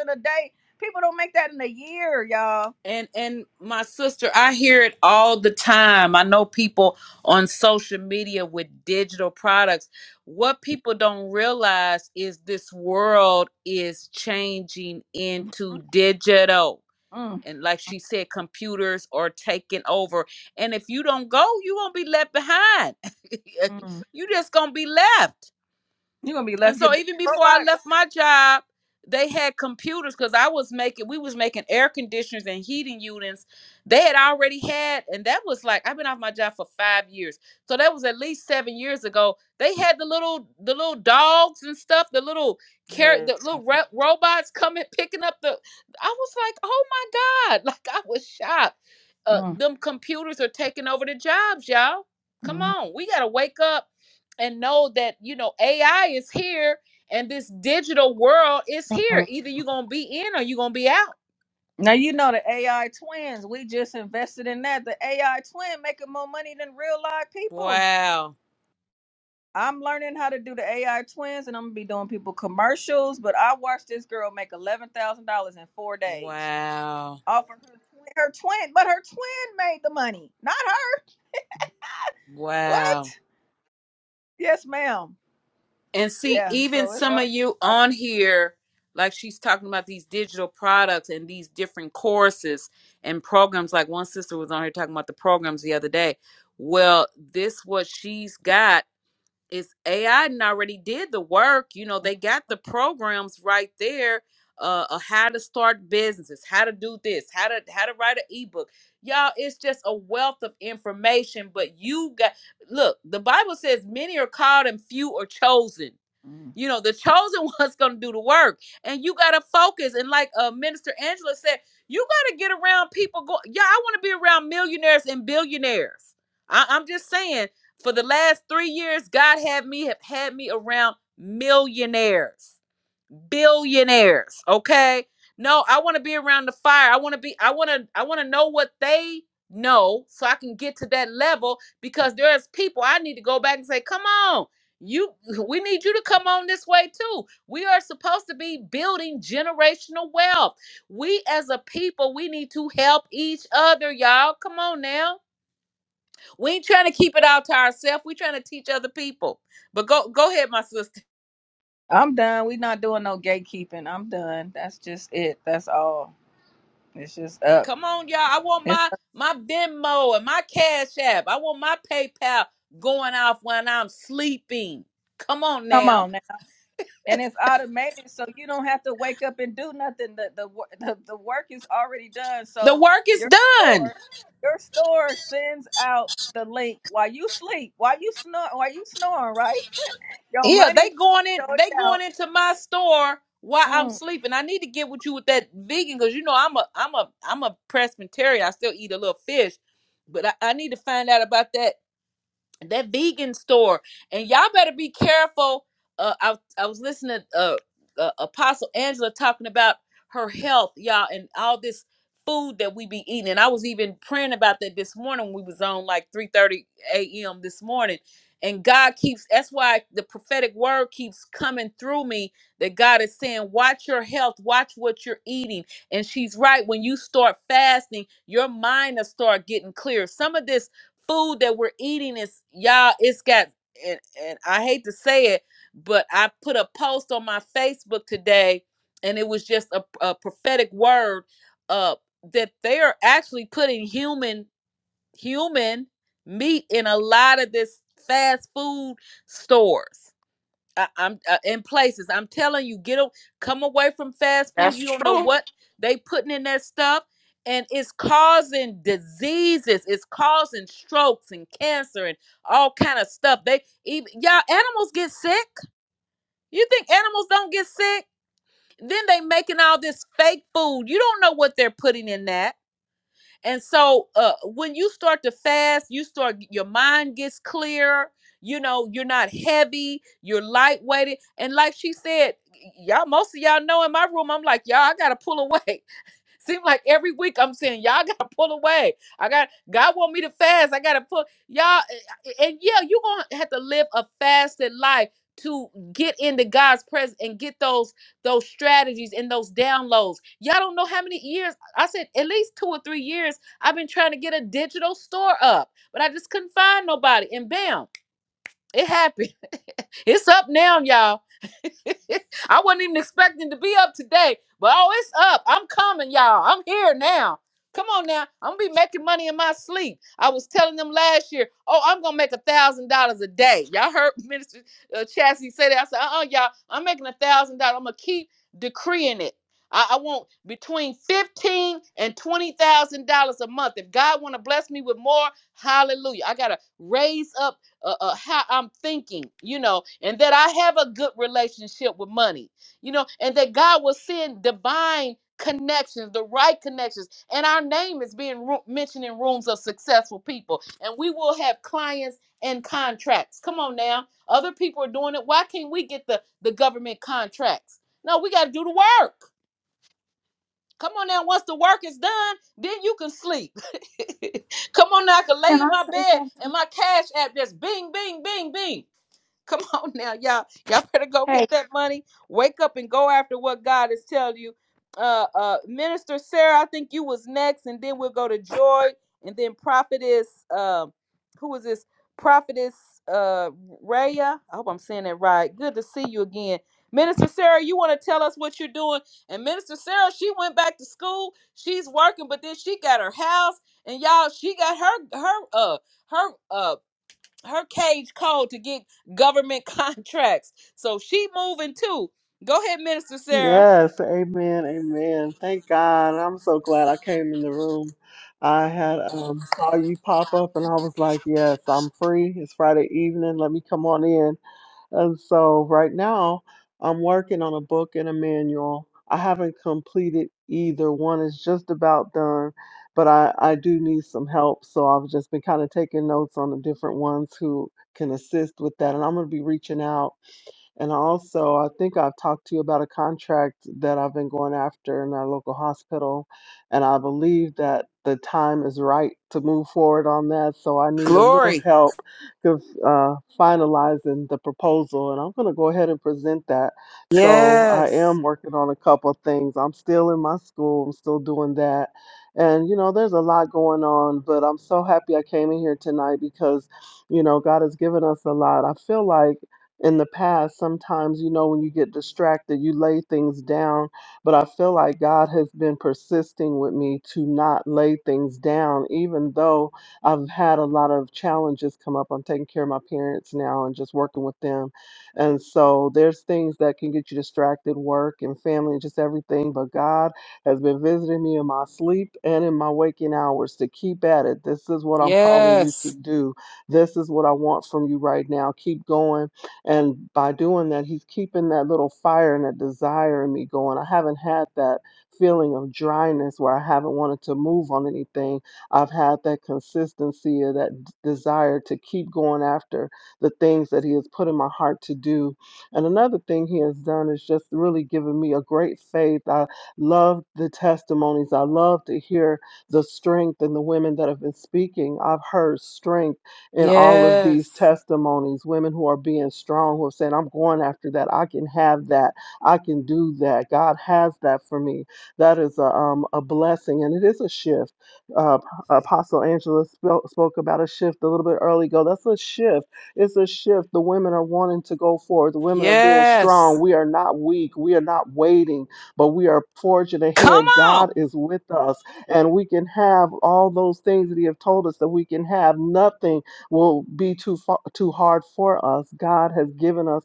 in a day. People don't make that in a year, y'all. And and my sister, I hear it all the time. I know people on social media with digital products. What people don't realize is this world is changing into digital Mm, and like she said, computers are taking over. And if you don't go, you won't be left behind. mm. you just gonna be left. You're gonna be And left your so even before I robot. left my job, they had computers because I was making we was making air conditioners and heating units. They had already had, and that was like I've been off my job for five years. So that was at least seven years ago. They had the little the little dogs and stuff, the little car the Listen. little ro- robots coming picking up the I was like, oh my God. Like I was shocked. Uh Mm, them computers are taking over the jobs, y'all. Come mm, on, we gotta wake up and know that you know AI is here and this digital world is here. mm. Either you're gonna be in or you're gonna be out. Now you know the AI twins. We just invested in that. The AI twin making more money than real live people. Wow. I'm learning how to do the AI twins, and I'm gonna be doing people commercials. But I watched this girl make eleven thousand dollars in four days Wow. off of her twin, her twin. But her twin made the money, not her. What? Wow. Yes, ma'am. And see, Yeah. even So it's some of up. you on here, like she's talking about these digital products and these different courses and programs. Like one sister was on here talking about the programs the other day. Well, this what she's got it's AI and already did the work. You know, they got the programs right there. Uh, uh how to start businesses, how to do this, how to how to write an ebook. Y'all, it's just a wealth of information. But you got look, the Bible says many are called and few are chosen. You know, the chosen one's going to do the work. And you got to focus. And like uh, Minister Angela said, you got to get around people. Go- yeah, I want to be around millionaires and billionaires. I- I'm just saying, for the last three years, God had me have had me around millionaires billionaires okay no i want to be around the fire i want to be i want to i want to know what they know so i can get to that level because there's people i need to go back and say come on you we need you to come on this way too we are supposed to be building generational wealth we as a people we need to help each other y'all come on now we ain't trying to keep it all to ourselves we trying to teach other people but go go ahead my sister I'm done. we not doing no gatekeeping. I'm done. That's just it. That's all. It's just up. Come on, y'all. I want It's my my Venmo and my Cash App. I want my PayPal going off when I'm sleeping. Come on come now. on now, and it's automated, so you don't have to wake up and do nothing. The the wo- the, the work is already done. The So work is your done. store, your store sends out the link while you sleep, while you snore, while you snoring. Right, your Yeah, they money, going in. your They going account. into my store while I'm Mm. sleeping. I need to get with you with that vegan because you know I'm a I'm a I'm a Presbyterian. I still eat a little fish, but I, I need to find out about that that vegan store and y'all better be careful uh i, I was listening to uh, uh apostle angela talking about her health y'all and all this food that we be eating and i was even praying about that this morning we was on like 3 30 a.m this morning and god keeps that's why the prophetic word keeps coming through me that god is saying watch your health watch what you're eating and she's right when you start fasting your mind will start getting clear some of this food that we're eating is y'all it's got and, and i hate to say it but i put a post on my facebook today and it was just a, a prophetic word uh that they are actually putting human human meat in a lot of this fast food stores I, I'm uh, in places. I'm telling you, get a, come away from fast food. That's You don't know true. what they putting in that stuff, and it's causing diseases. It's causing strokes and cancer and all kind of stuff. They even y'all animals get sick. You think animals don't get sick? Then they making all this fake food. You don't know what they're putting in that and so uh, when you start to fast, you start your mind gets clearer. You know, you're not heavy, you're lightweighted. And like she said, y'all, most of y'all know in my room, I'm like, y'all, I gotta pull away. Seem like every week I'm saying y'all gotta pull away. I got God want me to fast. I gotta pull y'all, eh, eh, and yeah, you gonna have to live a fasted life to get into God's presence and get those those strategies and those downloads. Y'all don't know how many years I said at least two or three years I've been trying to get a digital store up, but I just couldn't find nobody. And bam, it happened. It's up now, y'all. I wasn't even expecting to be up today, but oh, it's up. I'm coming, y'all. I'm here now. Come on now. I'm gonna be making money in my sleep. I was telling them last year, oh, I'm gonna make a thousand dollars a day. Y'all heard Minister uh, Chassie say that. I said, uh-uh, y'all, I'm making a thousand dollars. I'm gonna keep decreeing it. I, I want between fifteen and twenty thousand dollars a month. If God wanna bless me with more, hallelujah. I gotta raise up uh, uh, how I'm thinking, you know, and that I have a good relationship with money, you know, and that God will send divine connections, the right connections, and our name is being ru- mentioned in rooms of successful people, and we will have clients and contracts. Come on now, other people are doing it. Why can't we get the the government contracts? No, we got to do the work. Come on now, once the work is done, then you can sleep. Come on now, I can lay Can in I my say bed something? and my cash app just bing, bing, bing, bing. Come on now, y'all. Y'all better go get that money. Wake up and go after what God is telling you. Uh uh Minister Sarah, I think you was next, and then we'll go to Joy, and then Prophetess, um, who is this? Prophetess uh Raya. I hope I'm saying that right. Good to see you again. Minister Sarah, you want to tell us what you're doing? And Minister Sarah, she went back to school. She's working, but then she got her house, and y'all, she got her her uh her uh her cage called to get government contracts. So she moving too. Go ahead, Minister Sarah. Yes, amen, amen. Thank God. I'm so glad I came in the room. I had um saw you pop up and I was like, yes, I'm free. It's Friday evening. Let me come on in. And so right now I'm working on a book and a manual. I haven't completed either one. It's just about done, but I I do need some help. So I've just been kind of taking notes on the different ones who can assist with that. And I'm going to be reaching out. And also, I think I've talked to you about a contract that I've been going after in our local hospital. And I believe that the time is right to move forward on that. So I need a little Glory. help with uh, finalizing the proposal. And I'm going to go ahead and present that. So I Yes. am working on a couple of things. I'm still in my school, I'm still doing that. And, you know, there's a lot going on, but I'm so happy I came in here tonight because you know god has given us a lot i feel like in the past sometimes you know when you get distracted you lay things down but i feel like god has been persisting with me to not lay things down even though i've had a lot of challenges come up i'm taking care of my parents now and just working with them and so there's things that can get you distracted work and family and just everything but god has been visiting me in my sleep and in my waking hours to keep at it this is what i'm calling you to Yes. do this is what i want from you right now keep going and by doing that, he's keeping that little fire and that desire in me going. I haven't had that feeling of dryness where I haven't wanted to move on anything. I've had that consistency or that d- desire to keep going after the things that he has put in my heart to do. And another thing he has done is just really given me a great faith. I love the testimonies. I love to hear the strength in the women that have been speaking. I've heard strength in all of Yes. these testimonies, women who are being strong, who are saying, I'm going after that. I can have that. I can do that. God has that for me. That is a, um, a blessing. And it is a shift. Uh, Apostle Angela spoke, spoke about a shift a little bit early ago. That's a shift. It's a shift. The women are wanting to go forward. The women are being strong. Yes. We are not weak. We are not waiting, but we are forging Come ahead. on. God is with us, and we can have all those things that He have told us that we can have. Nothing will be too far, too hard for us. God has given us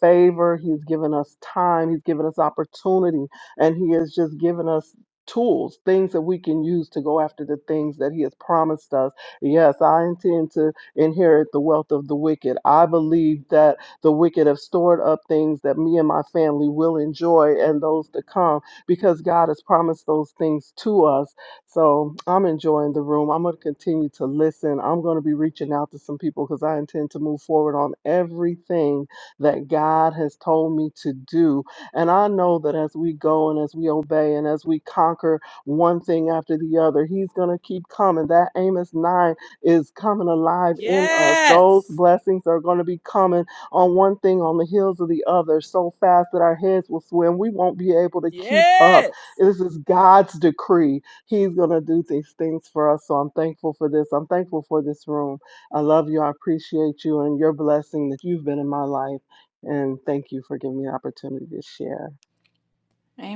favor. He's given us time. He's given us opportunity, and He has just given us tools, things that we can use to go after the things that He has promised us. Yes, I intend to inherit the wealth of the wicked. I believe that the wicked have stored up things that me and my family will enjoy and those to come because God has promised those things to us so I'm enjoying the room. I'm going to continue to listen. I'm going to be reaching out to some people because I intend to move forward on everything that God has told me to do. And I know that as we go and as we obey and as we conquer one thing after the other, He's going to keep coming. That Amos 9 is coming alive in us. Those Yes. blessings are going to be coming on one thing on the heels of the other so fast that our heads will swim. We won't be able to keep up. Yes. This is God's decree He's going to do these things for us. So I'm thankful for this. I'm thankful for this room. I love you. I appreciate you and your blessing that you've been in my life. And thank you for giving me the opportunity to share.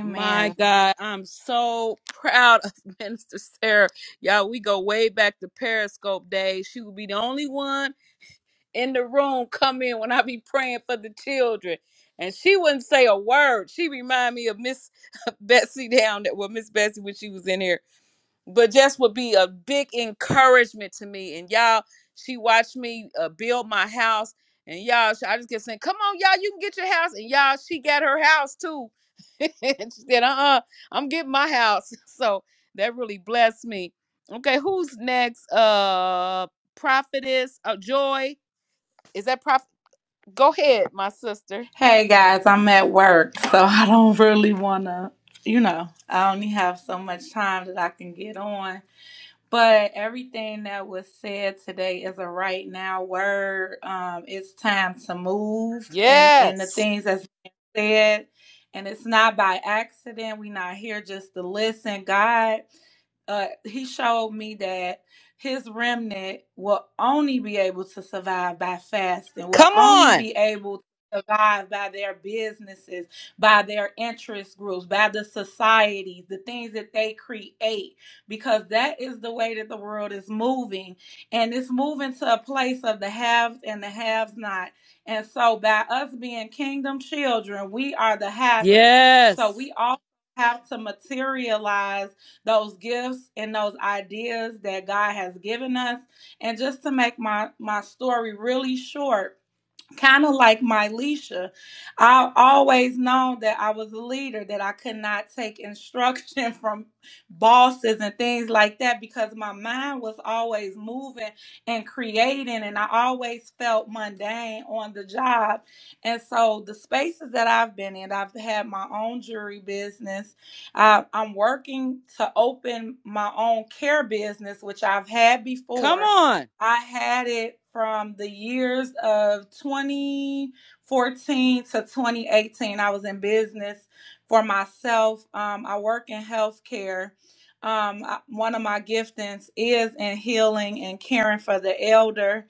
My God, I'm so proud of Minister Sarah. Y'all, we go way back to Periscope days. She will be the only one in the room come in when I be praying for the children. And she wouldn't say a word. She remind me of Miss Betsy down that well, Miss Betsy when she was in here. But just would be a big encouragement to me. And y'all, she watched me uh, build my house. And y'all, I just kept saying, "Come on, y'all, you can get your house." And y'all, she got her house too. and she said, "Uh-uh, I'm getting my house." So that really blessed me. Okay, who's next? Uh, prophetess, uh, Joy. Is that prophet? Go ahead, my sister. Hey guys, I'm at work, so I don't really want to, you know, I only have so much time that I can get on. But everything that was said today is a right now word. Um, it's time to move, and and the Yes. things that's been said, and it's not by accident. We're not here just to listen. God uh, he showed me that his remnant will only be able to survive by fasting, will Come only on. be able to survive by their businesses, by their interest groups, by the societies, the things that they create because that is the way that the world is moving. And it's moving to a place of the haves and the haves not. And so, by us being kingdom children, we are the havers. So, Yes. we all have to materialize those gifts and those ideas that God has given us. And just to make my, my story really short, kind of like Myleisha, Leisha, I always known that I was a leader, that I could not take instruction from bosses and things like that because my mind was always moving and creating, and I always felt mundane on the job. And so, the spaces that I've been in, I've had my own jewelry business. I, I'm working to open my own care business, which I've had before Come on. I had it from the years of 2014 to 2018. I was in business for myself. Um, I work in healthcare. Um, I- one of my giftings is in healing and caring for the elder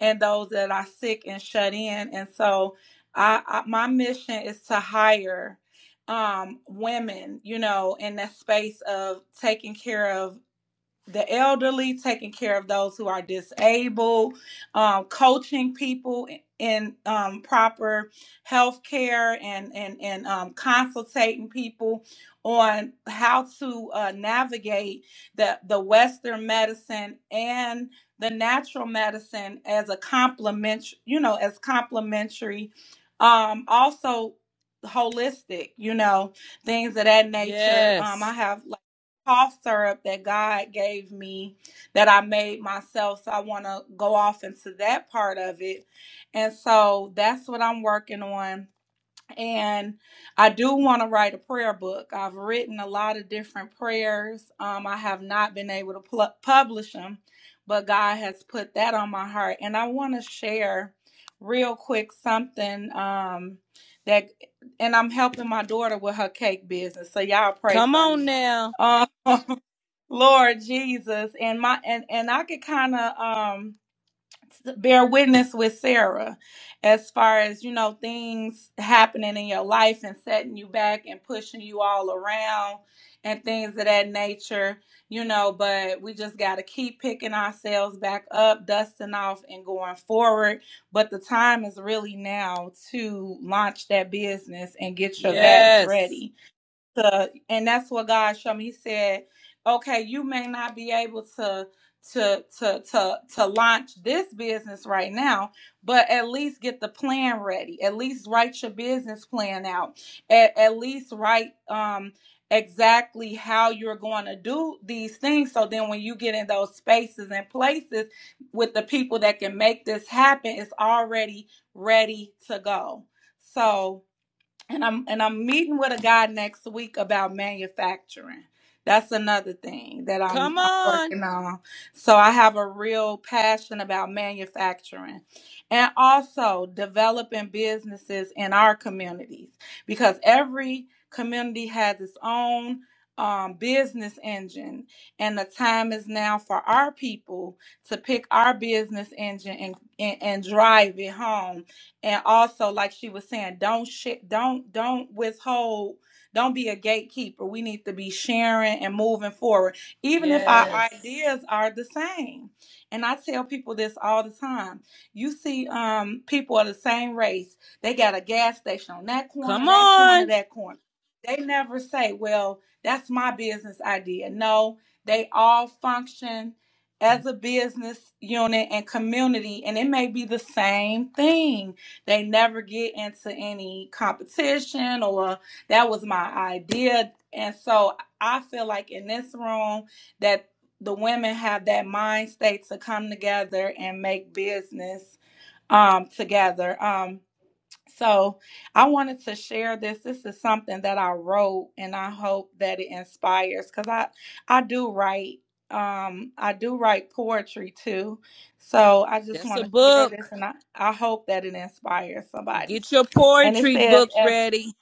and those that are sick and shut in. And so, I, I my mission is to hire um, women, you know, in that space of taking care of the elderly, taking care of those who are disabled, um, coaching people in in, um, proper health care and, and, and um, consultating people on how to uh, navigate the, the Western medicine and the natural medicine as a complement, you know, as complementary, um, also holistic, you know, things of that nature. Um, I Yes. have cough syrup that God gave me that I made myself. So I want to go off into that part of it. And so that's what I'm working on. And I do want to write a prayer book. I've written a lot of different prayers. Um, I have not been able to pl- publish them, but God has put that on my heart. And I want to share real quick something um, that, and I'm helping my daughter with her cake business. So y'all pray Come for on me. now. Um, Lord Jesus, and my and and I could kind of um bear witness with Sarah as far as you know things happening in your life and setting you back and pushing you all around and things of that nature, you know, but we just got to keep picking ourselves back up, dusting off and going forward, but the time is really now to launch that business and get your vets Yes. ready to and that's what God showed me. He said, Okay, you may not be able to to to to to launch this business right now, but at least get the plan ready. At least write your business plan out. At, at least write um exactly how you're going to do these things so then when you get in those spaces and places with the people that can make this happen it's already ready to go so and I'm and I'm meeting with a guy next week about manufacturing. That's another thing that I'm Come I'm on. working on. So I have a real passion about manufacturing and also developing businesses in our communities because every community has its own um, business engine and the time is now for our people to pick our business engine and, and, and drive it home and also like she was saying don't shit don't don't withhold don't be a gatekeeper we need to be sharing and moving forward even if our Yes. ideas are the same and i tell people this all the time you see um people of the same race they got a gas station on that corner Come that corner on. that corner they never say well that's my business idea no they all function as a business unit and community and it may be the same thing they never get into any competition or that was my idea. And so I feel like in this room that the women have that mind state to come together and make business um together. Um so I wanted to share this. This is something that I wrote and I hope that it inspires because I I do write um I do write poetry too. So I just That's want a to share this book. and I, I hope that it inspires somebody. Get your And it poetry says book as ready.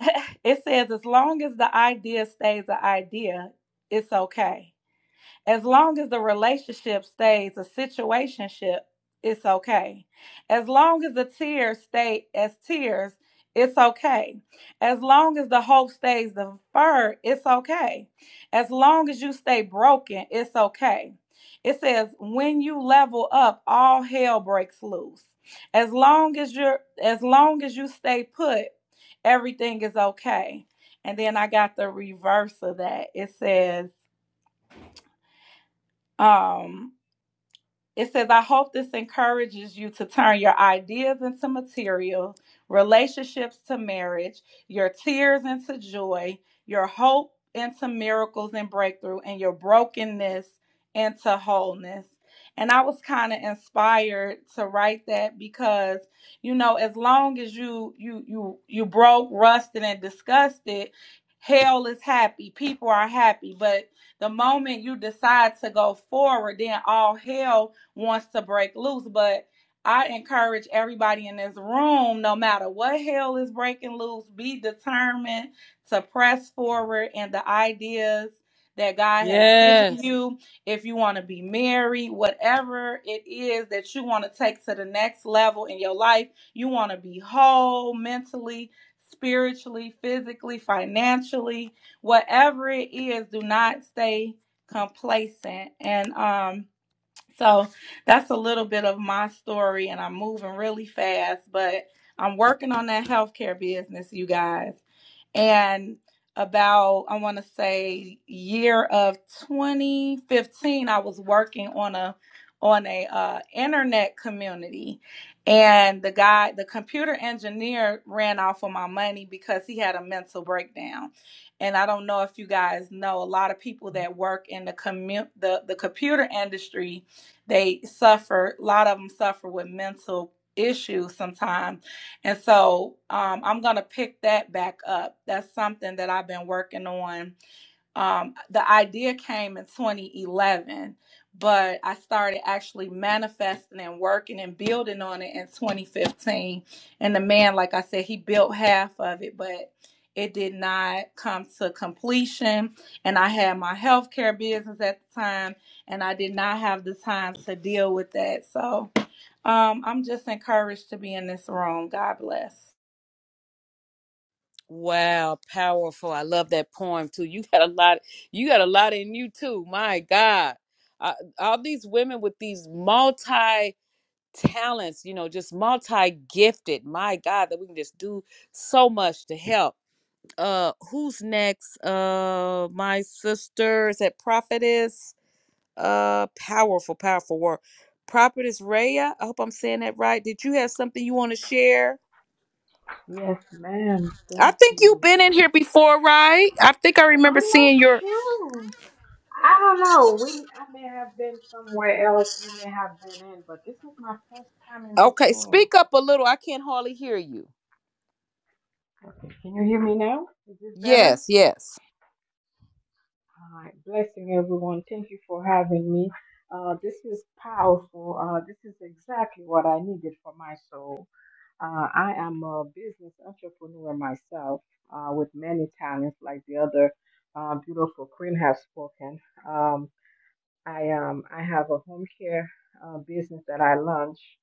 it says as long as the idea stays an idea, it's okay. As long as the relationship stays a situationship, it's okay. As long as the tears stay as tears, it's okay. As long as the hope stays deferred, it's okay. As long as you stay broken, it's okay. It says, when you level up, all hell breaks loose. As long as you're as long as you stay put, everything is okay. And then I got the reverse of that. It says, um. It says, I hope this encourages you to turn your ideas into material, relationships to marriage, your tears into joy, your hope into miracles and breakthrough, and your brokenness into wholeness. And I was kind of inspired to write that because, you know, as long as you you you you broke, rusted, and disgusted, hell is happy. People are happy. But the moment you decide to go forward, then all hell wants to break loose. But I encourage everybody in this room, no matter what hell is breaking loose, be determined to press forward in the ideas that God has given Yes. you. If you want to be married, whatever it is that you want to take to the next level in your life, you want to be whole mentally, spiritually, physically, financially, whatever it is, do not stay complacent. And um so that's a little bit of my story, and I'm moving really fast, but I'm working on that healthcare business, you guys. And about, I want to say, year of 2015, I was working on a on a uh, internet community, and the guy, the computer engineer, ran off of my money because he had a mental breakdown. And I don't know if you guys know, a lot of people that work in the commu- the the computer industry they suffer, a lot of them suffer with mental issues sometimes. And so um, I'm going to pick that back up. That's something that I've been working on um, the idea came in 2011, but I started actually manifesting and working and building on it in 2015. And the man, like I said, he built half of it, but it did not come to completion. And I had my healthcare business at the time and I did not have the time to deal with that. So um, I'm just encouraged to be in this room. God bless. Wow, powerful. I love that poem too. You got a lot you got a lot in you too. My God. Uh, all these women with these multi talents, you know, just multi-gifted. My God, that we can just do so much to help. Uh who's next? Uh my sister is that prophetess. Uh powerful, powerful work. Prophetess Raya. I hope I'm saying that right. Did you have something you want to share? Yes, ma'am. I Thank think you've you. been in here before, right? I think I I'm remember not seeing your sure. I don't know. We, I may have been somewhere else. You may have been in, but this is my first time in this Okay, room. speak up a little. I can't hardly hear you. Okay. Can you hear me now? Is it better? Yes, yes. All right. Blessing everyone. Thank you for having me. Uh, this is powerful. Uh, this is exactly what I needed for my soul. Uh, I am a business entrepreneur myself uh, with many talents, like the other uh, beautiful queen has spoken. Um, I um I have a home care uh, business that I launched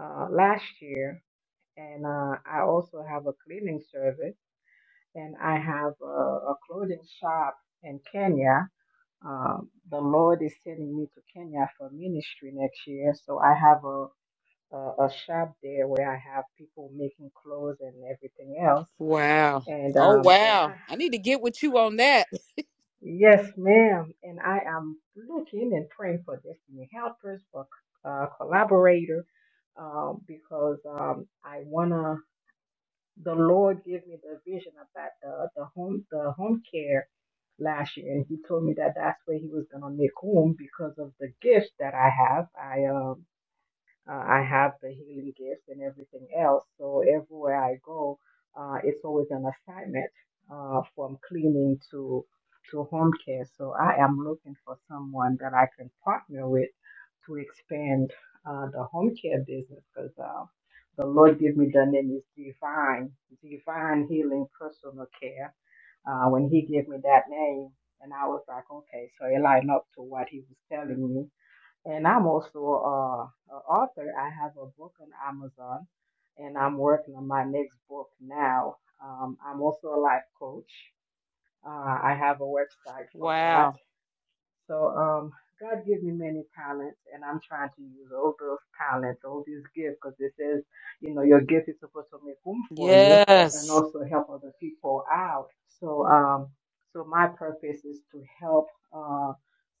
uh, last year, and uh, I also have a cleaning service, and I have a, a clothing shop in Kenya. Um, the Lord is sending me to Kenya for ministry next year, so I have a a, a shop there where I have people making clothes and everything else, Wow. and Oh um and wow. I I need to get with you on that. Yes, ma'am. And I am looking and praying for destiny helpers, for uh, collaborator, um, because um, I wanna. The Lord gave me the vision about the, the home the home care last year, and He told me that that's where He was gonna make home because of the gifts that I have. I um uh, I have the healing gifts and everything else. So everywhere I go, uh, it's always an assignment uh, from cleaning to to home care. So I am looking for someone that I can partner with to expand uh, the home care business because uh, the Lord gave me the name is divine, divine healing personal care. Uh, when He gave me that name, and I was like, okay, so it lined up to what He was telling me and I'm also uh, an author. I have a book on Amazon, and I'm working on my next book now. Um, I'm also a life coach. Uh, I have a website for that. Wow. So um, God gave me many talents, and I'm trying to use all those talents, all these gifts, because it says, you know, your gift is supposed to make room for you and Yes. also help other people out. So um, so my purpose is to help uh,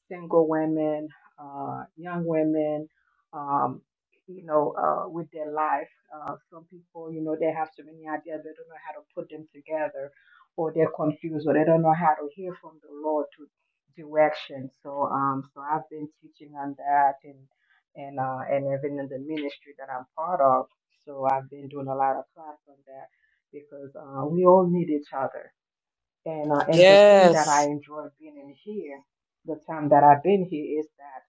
single women, uh, young women. Um, you know, uh, with their life, uh, some people, you know, they have so many ideas, they don't know how to put them together, or they're confused, or they don't know how to hear from the Lord to direction. So um so I've been teaching on that and and uh and even in the ministry that I'm part of. So I've been doing a lot of class on that because uh, we all need each other. And uh, and the thing that I Yes. enjoy being in here, the time that I've been here is that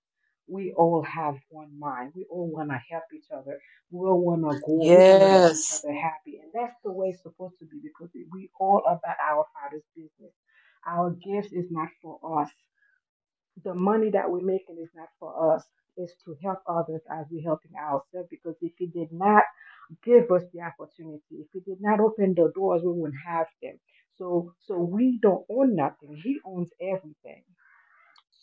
we all have one mind. We all want to help each other. We all want to go. We want to see each Yes. other happy. And that's the way it's supposed to be because we all about our Father's business. Our gifts is not for us the money that we're making is not for us. It's to help others as we're helping ourselves. Because if He did not give us the opportunity, if He did not open the doors, we wouldn't have them. So, so we don't own nothing. He owns everything.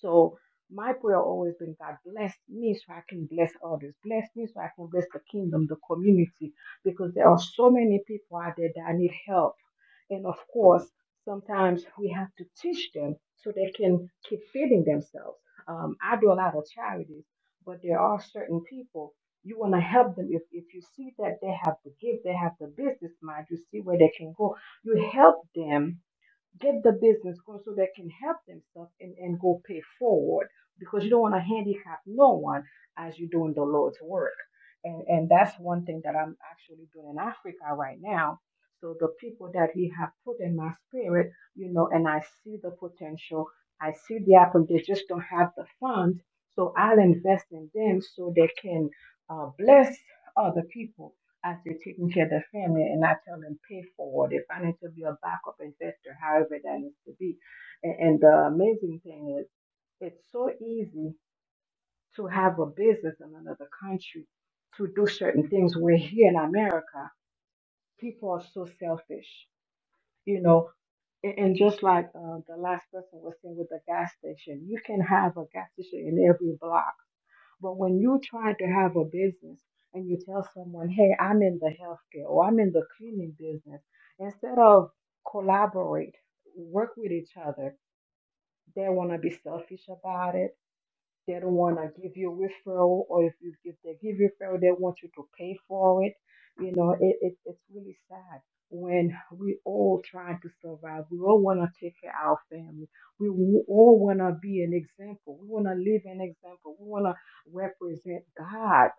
So my prayer always been God bless me so I can bless others. Bless me so I can bless the kingdom, the community, because there are so many people out there that need help and of course, sometimes we have to teach them so they can keep feeding themselves. Um, I do a lot of charities, but there are certain people you want to help them. If, if you see that they have the gift, they have the business mind, you see where they can go, you help them get the business going so they can help themselves and, and go pay forward because you don't want to handicap no one as you're doing the Lord's work. And, and that's one thing that I'm actually doing in Africa right now. So the people that He have put in my spirit, you know, and I see the potential, I see the apple, they just don't have the funds. So I'll invest in them so they can uh, bless other people as they're taking care of their family and I tell them pay forward if I need to be a backup investor, however that needs to be. And, and the amazing thing is it's so easy to have a business in another country to do certain things. Where here in America, people are so selfish, you know. And and just like uh, the last person was saying with the gas station, you can have a gas station in every block but when you're trying to have a business and you tell someone, hey, I'm in the healthcare or I'm in the cleaning business, instead of collaborate, work with each other, they want to be selfish about it they don't want to give you referral, or if you if they give referral, they want you to pay for it. You know, it, it it's really sad when we all trying to survive. We all want to take care of our family. We w- all want to be an example. We want to live an example. We want to represent God.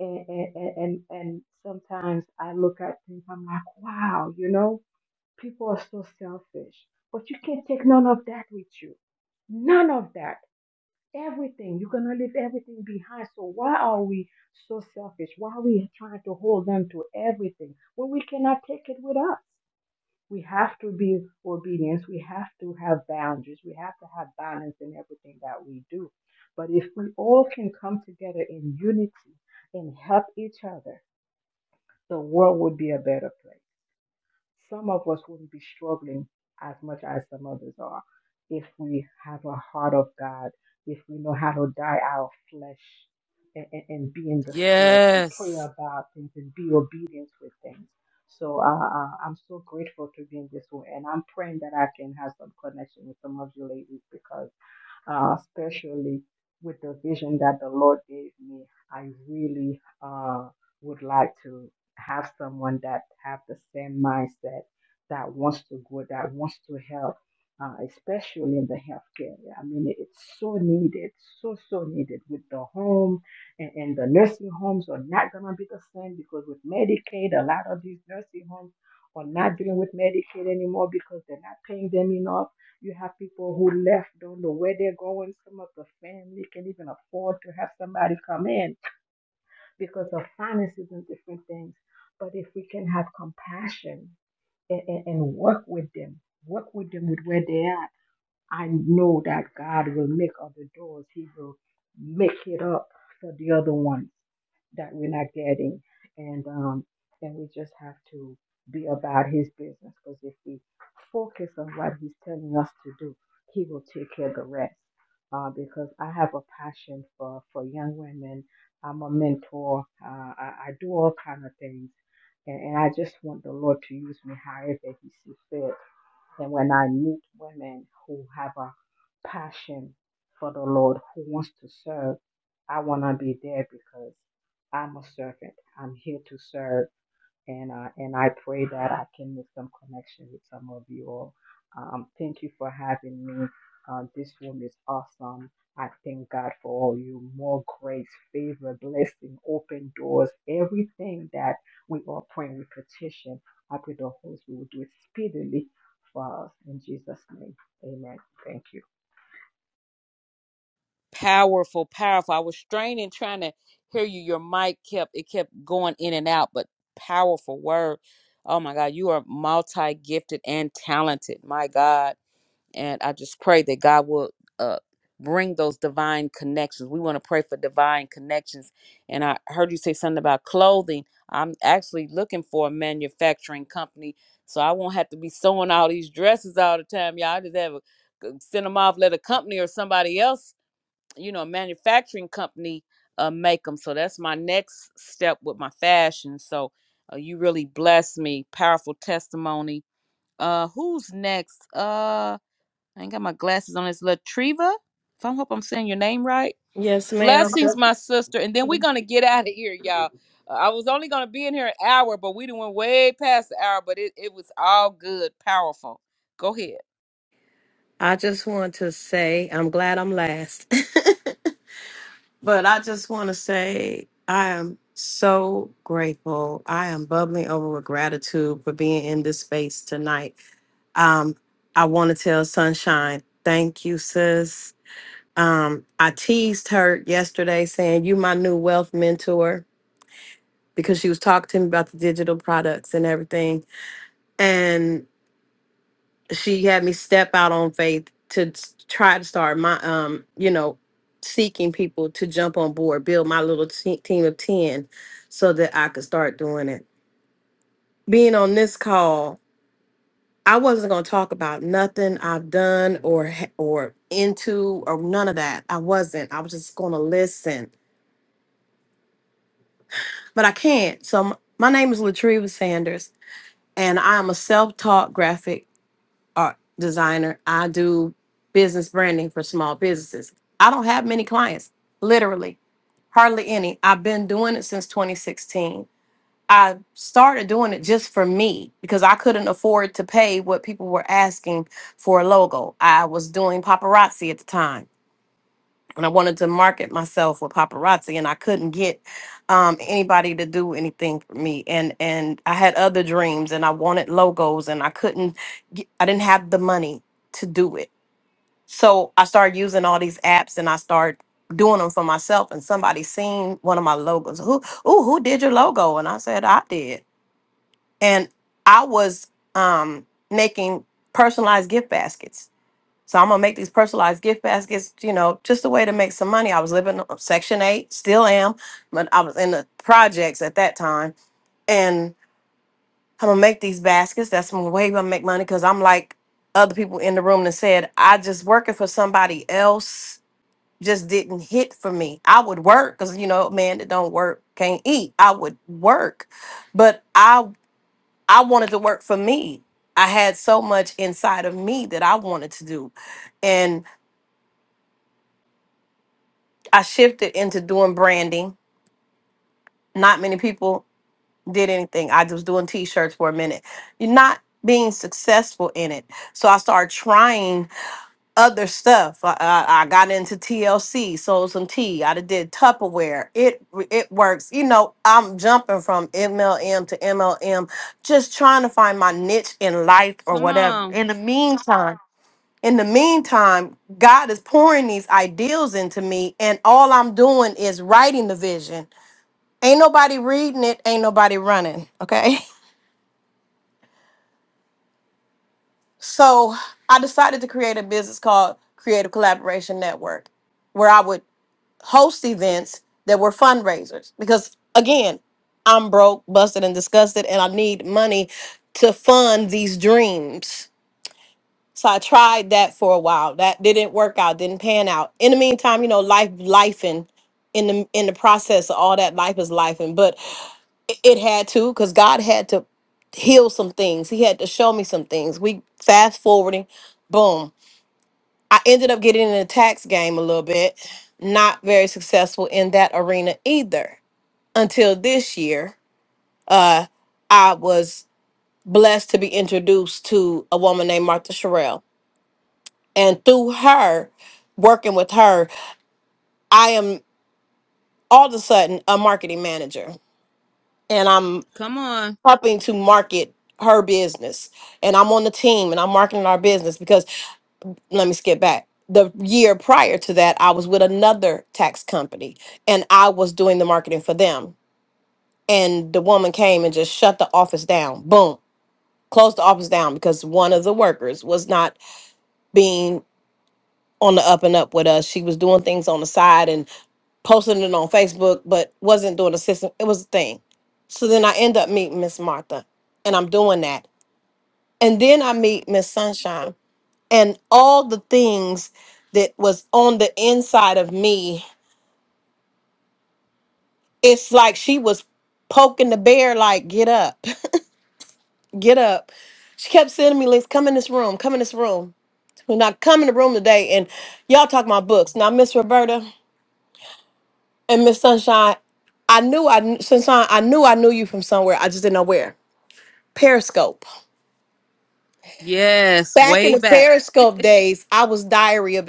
And, and and and and sometimes I look at things. I'm like, wow, you know, people are so selfish. But you can't take none of that with you. None of that. Everything. You're going to leave everything behind. So why are we so selfish? Why are we trying to hold on to everything when we cannot take it with us? We have to be obedient. We have to have boundaries. We have to have balance in everything that we do. But if we all can come together in unity and help each other, the world would be a better place some of us wouldn't be struggling as much as some others are if we have a heart of God, if we know how to die our flesh and, and, and be in the spirit and pray Yes. about things and be obedient with things. So uh, uh, I'm so grateful to be in this room, and I'm praying that I can have some connection with some of you ladies because uh, especially with the vision that the Lord gave me. I really uh, would like to have someone that have the same mindset that wants to go, that wants to help, uh, especially in the healthcare. I mean, it- it's so needed, so so needed with the home and, and the nursing homes are not gonna be the same because with Medicaid, a lot of these nursing homes are not dealing with Medicaid anymore because they're not paying them enough you have people who left, don't know where they're going. Some of the family can not even afford to have somebody come in because of finances and different things. But if we can have compassion and, and, and work with them, work with them with where they are I know that God will make other doors. He will make it up for the other ones that we're not getting. And um, and we just have to be about His business because if we focus on what He's telling us to do, He will take care of the rest. Uh, because I have a passion for for young women. I'm a mentor. Uh, I, I do all kind of things, and, and I just want the Lord to use me however He sees fit. And when I meet women who have a passion for the Lord, who wants to serve, I want to be there because I'm a servant. I'm here to serve and uh, and I pray that I can make some connection with some of you all. Um, thank you for having me. Uh, this room is awesome. I thank God for all you more grace, favor, blessing, open doors, everything that we all pray and we petition. I pray the Holy Spirit will do it speedily for us in Jesus' name. Amen. Thank you. Powerful, powerful. I was straining trying to hear you. Your mic kept it kept going in and out, but powerful word. Oh my God, you are multi gifted and talented. My God. and I just pray that God will uh, bring those divine connections. We want to pray for divine connections. And I heard you say something about clothing. I'm actually looking for a manufacturing company, so I won't have to be sewing all these dresses all the time. Y'all I just have a, g- send them off, let a company or somebody else, you know, a manufacturing company, uh, make them. So that's my next step with my fashion. So uh, you really blessed me. Powerful testimony. Uh, who's next? Uh, I ain't got my glasses on. It's Latriva. If I hope I'm saying your name right. Yes, ma'am. Blessings, my sister. And then we're gonna get out of here, y'all. Uh, I was only gonna be in here an hour, but we done went way past the hour. But it, it was all good, powerful. Go ahead. I just want to say I'm glad I'm last. but I just want to say I am so grateful. I am bubbling over with gratitude for being in this space tonight. Um, I want to tell Sunshine, thank you, sis. Um, I teased her yesterday saying you my new wealth mentor because she was talking to me about the digital products and everything. she had me step out on faith to s- try to start my um you know seeking people to jump on board build my little te- team of 10 so that i could start doing it being on this call i wasn't going to talk about nothing i've done or ha- or into or none of that i wasn't i was just going to listen but i can't so m- my name is latriva sanders and i am a self-taught graphic art designer. I do business branding for small businesses. I don't have many clients, literally, hardly any. I've been doing it since 2016. I started doing it just for me because I couldn't afford to pay what people were asking for a logo. I was doing paparazzi at the time and I wanted to market myself with paparazzi, and I couldn't get um, anybody to do anything for me. And and I had other dreams, and I wanted logos, and I couldn't. Get, I didn't have the money to do it. So I started using all these apps, and I started doing them for myself. And somebody seen one of my logos. Who? Ooh, who did your logo? And I said I did. And I was um, making personalized gift baskets so I'm gonna make these personalized gift baskets, you know, just a way to make some money. I was living on Section 8, still am, but I was in the projects at that time. And I'm gonna make these baskets. That's my way I'm gonna make money because I'm like other people in the room that said, I just working for somebody else just didn't hit for me. I would work because you know, man that don't work can't eat. I would work. But I I wanted to work for me. I had so much inside of me that I wanted to do. And I shifted into doing branding. Not many people did anything. I was doing t-shirts for a minute. You're not being successful in it. So I started trying other stuff. I, I, I got into TLC, sold some tea. I done did Tupperware. It it works. You know, I'm jumping from MLM to MLM, just trying to find my niche in life or Come whatever. on, In the meantime, in the meantime, God is pouring these ideals into me, and all I'm doing is writing the vision. Ain't nobody reading it, ain't nobody running. Okay. So I decided to create a business called Creative Collaboration Network, where I would host events that were fundraisers. Because again, I'm broke, busted, and disgusted, and I need money to fund these dreams. So I tried that for a while. That didn't work out, didn't pan out. In the meantime, you know, life life and in the in the process of all that life is life and but it, it had to because God had to heal some things. He had to show me some things. We fast forwarding, boom. I ended up getting in the tax game a little bit, not very successful in that arena either. Until this year, uh I was blessed to be introduced to a woman named Martha Sherrill and through her working with her i am all of a sudden a marketing manager and i'm come on. helping to market her business and i'm on the team and i'm marketing our business because let me skip back the year prior to that i was with another tax company and i was doing the marketing for them and the woman came and just shut the office down boom closed the office down because one of the workers was not being on the up and up with us she was doing things on the side and posting it on Facebook, but wasn't doing the system. It was a thing. So then I end up meeting Miss Martha, and I'm doing that. And then I meet Miss Sunshine, and all the things that was on the inside of me, it's like she was poking the bear, like, get up, get up. She kept sending me links, come in this room, come in this room. When I come in the room today, and y'all talk about books. Now, Miss Roberta and Miss Sunshine, I knew I, kn- Sunshine, I knew I knew you from somewhere. I just didn't know where Periscope. Yes, Back in way the back. Periscope days, I was diary of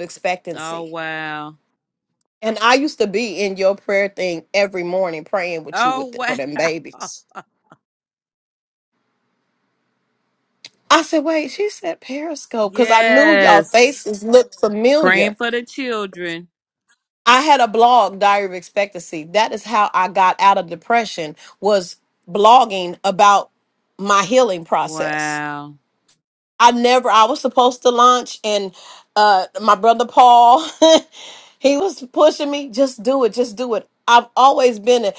Oh expectancy. wow. And I used to be in your prayer thing every morning praying with you Oh with the, for them wow. babies. I said, wait, she said Periscope because I knew y'all Yes. faces looked Praying familiar. for the children. I had a blog, Diary of Expectancy. That is how I got out of depression was blogging about my healing process Wow. I never I was supposed to launch and uh my brother Paul he was pushing me just do it just do it. I've always been a,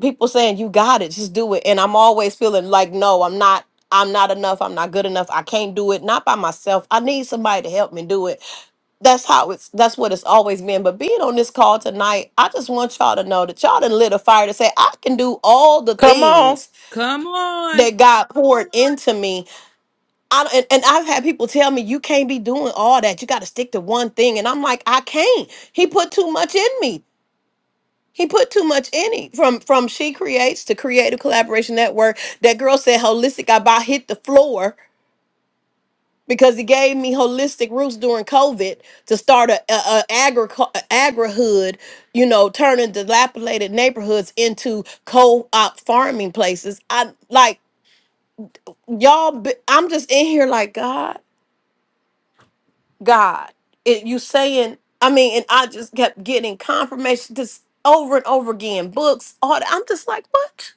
people saying you got it just do it and I'm always feeling like no I'm not I'm not enough I'm not good enough I can't do it not by myself I need somebody to help me do it. That's how it's that's what it's always been but being on this call tonight I just want y'all to know that y'all done lit a fire to say I can do all the Come on. things Come on. that God poured into me I and, and I've had people tell me you can't be doing all that. You got to stick to one thing, and I'm like, I can't. He put too much in me. He put too much in it. From from she creates to creative collaboration network. That girl said holistic. I about hit the floor because he gave me holistic roots during COVID to start a, a, a agri agrihood. You know, turning dilapidated neighborhoods into co-op farming places. I like y'all. be- I'm just in here like God. God. It, you saying, I mean, and I just kept getting confirmation just over and over again, books, all that. I'm just like, what?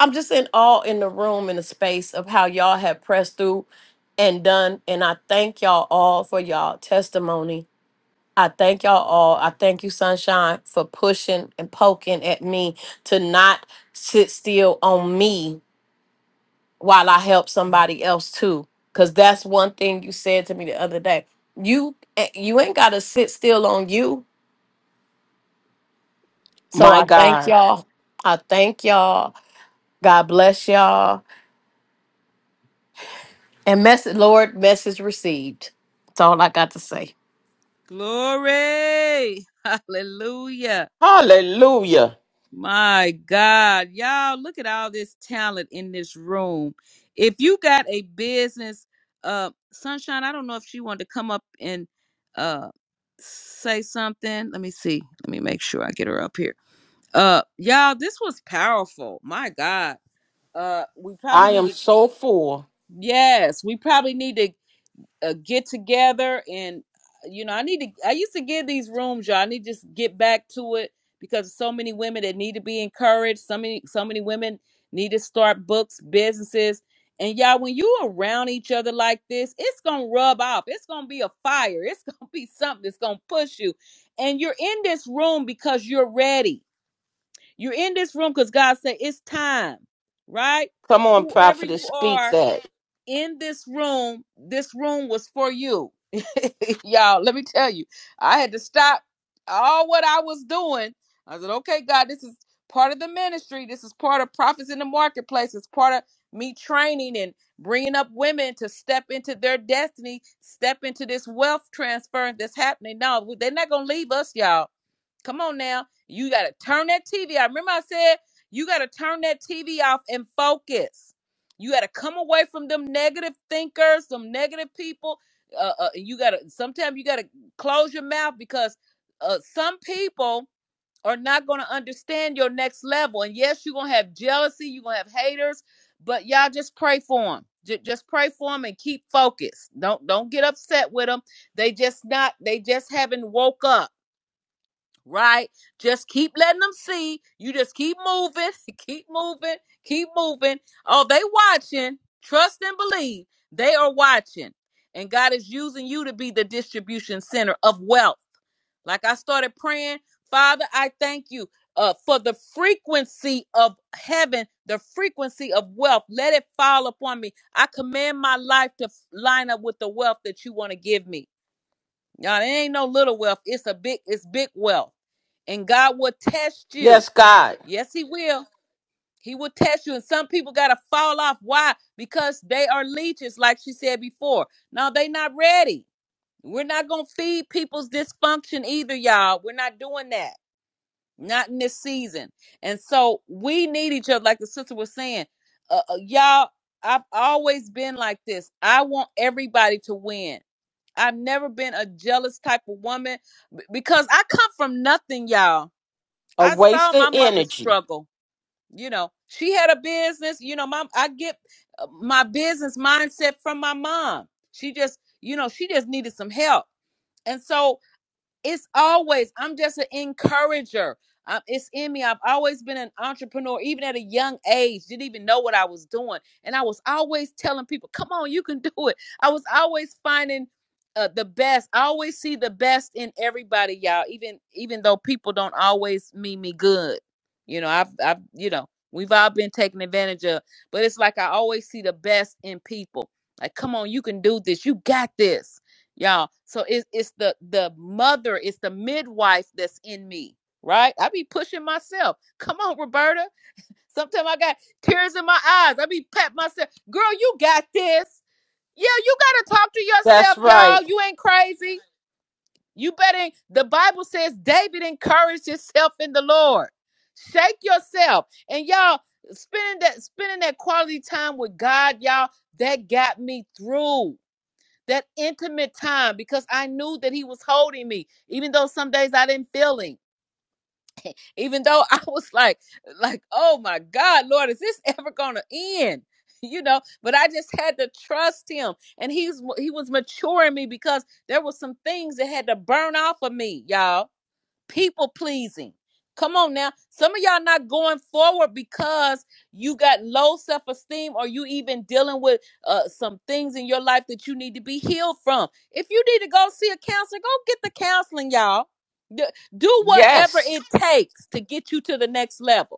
I'm just in awe in the room in the space of how y'all have pressed through and done. And I thank y'all all for y'all testimony. I thank y'all all. I thank you, Sunshine, for pushing and poking at me to not sit still on me while I help somebody else too. Cause that's one thing you said to me the other day. You eh, you ain't gotta sit still on you. So My I thank God. y'all. I thank y'all. God bless y'all. And message Lord, message received. That's all I got to say. Glory. Hallelujah. Hallelujah. My God, y'all, look at all this talent in this room. If you got a business, uh, Sunshine, I don't know if she wanted to come up and uh say something. Let me see. Let me make sure I get her up here. Uh, y'all, this was powerful. My God. Uh, we probably I need am to. so full. Yes, we probably need to a get together and you know i need to i used to give these rooms y'all i need to just get back to it because so many women that need to be encouraged so many so many women need to start books businesses and y'all when you around each other like this it's gonna rub off it's gonna be a fire it's gonna be something that's gonna push you and you're in this room because you're ready you're in this room because god said it's time right Come on, whoever prophetess, you speak are that. in this room, this room was for you. Y'all, let me tell you, I had to stop all what I was doing. I said, okay, God, this is part of the ministry. This is part of prophets in the marketplace. It's part of me training and bringing up women to step into their destiny, step into this wealth transfer that's happening. No, they're not going to leave us, y'all Come on now. You got to turn that TV off. Remember, I said you got to turn that TV off and focus. You got to come away from them negative thinkers, some negative people. Uh, uh, you got to, sometimes you got to close your mouth because uh, some people are not going to understand your next level. And yes, you're going to have jealousy, you're going to have haters, but y'all just pray for them. J- just pray for them and keep focused. Don't don't get upset with them. They just not. They just haven't woke up right? Just keep letting them see. You just keep moving, keep moving, keep moving. Oh, they watching. Trust and believe. They are watching. And God is using you to be the distribution center of wealth. Like I started praying, Father, I thank you uh, for the frequency of heaven, the frequency of wealth. Let it fall upon me. I command my life to f- line up with the wealth that you want to give me. Y'all, it ain't no little wealth. It's a big, it's big wealth. And God will test you. Yes, God. Yes, He will. He will test you. And some people gotta fall off. Why? Because they are leeches, like she said before. Now they not ready. We're not gonna feed people's dysfunction either, y'all. We're not doing that. Not in this season. And so we need each other, like the sister was saying. Uh, uh, y'all, I've always been like this. I want everybody to win. I've never been a jealous type of woman b- because I come from nothing, y'all. A I saw waste of my mother energy. struggle. You know, she had a business. You know, my I get uh, my business mindset from my mom. She just, you know, she just needed some help, and so it's always i'm just an encourager um, it's in me i've always been an entrepreneur even at a young age didn't even know what i was doing and i was always telling people come on you can do it i was always finding uh, the best i always see the best in everybody y'all even even though people don't always mean me good you know i've i've you know we've all been taken advantage of but it's like i always see the best in people like come on you can do this you got this y'all. So it's it's the the mother, it's the midwife that's in me, right? I be pushing myself. Come on, Roberta. Sometimes I got tears in my eyes. I be pat myself. Girl, you got this. Yeah, you gotta talk to That's yourself, right. y'all. You ain't crazy. You better. The Bible says David encouraged himself in the Lord. Shake yourself, and y'all spending that spending that quality time with God, y'all. That got me through that intimate time because I knew that he was holding me, even though some days I didn't feel him. Even though I was like, like, oh my God, Lord, is this ever gonna end? You know, but I just had to trust him, and he's he was maturing me because there were some things that had to burn off of me, y'all people pleasing. Come on now. Some of y'all not going forward because you got low self esteem or you even dealing with uh, some things in your life that you need to be healed from. If you need to go see a counselor, go get the counseling, y'all. D- Do whatever Yes. it takes to get you to the next level.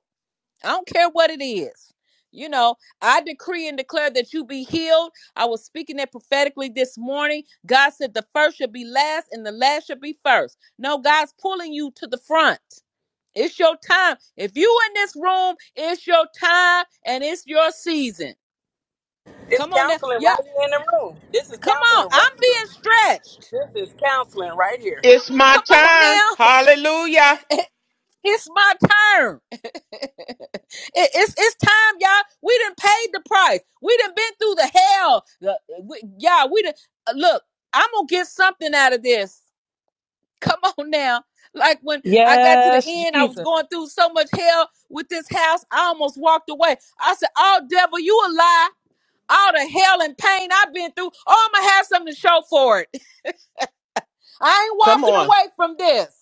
I don't care what it is. You know, I decree and declare that you be healed. I was speaking that prophetically this morning. God said the first should be last and the last should be first. No, God's pulling you to the front. It's your time. If you in this room, it's your time and it's your season. It's Come on now. counseling Yeah, right here in the room. This is come on. counseling right I'm being here. stretched. This is counseling right here. It's my Come on time. now. Hallelujah. It's my turn. It- it's it's time, y'all. We done paid the price. We done been through the hell. The- we- y'all, we done uh, look. I'm gonna get something out of this. Come on now. Like when I got to the Yes, end, I was Jesus. going through so much hell with this house. I almost walked away. I said, "Oh, devil, you a lie. All the hell and pain I've been through. Oh, I'm gonna have something to show for it." I ain't Come walking on. away from this.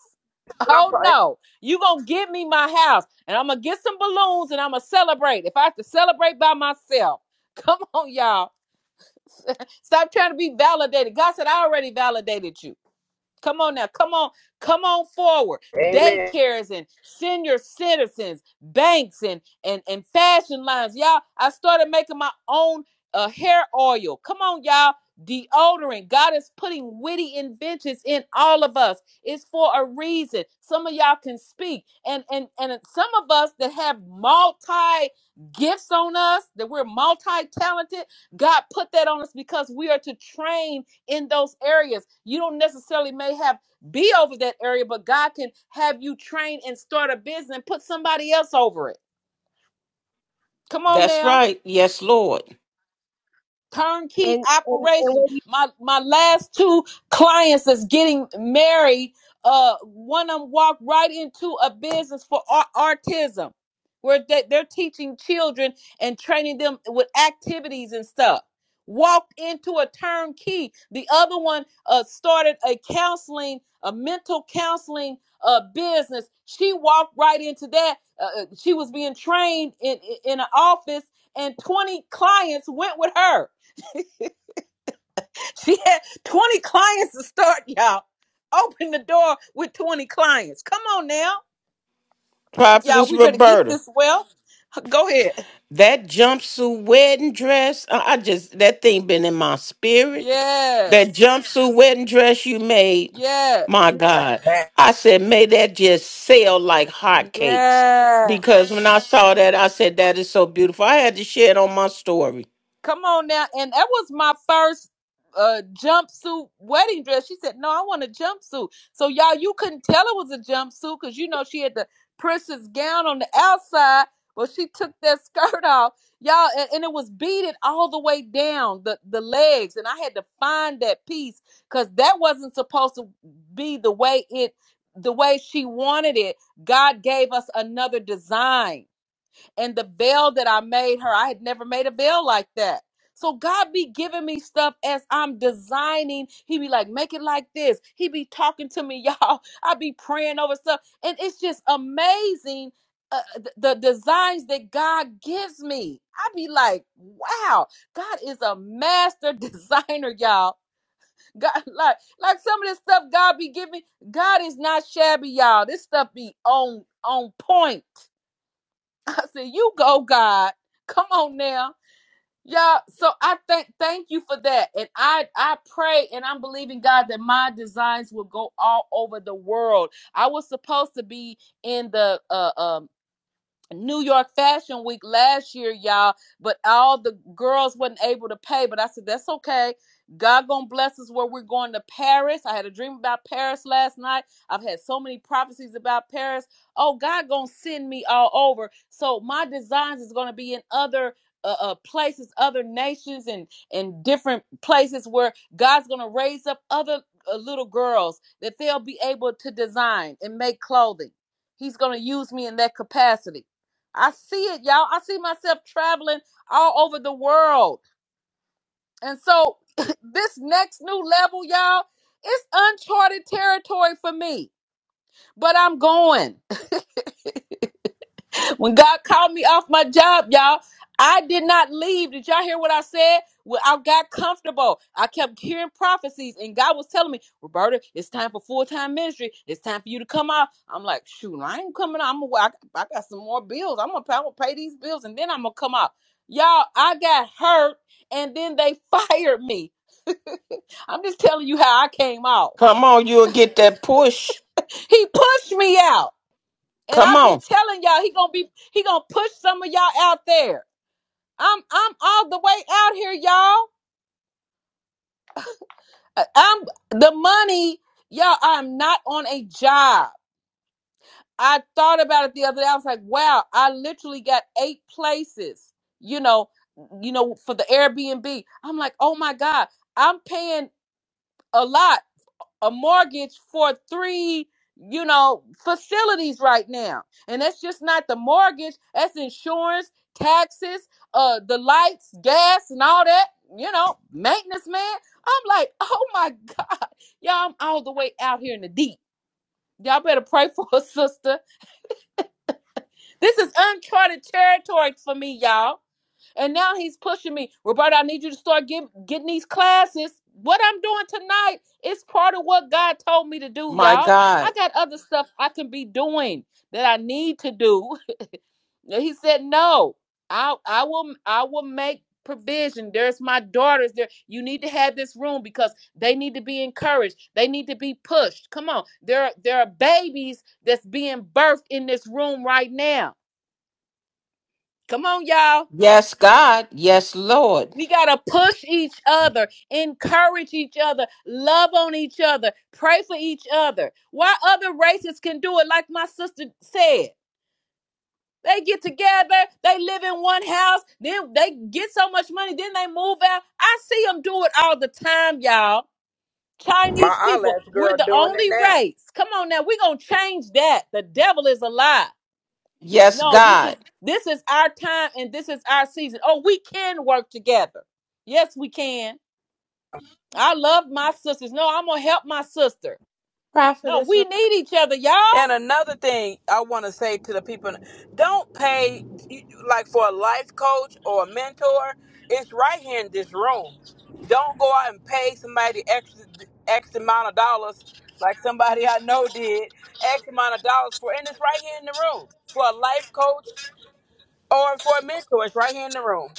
That's what I'm Oh talking- no. You gonna give me my house and I'm gonna get some balloons and I'm gonna celebrate. If I have to celebrate by myself. Come on, y'all. Stop trying to be validated. God said, I already validated you. Come on now. Come on. Come on forward. Amen. Daycares and senior citizens, banks and and and fashion lines. Y'all, I started making my own uh, hair oil. Come on, y'all. Deodorant. God is putting witty inventions in all of us. It's for a reason. Some of y'all can speak. And and and some of us that have multi gifts on us, that we're multi-talented, God put that on us because we are to train in those areas. You don't necessarily may have be over that area, but God can have you train and start a business and put somebody else over it. Come on That's now right. Yes, Lord. turnkey And, and, and operation. when My my last two clients is getting married. Uh, one of them walked right into a business for au- autism, where they, they're teaching children and training them with activities and stuff. Walked into a turnkey. The other one uh, started a counseling, a mental counseling uh, business. She walked right into that. Uh, uh, she was being trained in in in an office, and 20 clients went with her She had 20 clients to start, y'all. Open the door with 20 clients. Come on now. Y'all, Prophetess we better get Roberta. this well. Go ahead. That jumpsuit wedding dress, I I just that thing been in my spirit. Yes. That jumpsuit wedding dress you made, Yes. my God. I said, may that just sell like hotcakes. Yes. Because when I saw that, I said, that is so beautiful. I had to share it on my story. Come on now. And that was my first uh jumpsuit wedding dress. She said, No, I want a jumpsuit. So y'all, you couldn't tell it was a jumpsuit because you know she had the princess gown on the outside. Well, she took that skirt off. Y'all, and, and it was beaded all the way down the, the legs. And I had to find that piece because that wasn't supposed to be the way it the way she wanted it. God gave us another design and the veil that I made her, I had never made a veil like that. So God be giving me stuff as I'm designing. He be like, make it like this. He be talking to me, y'all. I be praying over stuff, and it's just amazing uh, th- the designs that God gives me. I be like, wow, God is a master designer, y'all. God, like, like some of this stuff God be giving, God is not shabby, y'all. This stuff be on on point. I said, "You go, God. Come on now, yeah." So I thank thank you for that, and I I pray and I'm believing God that my designs will go all over the world. I was supposed to be in the uh, um New York Fashion Week last year, y'all, but all the girls wasn't able to pay. But I said, that's okay. God gonna bless us where we're going to Paris. I had a dream about Paris last night. I've had so many prophecies about Paris. Oh, God gonna send me all over. So my designs is gonna be in other uh, uh, places, other nations, and and different places where God's gonna raise up other uh, little girls that they'll be able to design and make clothing. He's gonna use me in that capacity. I see it, y'all. I see myself traveling all over the world. And so this next new level, y'all, it's uncharted territory for me. But I'm going. When God called me off my job, y'all, I did not leave. Did y'all hear what I said? Well, I got comfortable. I kept hearing prophecies, and God was telling me, Roberta, it's time for full time ministry. It's time for you to come out. I'm like, shoot, I ain't coming out. I'm gonna, I, I got some more bills. I'm gonna, pay- I'm gonna pay these bills, and then I'm gonna come out. Y'all, I got hurt, and then they fired me. I'm just telling you how I came out. Come on, you'll get that push. He pushed me out. And Come I've been on. telling y'all he gonna be he gonna push some of y'all out there. I'm I'm all the way out here, y'all. I- I'm the money, y'all. I'm not on a job. I thought about it the other day. I was like, wow, I literally got eight places, you know, you know, for the Airbnb. I'm like, oh my God, I'm paying a lot. a mortgage for three you know facilities right now and that's just not the mortgage that's insurance taxes uh the lights gas and all that you know maintenance man i'm like oh my god y'all i'm all the way out here in the deep y'all better pray for a sister this is uncharted territory for me y'all and now he's pushing me. Roberta, I need you to start get, getting these classes. What I'm doing tonight is part of what God told me to do, My y'all. I God. got other stuff I can be doing that I need to do. And he said, No, I I will I will make provision. There's my daughters there. You need to have this room because they need to be encouraged. They need to be pushed. Come on. There there are babies that's being birthed in this room right now. Come on, y'all. Yes, God. Yes, Lord. We got to push each other, encourage each other, love on each other, pray for each other. Why other races can do it, like my sister said. They get together, they live in one house, then they get so much money, then they move out. I see them do it all the time, y'all. My Chinese people, eyelash we're girl the doing it only now. race. Come on now, we're going to change that. The devil is a lie. Yes, No, this is God. this is our time and this is our season. Oh, we can work together. Yes, we can. I love my sisters. No, I'm gonna help my sister. No, Prophetess we Roberta, need each other, y'all. And another thing I want to say to the people: Don't pay like for a life coach or a mentor. It's right here in this room. Don't go out and pay somebody extra X amount of dollars, like somebody I know did X amount of dollars for, and it's right here in the room for a life coach Or for mentors right here in the room.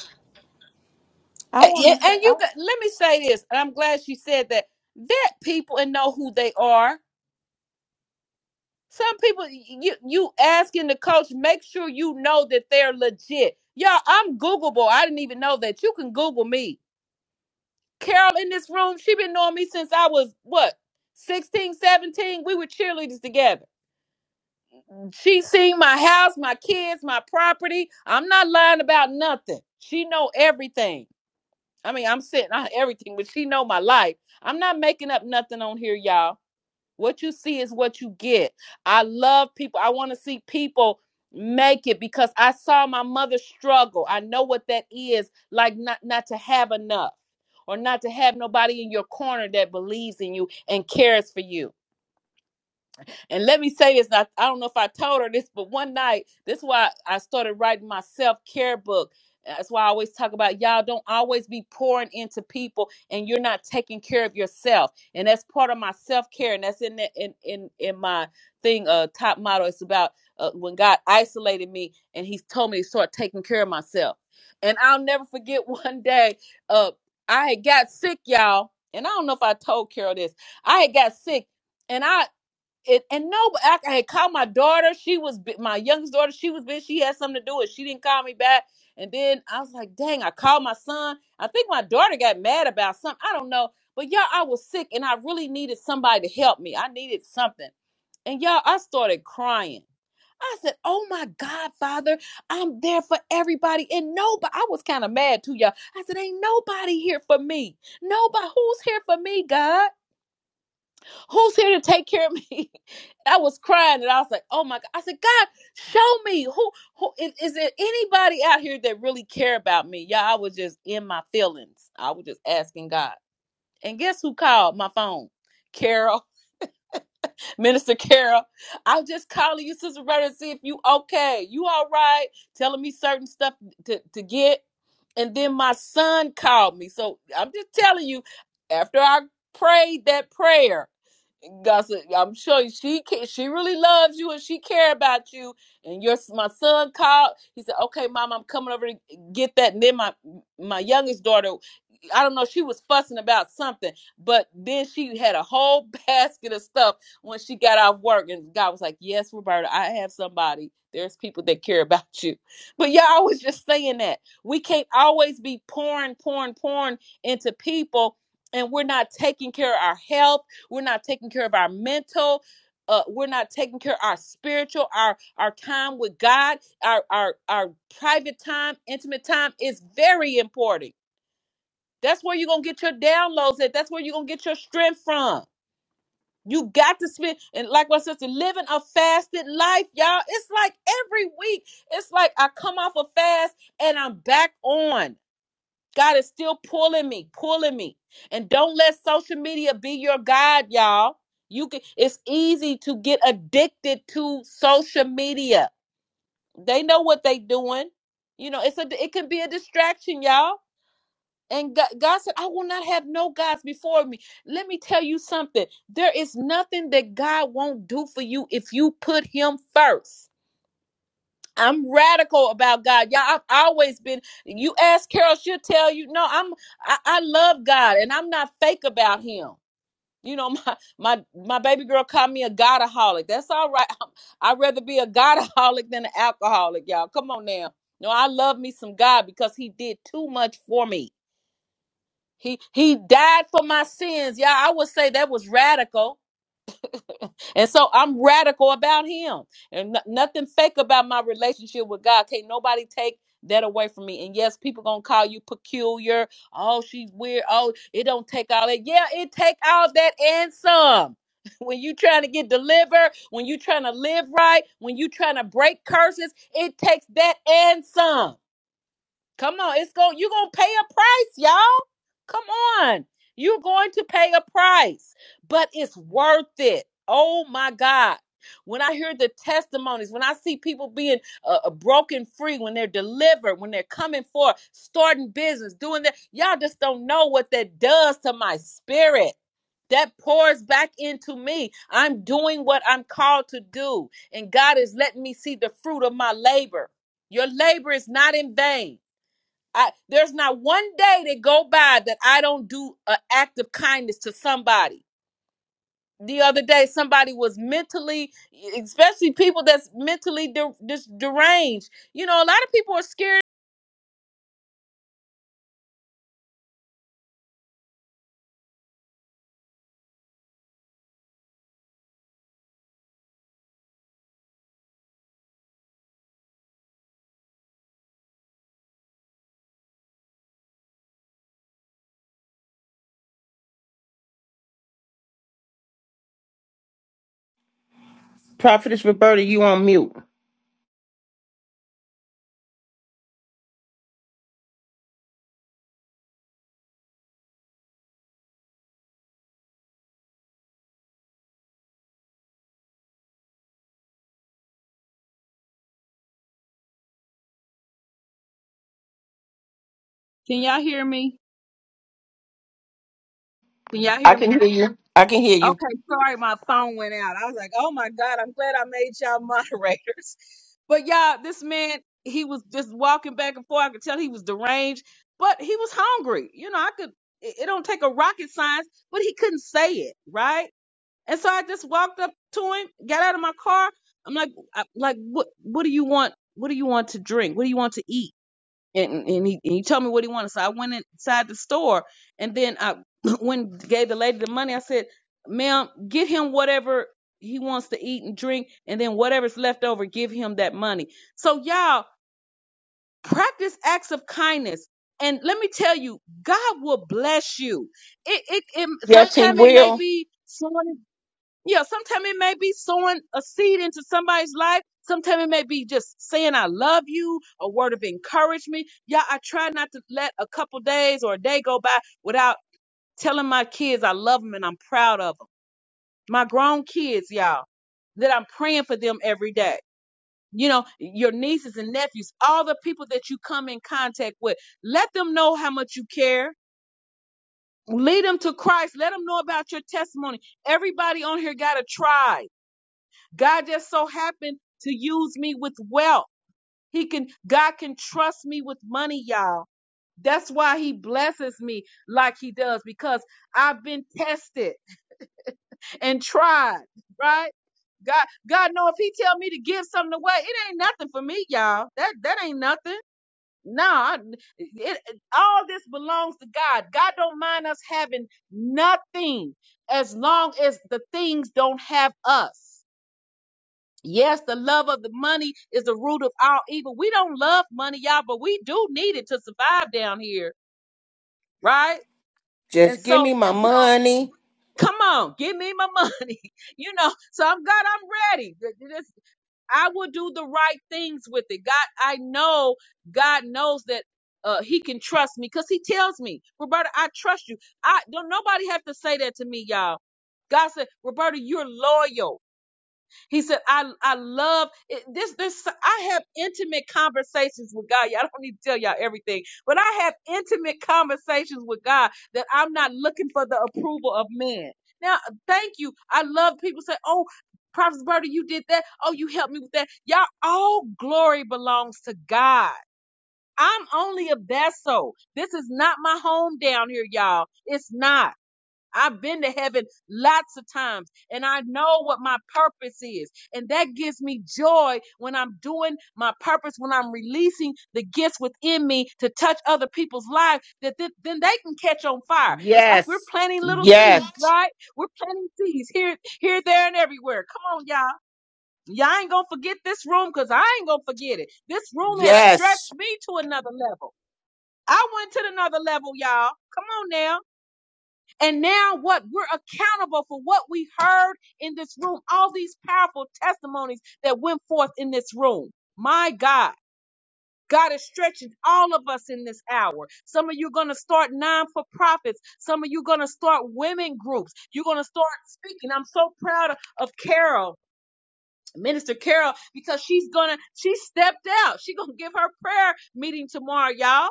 I And want to say, and I, you got, let me say this, and I'm glad she said that. Vet people and know who they are. Some people you you asking the coach, make sure you know that they're legit. Y'all, I'm Googleable. I didn't even know that. You can Google me. Carol in this room, she been knowing me since I was what 16, 17. We were cheerleaders together. She seen my house, my kids, my property. I'm not lying about nothing. She know everything. I mean, I'm sitting on everything, but she know my life. I'm not making up nothing on here, y'all. What you see is what you get. I love people. I want to see people make it because I saw my mother struggle. I know what that is like not not to have enough or not to have nobody in your corner that believes in you and cares for you. And let me say this, and I, I don't know if I told her this, but one night, this is why I started writing my self care book. That's why I always talk about y'all don't always be pouring into people and you're not taking care of yourself. And that's part of my self care. And that's in, the, in in in my thing, uh, top motto. It's about uh, when God isolated me and He's told me to start taking care of myself. And I'll never forget one day, uh, I had got sick, y'all. And I don't know if I told Carol this. I had got sick and I it and no, I, I had called my daughter. She was bu- my youngest daughter. She was busy. She had something to do, and she didn't call me back. And then I was like, dang, I called my son. I think my daughter got mad about something. I don't know. But y'all, I was sick, and I really needed somebody to help me. I needed something. And y'all, I started crying. I said, "Oh my God, Father, I'm there for everybody, and nobody." I was kind of mad too, y'all. I said, "Ain't nobody here for me. Nobody who's here for me, God." Who's here to take care of me? I was crying and I was like, oh my God. I said, God, show me who, who is, is there anybody out here that really care about me? Yeah, I was just in my feelings. I was just asking God. And guess who called my phone? Carol, Minister Carol. I was just calling you, Sister Rhoda, to see if you okay. You all right? Telling me certain stuff to, to get. And then my son called me. So I'm just telling you, after I prayed that prayer, Gossip, I'm sure she ca- she really loves you and she care about you. And your my son called. He said, "Okay, mom, I'm coming over to get that." And then my my youngest daughter I don't know, she was fussing about something, but then she had a whole basket of stuff when she got off work. And God was like, Yes, Roberta, I have somebody. There's people that care about you. But y'all was just saying that. We can't always be pouring, pouring, pouring into people, and we're not taking care of our health. We're not taking care of our mental. Uh, we're not taking care of our spiritual, our our time with God, our our our private time, intimate time is very important that's where you're gonna get your downloads at. That's where you're gonna get your strength from. You got to spend and like my sister, living a fasted life, y'all. It's like every week, it's like I come off a fast and I'm back on. God is still pulling me, pulling me. And don't let social media be your guide, y'all. You can it's easy to get addicted to social media. They know what they doing. You know, it's a it can be a distraction, y'all and God, God said, I will not have no gods before me. Let me tell you something. There is nothing that God won't do for you if you put Him first. I'm radical about God. Yeah, I've always been. You ask Carol, she'll tell you, no, I'm I, I love God and I'm not fake about him. You know, my my my baby girl called me a godaholic. That's all right. I'd rather be a godaholic than an alcoholic, y'all. Come on now. No, I love me some God because he did too much for me. He he died for my sins. Yeah, I would say that was radical. And so I'm radical about him. And no- nothing fake about my relationship with God. Can't nobody take that away from me. And yes, people gonna call you peculiar. Oh, she's weird. Oh, it don't take all that. Yeah, it take all that and some. When you trying to get delivered, when you trying to live right, when you trying to break curses, it takes that and some. Come on, it's going you're gonna pay a price, y'all. Come on. You're going to pay a price, but it's worth it. Oh my God. When I hear the testimonies, when I see people being uh, uh, broken free, when they're delivered, when they're coming forth, starting business, doing that, y'all just don't know what that does to my spirit. That pours back into me. I'm doing what I'm called to do, and God is letting me see the fruit of my labor. Your labor is not in vain. I there's not one day that go by that I don't do an act of kindness to somebody. The other day, somebody was mentally, e, especially people that's mentally de- just deranged. You know, a lot of people are scared. Prophetess Roberta, you on mute. Can y'all hear me? Can y'all I hear can me? hear you. I can hear you. Okay, sorry, my phone went out. I was like, oh my God, I'm glad I made y'all moderators. But y'all, this man, he was just walking back and forth. I could tell he was deranged, but he was hungry. You know, I could, it, it don't take a rocket science, but he couldn't say it, right? And so I just walked up to him, got out of my car. I'm like, I, like, what, what do you want? What do you want to drink? What do you want to eat? and and he, and he told me what he wanted. So I went inside the store, and then I when gave the lady the money. I said, "Ma'am, get him whatever he wants to eat and drink, and then whatever's left over, give him that money." So y'all practice acts of kindness. And let me tell you, God will bless you. It it, it Yes, he sometimes it may will. be someone. Yeah, sometimes it may be sowing a seed into somebody's life. Sometimes it may be just saying I love you, a word of encouragement. Yeah, I try not to let a couple days or a day go by without telling my kids I love them and I'm proud of them. My grown kids, y'all, that I'm praying for them every day. You know, your nieces and nephews, all the people that you come in contact with, let them know how much you care. Lead them to Christ. Let them know about your testimony. Everybody on here got a tribe. God just so happened to use me with wealth. He can, God can trust me with money, y'all. That's why he blesses me like he does because I've been tested and tried, right? God, God know if he tell me to give something away, it ain't nothing for me, y'all. That that ain't nothing. No, Nah, it, it- all this belongs to God. God don't mind us having nothing as long as the things don't have us. Yes, the love of the money is the root of all evil. We don't love money, y'all, but we do need it to survive down here, right? And Just give so, me my we- money. come on, give me my money. You know, so I'm God, I'm ready. Th- th- this- I will do the right things with it. God, I know God knows that uh, He can trust me because He tells me, Roberta, I trust you. I don't. Nobody have to say that to me, y'all. God said, Roberta, you're loyal. He said, I, I love it. this. This I have intimate conversations with God. Y'all I don't need to tell y'all everything, but I have intimate conversations with God that I'm not looking for the approval of men. Now, thank you. I love people say, Oh, Prophet Bertie, you did that. Oh, you helped me with that. Y'all, all glory belongs to God. I'm only a vessel. This is not my home down here, y'all. It's not. I've been to heaven lots of times and I know what my purpose is. And that gives me joy when I'm doing my purpose, when I'm releasing the gifts within me to touch other people's lives, that th- then they can catch on fire. It's like we're Yes. planting little seeds, Yes. right? We're planting seeds here, here, there, and everywhere. Come on, y'all. Y'all ain't gonna forget this room because I ain't gonna forget it. This room has Yes. stretched me to another level. I went to another level, y'all. Come on now. And now what we're accountable for what we heard in this room, all these powerful testimonies that went forth in this room. My God. God is stretching all of us in this hour. Some of you are going to start non for profits. Some of you are going to start women groups. You're going to start speaking. I'm so proud of, of Carol, Minister Carol, because she's going to, she stepped out. She's going to give her prayer meeting tomorrow, y'all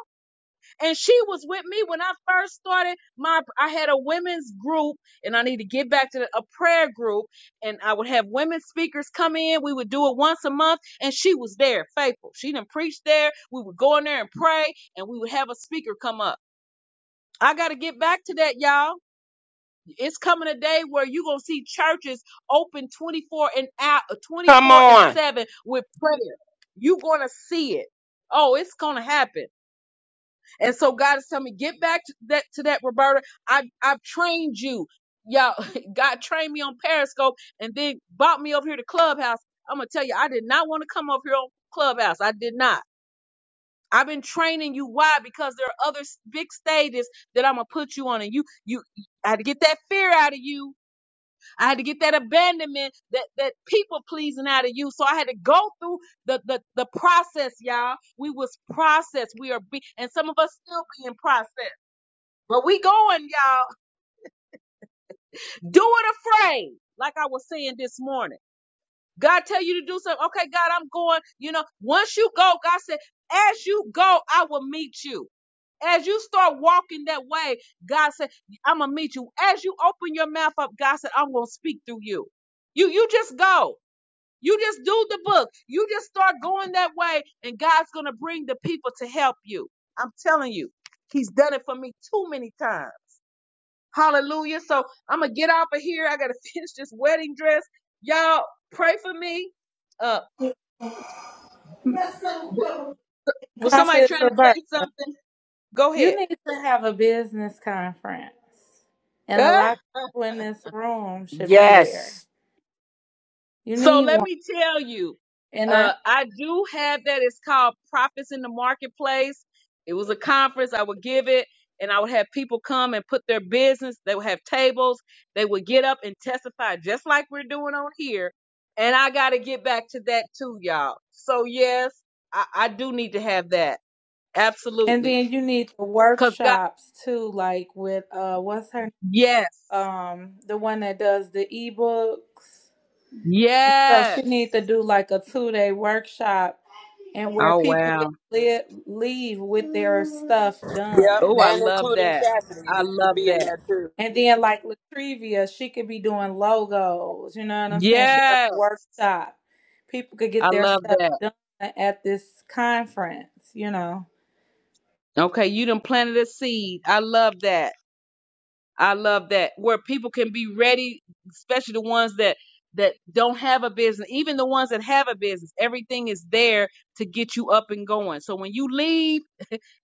and she was with me when I first started my I had a women's group and I need to get back to the, a prayer group and I would have women speakers come in we would do it once a month and she was there faithful she didn't preach there we would go in there and pray and we would have a speaker come up I got to get back to that y'all it's coming a day where you're going to see churches open 24 and out uh, Come 24 and on. 7 with prayer you're going to see it oh it's going to happen and so God is telling me, get back to that to that, Roberta. I I've trained you. Y'all, God trained me on Periscope and then brought me over here to Clubhouse. I'm gonna tell you, I did not want to come over here on Clubhouse. I did not. I've been training you. Why? Because there are other s- big stages that I'm gonna put you on, and you, you, I had to get that fear out of you. I had to get that abandonment, that that people pleasing out of you. So I had to go through the the the process, y'all. We was processed. We are be, and some of us still being processed. But we going, y'all. Do it afraid. Like I was saying this morning. God tell you to do something. Okay, God, I'm going. You know, once you go, God said, as you go, I will meet you. As you start walking that way, God said, I'm gonna meet you. As you open your mouth up, God said, I'm gonna speak through you. You you just go. You just do the book. You just start going that way, and God's gonna bring the people to help you. I'm telling you, He's done it for me too many times. Hallelujah. So I'm gonna get off of here. I gotta finish this wedding dress. Y'all pray for me. Uh, w- was somebody Prophetess trying to Roberta, say something? Go you ahead. need to have a business conference, and a Uh, lot of people in this room should be there. Yes. You So need let one, me tell you, and uh, I, I do have that. It's called Profits in the Marketplace. It was a conference. I would give it, and I would have people come and put their business. They would have tables. They would get up and testify, just like we're doing on here. And I got to get back to that too, y'all. So yes, I, I do need to have that and absolutely, then you need the cause God, workshops too, like with uh, what's her, yes, um, the one that does the ebooks. So yes. She need to do like a two day workshop and where Oh people can wow. live, leave with their stuff Yep. Oh, done. I And love including that. Chastity I needs to love be in that. there too. And then like Latrivia, she could be doing logos. You know what I'm saying? She got Yes. a workshop. People could I get their love stuff that. done at this conference. You know. Okay, you done planted a seed. I love that. I love that. Where people can be ready, especially the ones that that don't have a business, even the ones that have a business, everything is there to get you up and going. So when you leave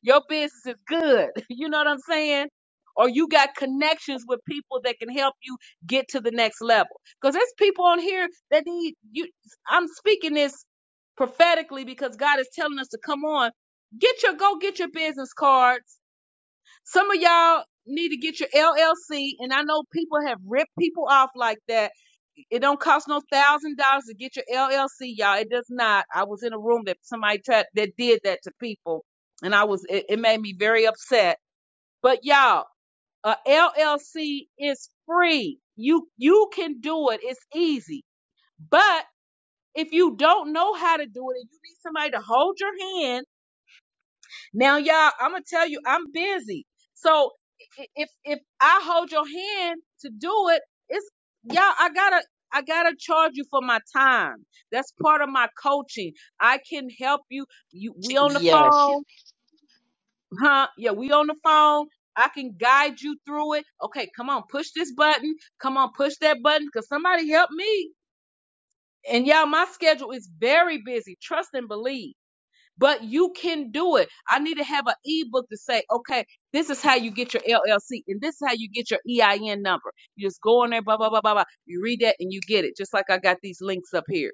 Your business is good. You know what I'm saying? Or you got connections with people that can help you get to the next level. Because there's people on here that need you. I'm speaking this prophetically because God is telling us to come on. Get your go get your business cards. Some of y'all need to get your LLC. And I know people have ripped people off like that it don't cost no thousand dollars to get your LLC, y'all. It does not. I was in a room that somebody tried that did that to people, and I was it, it made me very upset. But y'all, a LLC is free. You you can do it. It's easy. But if you don't know how to do it and you need somebody to hold your hand now, y'all, I'm gonna tell you, I'm busy. So i- if if I hold your hand to do it, it's y'all. I gotta I gotta charge you for my time. That's part of my coaching. I can help you. You we on the Yes. phone, huh? Yeah, we on the phone. I can guide you through it. Okay, come on, push this button. Come on, push that button. Cause somebody help me. And y'all, my schedule is very busy. Trust and believe but you can do it. I need to have an ebook to say, okay, this is how you get your LLC and this is how you get your EIN number. You just go on there, blah, blah, blah, blah, blah. You read that and you get it, just like I got these links up here.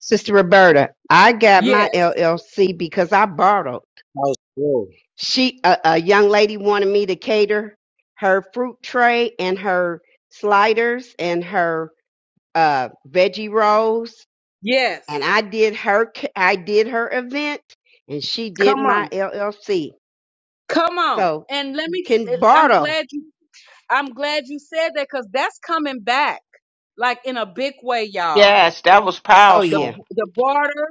Sister Roberta, I got Yes, my LLC because I borrowed. That's true. She, a, a young lady wanted me to cater her fruit tray and her sliders and her uh, veggie rolls yes. and I did her I did her event and she did Come my on. LLC. Come on. So And let you me, t- can I'm barter. glad you, I'm glad you said that because that's coming back like in a big way, y'all. Yes. That was Oh The, powerful. yeah. the barter.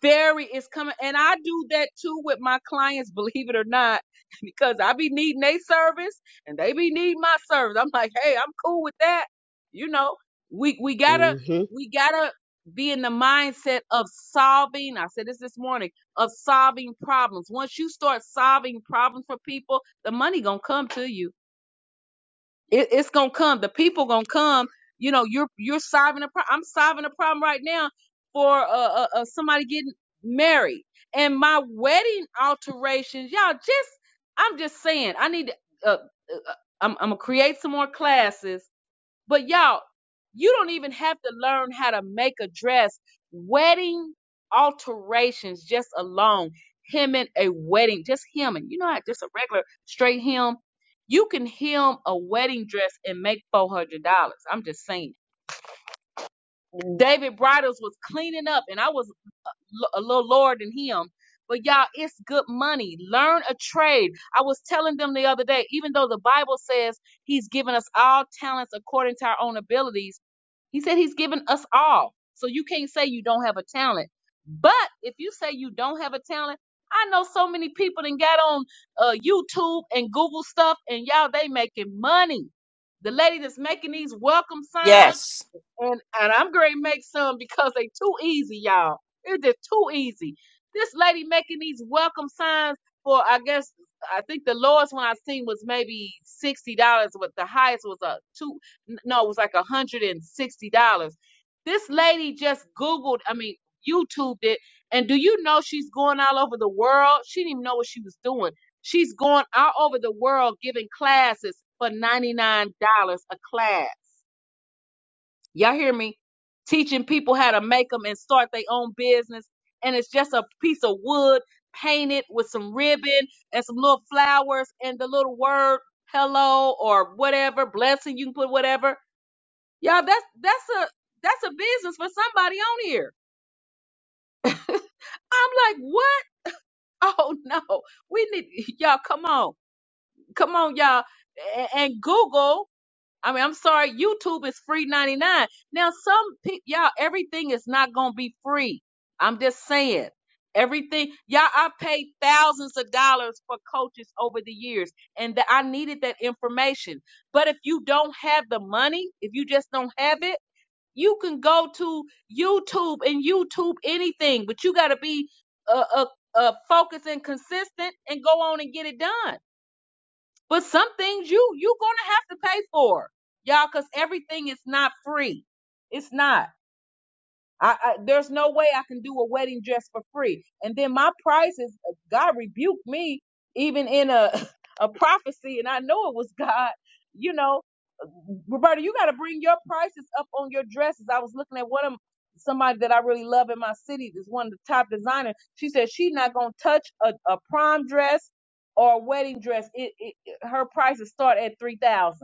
very it's coming and i do that too with my clients believe it or not because i be needing their service and they be needing my service i'm like hey i'm cool with that you know we we gotta hmm we gotta be in the mindset of solving i said this this morning of solving problems once you start solving problems for people the money gonna come to you it, it's gonna come. The people gonna come. You know, you're you're solving a problem. I'm solving a problem right now for uh, uh, uh somebody getting married and my wedding alterations. Y'all just, I'm just saying, I need to. Uh, uh, uh, I'm I'm gonna create some more classes but y'all, you don't even have to learn how to make a dress. Wedding alterations just alone, hemming a wedding, just hemming. You know how just a regular straight hem. You can hem a wedding dress and make four hundred dollars. I'm just saying. David Bridles was cleaning up, and I was l- a little lower than him. But y'all, it's good money. Learn a trade. I was telling them the other day, even though the Bible says He's given us all talents according to our own abilities he said he's given us all. So you can't say you don't have a talent. But if you say you don't have a talent, I know so many people that got on uh, YouTube and Google stuff, and y'all they making money. The lady that's making these welcome signs Yes. and and I'm gonna make some because they too easy, y'all. It's just too easy. This lady making these welcome signs for I guess I think the lowest one I seen was maybe sixty dollars, but the highest was a two n- no, it was like a hundred and sixty dollars. This lady just Googled, I mean YouTubed it, and do you know she's going all over the world? She didn't even know what she was doing. She's going all over the world giving classes for ninety nine dollars a class. Y'all hear me? Teaching people how to make them and start their own business. And it's just a piece of wood painted with some ribbon and some little flowers and the little word hello or whatever, blessing, you can put whatever. Y'all, that's that's a that's a business for somebody on here. I'm like, what? Oh no. We need y'all come on. Come on, y'all. A- And Google. I mean, I'm sorry, YouTube is free 99. Now, some people, y'all, everything is not going to be free. I'm just saying. Everything, y'all, I paid thousands of dollars for coaches over the years, and that I needed that information. But if you don't have the money, if you just don't have it, you can go to YouTube and YouTube anything, but you got to be uh, uh, uh, focused and consistent and go on and get it done. But some things you you gonna have to pay for, y'all, because everything is not free. It's not. I, I there's no way I can do a wedding dress for free. And then my prices, God rebuked me even in a a prophecy, and I know it was God. You know, Roberta, you got to bring your prices up on your dresses. I was looking at one of somebody that I really love in my city. This one of the top designer. She said she's not gonna touch a, a prom dress or a wedding dress. It, it it- her prices start at 3000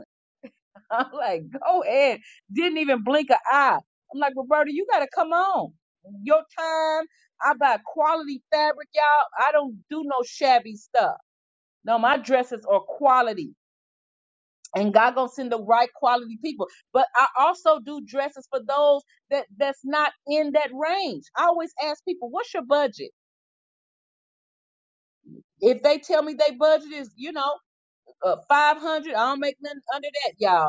I'm like, go ahead. Didn't even blink an eye. I'm like, Roberta, you gotta come on. Your time, I buy quality fabric, y'all. I don't do no shabby stuff. No, my dresses are quality. And God gonna send the right quality people. But I also do dresses for those that that's not in that range. I always ask people, what's your budget? If they tell me they budget is, you know, uh, 500, I don't make nothing under that, y'all.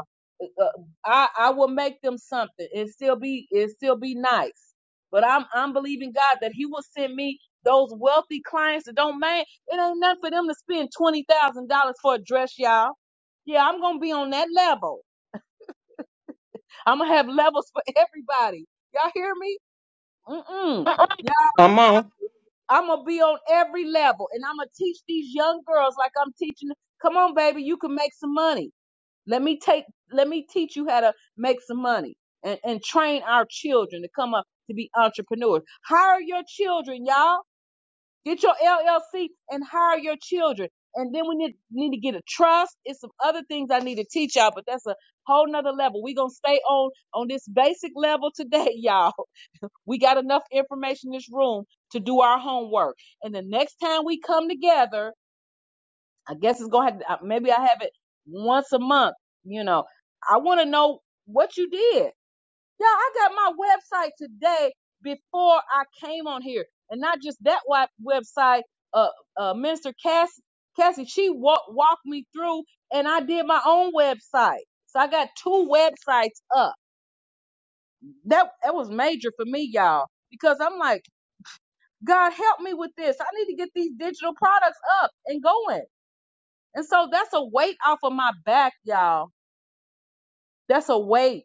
uh, I I will make them something. It still be it still be nice. But I'm I'm believing God that He will send me those wealthy clients that don't man. It ain't nothing for them to spend twenty thousand dollars for a dress, y'all. Yeah, I'm gonna be on that level. I'm gonna have levels for everybody. Y'all hear me? Mm-mm. Yeah, Come on. I'm gonna be on every level, and I'm gonna teach these young girls like I'm teaching. Come on, baby, you can make some money. Let me take let me teach you how to make some money and, and train our children to come up to be entrepreneurs. Hire your children, y'all. Get your LLC and hire your children. And then we need, need to get a trust. It's some other things I need to teach y'all, but that's a whole nother level. We're gonna stay on on this basic level today, y'all. We got enough information in this room to do our homework. And the next time we come together, I guess it's gonna have to, uh, maybe I have it once a month. You know, I want to know what you did. Yeah, I got my website today before I came on here, and not just that wa- website. Uh, uh Minister Cass, Cassie, she walk, walked me through, and I did my own website. So I got two websites up. That that was major for me, y'all, because I'm like, God help me with this. I need to get these digital products up and going. And so that's a weight off of my back, y'all. That's a weight.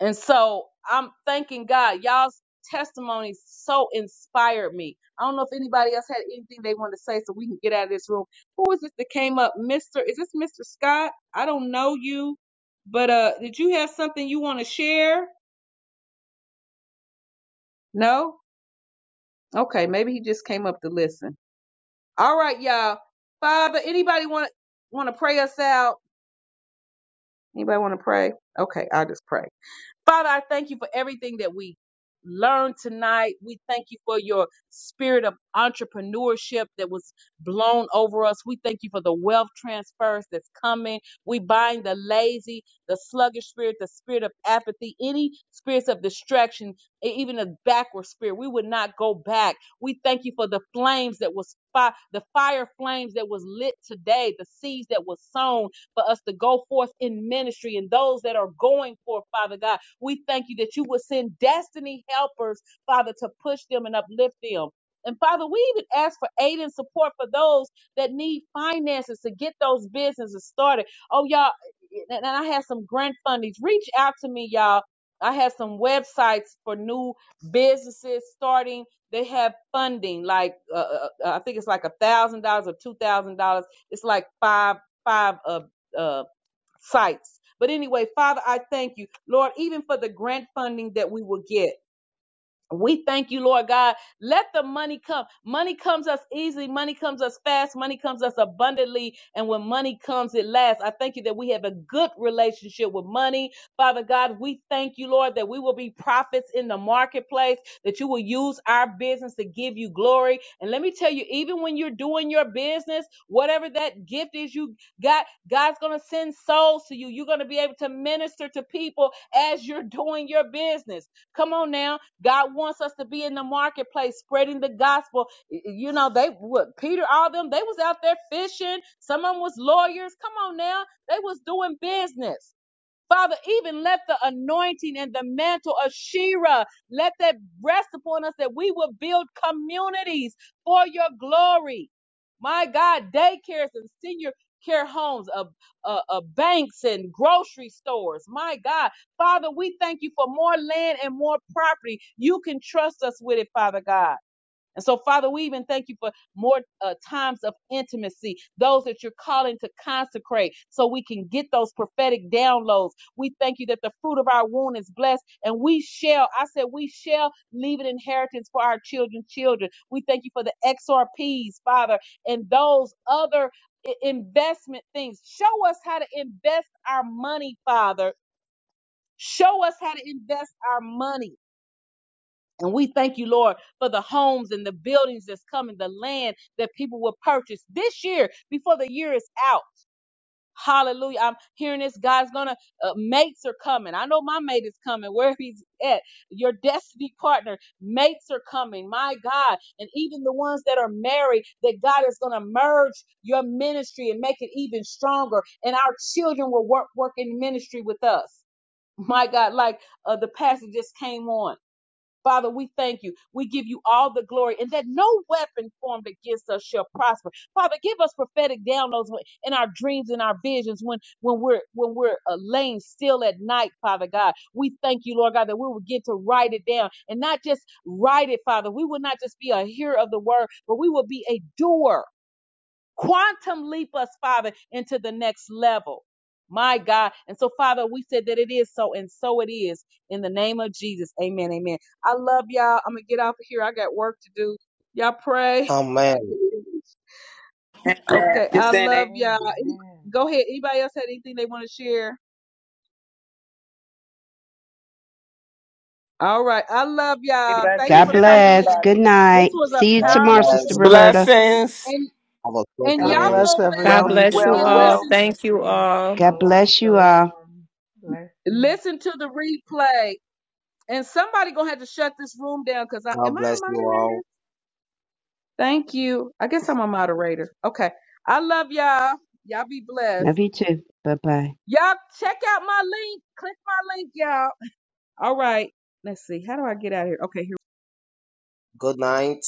And so I'm thanking God. Y'all's testimony so inspired me. I don't know if anybody else had anything they wanted to say so we can get out of this room. Who is this that came up? Mr. Is this Mr. Scott? I don't know you, but uh did you have something you want to share? No? Okay, maybe he just came up to listen. All right, y'all. Father, anybody want want to pray us out? Anybody want to pray? Okay, I'll just pray. Father, I thank you for everything that we learned tonight. We thank you for your spirit of entrepreneurship that was blown over us. We thank you for the wealth transfers that's coming. We bind the lazy, the sluggish spirit, the spirit of apathy, any spirits of distraction, e- even a backward spirit. We would not go back. We thank you for the flames that was fi- the fire flames that was lit today, the seeds that was sown for us to go forth in ministry and those that are going forth, Father God. We thank you that you will send destiny helpers, Father, to push them and uplift them. And Father, we even ask for aid and support for those that need finances to get those businesses started. Oh, y'all, and I have some grant fundings. Reach out to me, y'all. I have some websites for new businesses starting. They have funding, like uh, uh, uh, I think it's like a thousand dollars or two thousand dollars. It's like five five uh, uh, sites. But anyway, Father, I thank you, Lord, even for the grant funding that we will get. We thank you, Lord God. Let the money come. Money comes us easily. Money comes us fast. Money comes us abundantly. And when money comes, it lasts. I thank you that we have a good relationship with money. Father God, we thank you, Lord, that we will be prophets in the marketplace, that you will use our business to give you glory. And let me tell you, even when you're doing your business, whatever that gift is you got, God's going to send souls to you. You're going to be able to minister to people as you're doing your business. Come on now. God wants us to be in the marketplace spreading the gospel. You know, they what Peter, all them, they was out there fishing. Some of them was lawyers. Come on now. They was doing business. Father, even let the anointing and the mantle of Shira, let that rest upon us that we will build communities for your glory. My God, daycares and senior care homes, of, uh, uh, banks and grocery stores. My God, Father, we thank you for more land and more property. You can trust us with it, Father God. And so, Father, we even thank you for more uh, times of intimacy, those that you're calling to consecrate so we can get those prophetic downloads. We thank you that the fruit of our womb is blessed and we shall, I said, we shall leave an inheritance for our children's children. We thank you for the XRPs, Father, and those other i- investment things. Show us how to invest our money, Father. Show us how to invest our money and we thank you, Lord, for the homes and the buildings that's coming, the land that people will purchase this year before the year is out. Hallelujah. I'm hearing this. God's going to, uh, mates are coming. I know my mate is coming, wherever he's at. Your destiny partner, mates are coming. My God. And even the ones that are married, that God is going to merge your ministry and make it even stronger. And our children will work, work in ministry with us. My God, like uh, the pastor just came on. Father, we thank you. We give you all the glory and that no weapon formed against us shall prosper. Father, give us prophetic downloads when- in our dreams and our visions when, when we're, when we're uh, laying still at night, Father God. We thank you, Lord God, that we will get to write it down and not just write it, Father. We will not just be a hearer of the word, but we will be a doer quantum leap us, Father, into the next level. My God. And so, Father, we said that it is so, and so it is in the name of Jesus. Amen. Amen. I love y'all. I'm going to get off of here. I got work to do. Y'all pray. Amen. Yeah. okay. Just I saying, love amen. y'all. Amen. Go ahead. Anybody else had anything they want to share? All right. I love y'all. Thanks blessings. God for Good night, coming bless. in. Good everybody. This night. was See a you God tomorrow, powerful Sister bless one. the Roberta. family, Blessings. And our and God y'all programs. bless go back God Wealth, everyone. Good bless you and wealth, night. all. wealth. listen Thank you Blessing. all. God Shalom, bless you all. shalom. Blessing. listen to the replay. And somebody gonna have to shut this room down because I God am I a bless you all. moderator? Thank you. I guess I'm a moderator. Okay. I love y'all. Y'all be blessed. Love you too. Bye bye. Y'all check out my link. Click my link, y'all. All right. Let's see. How do I get out of here? Okay, here Good night.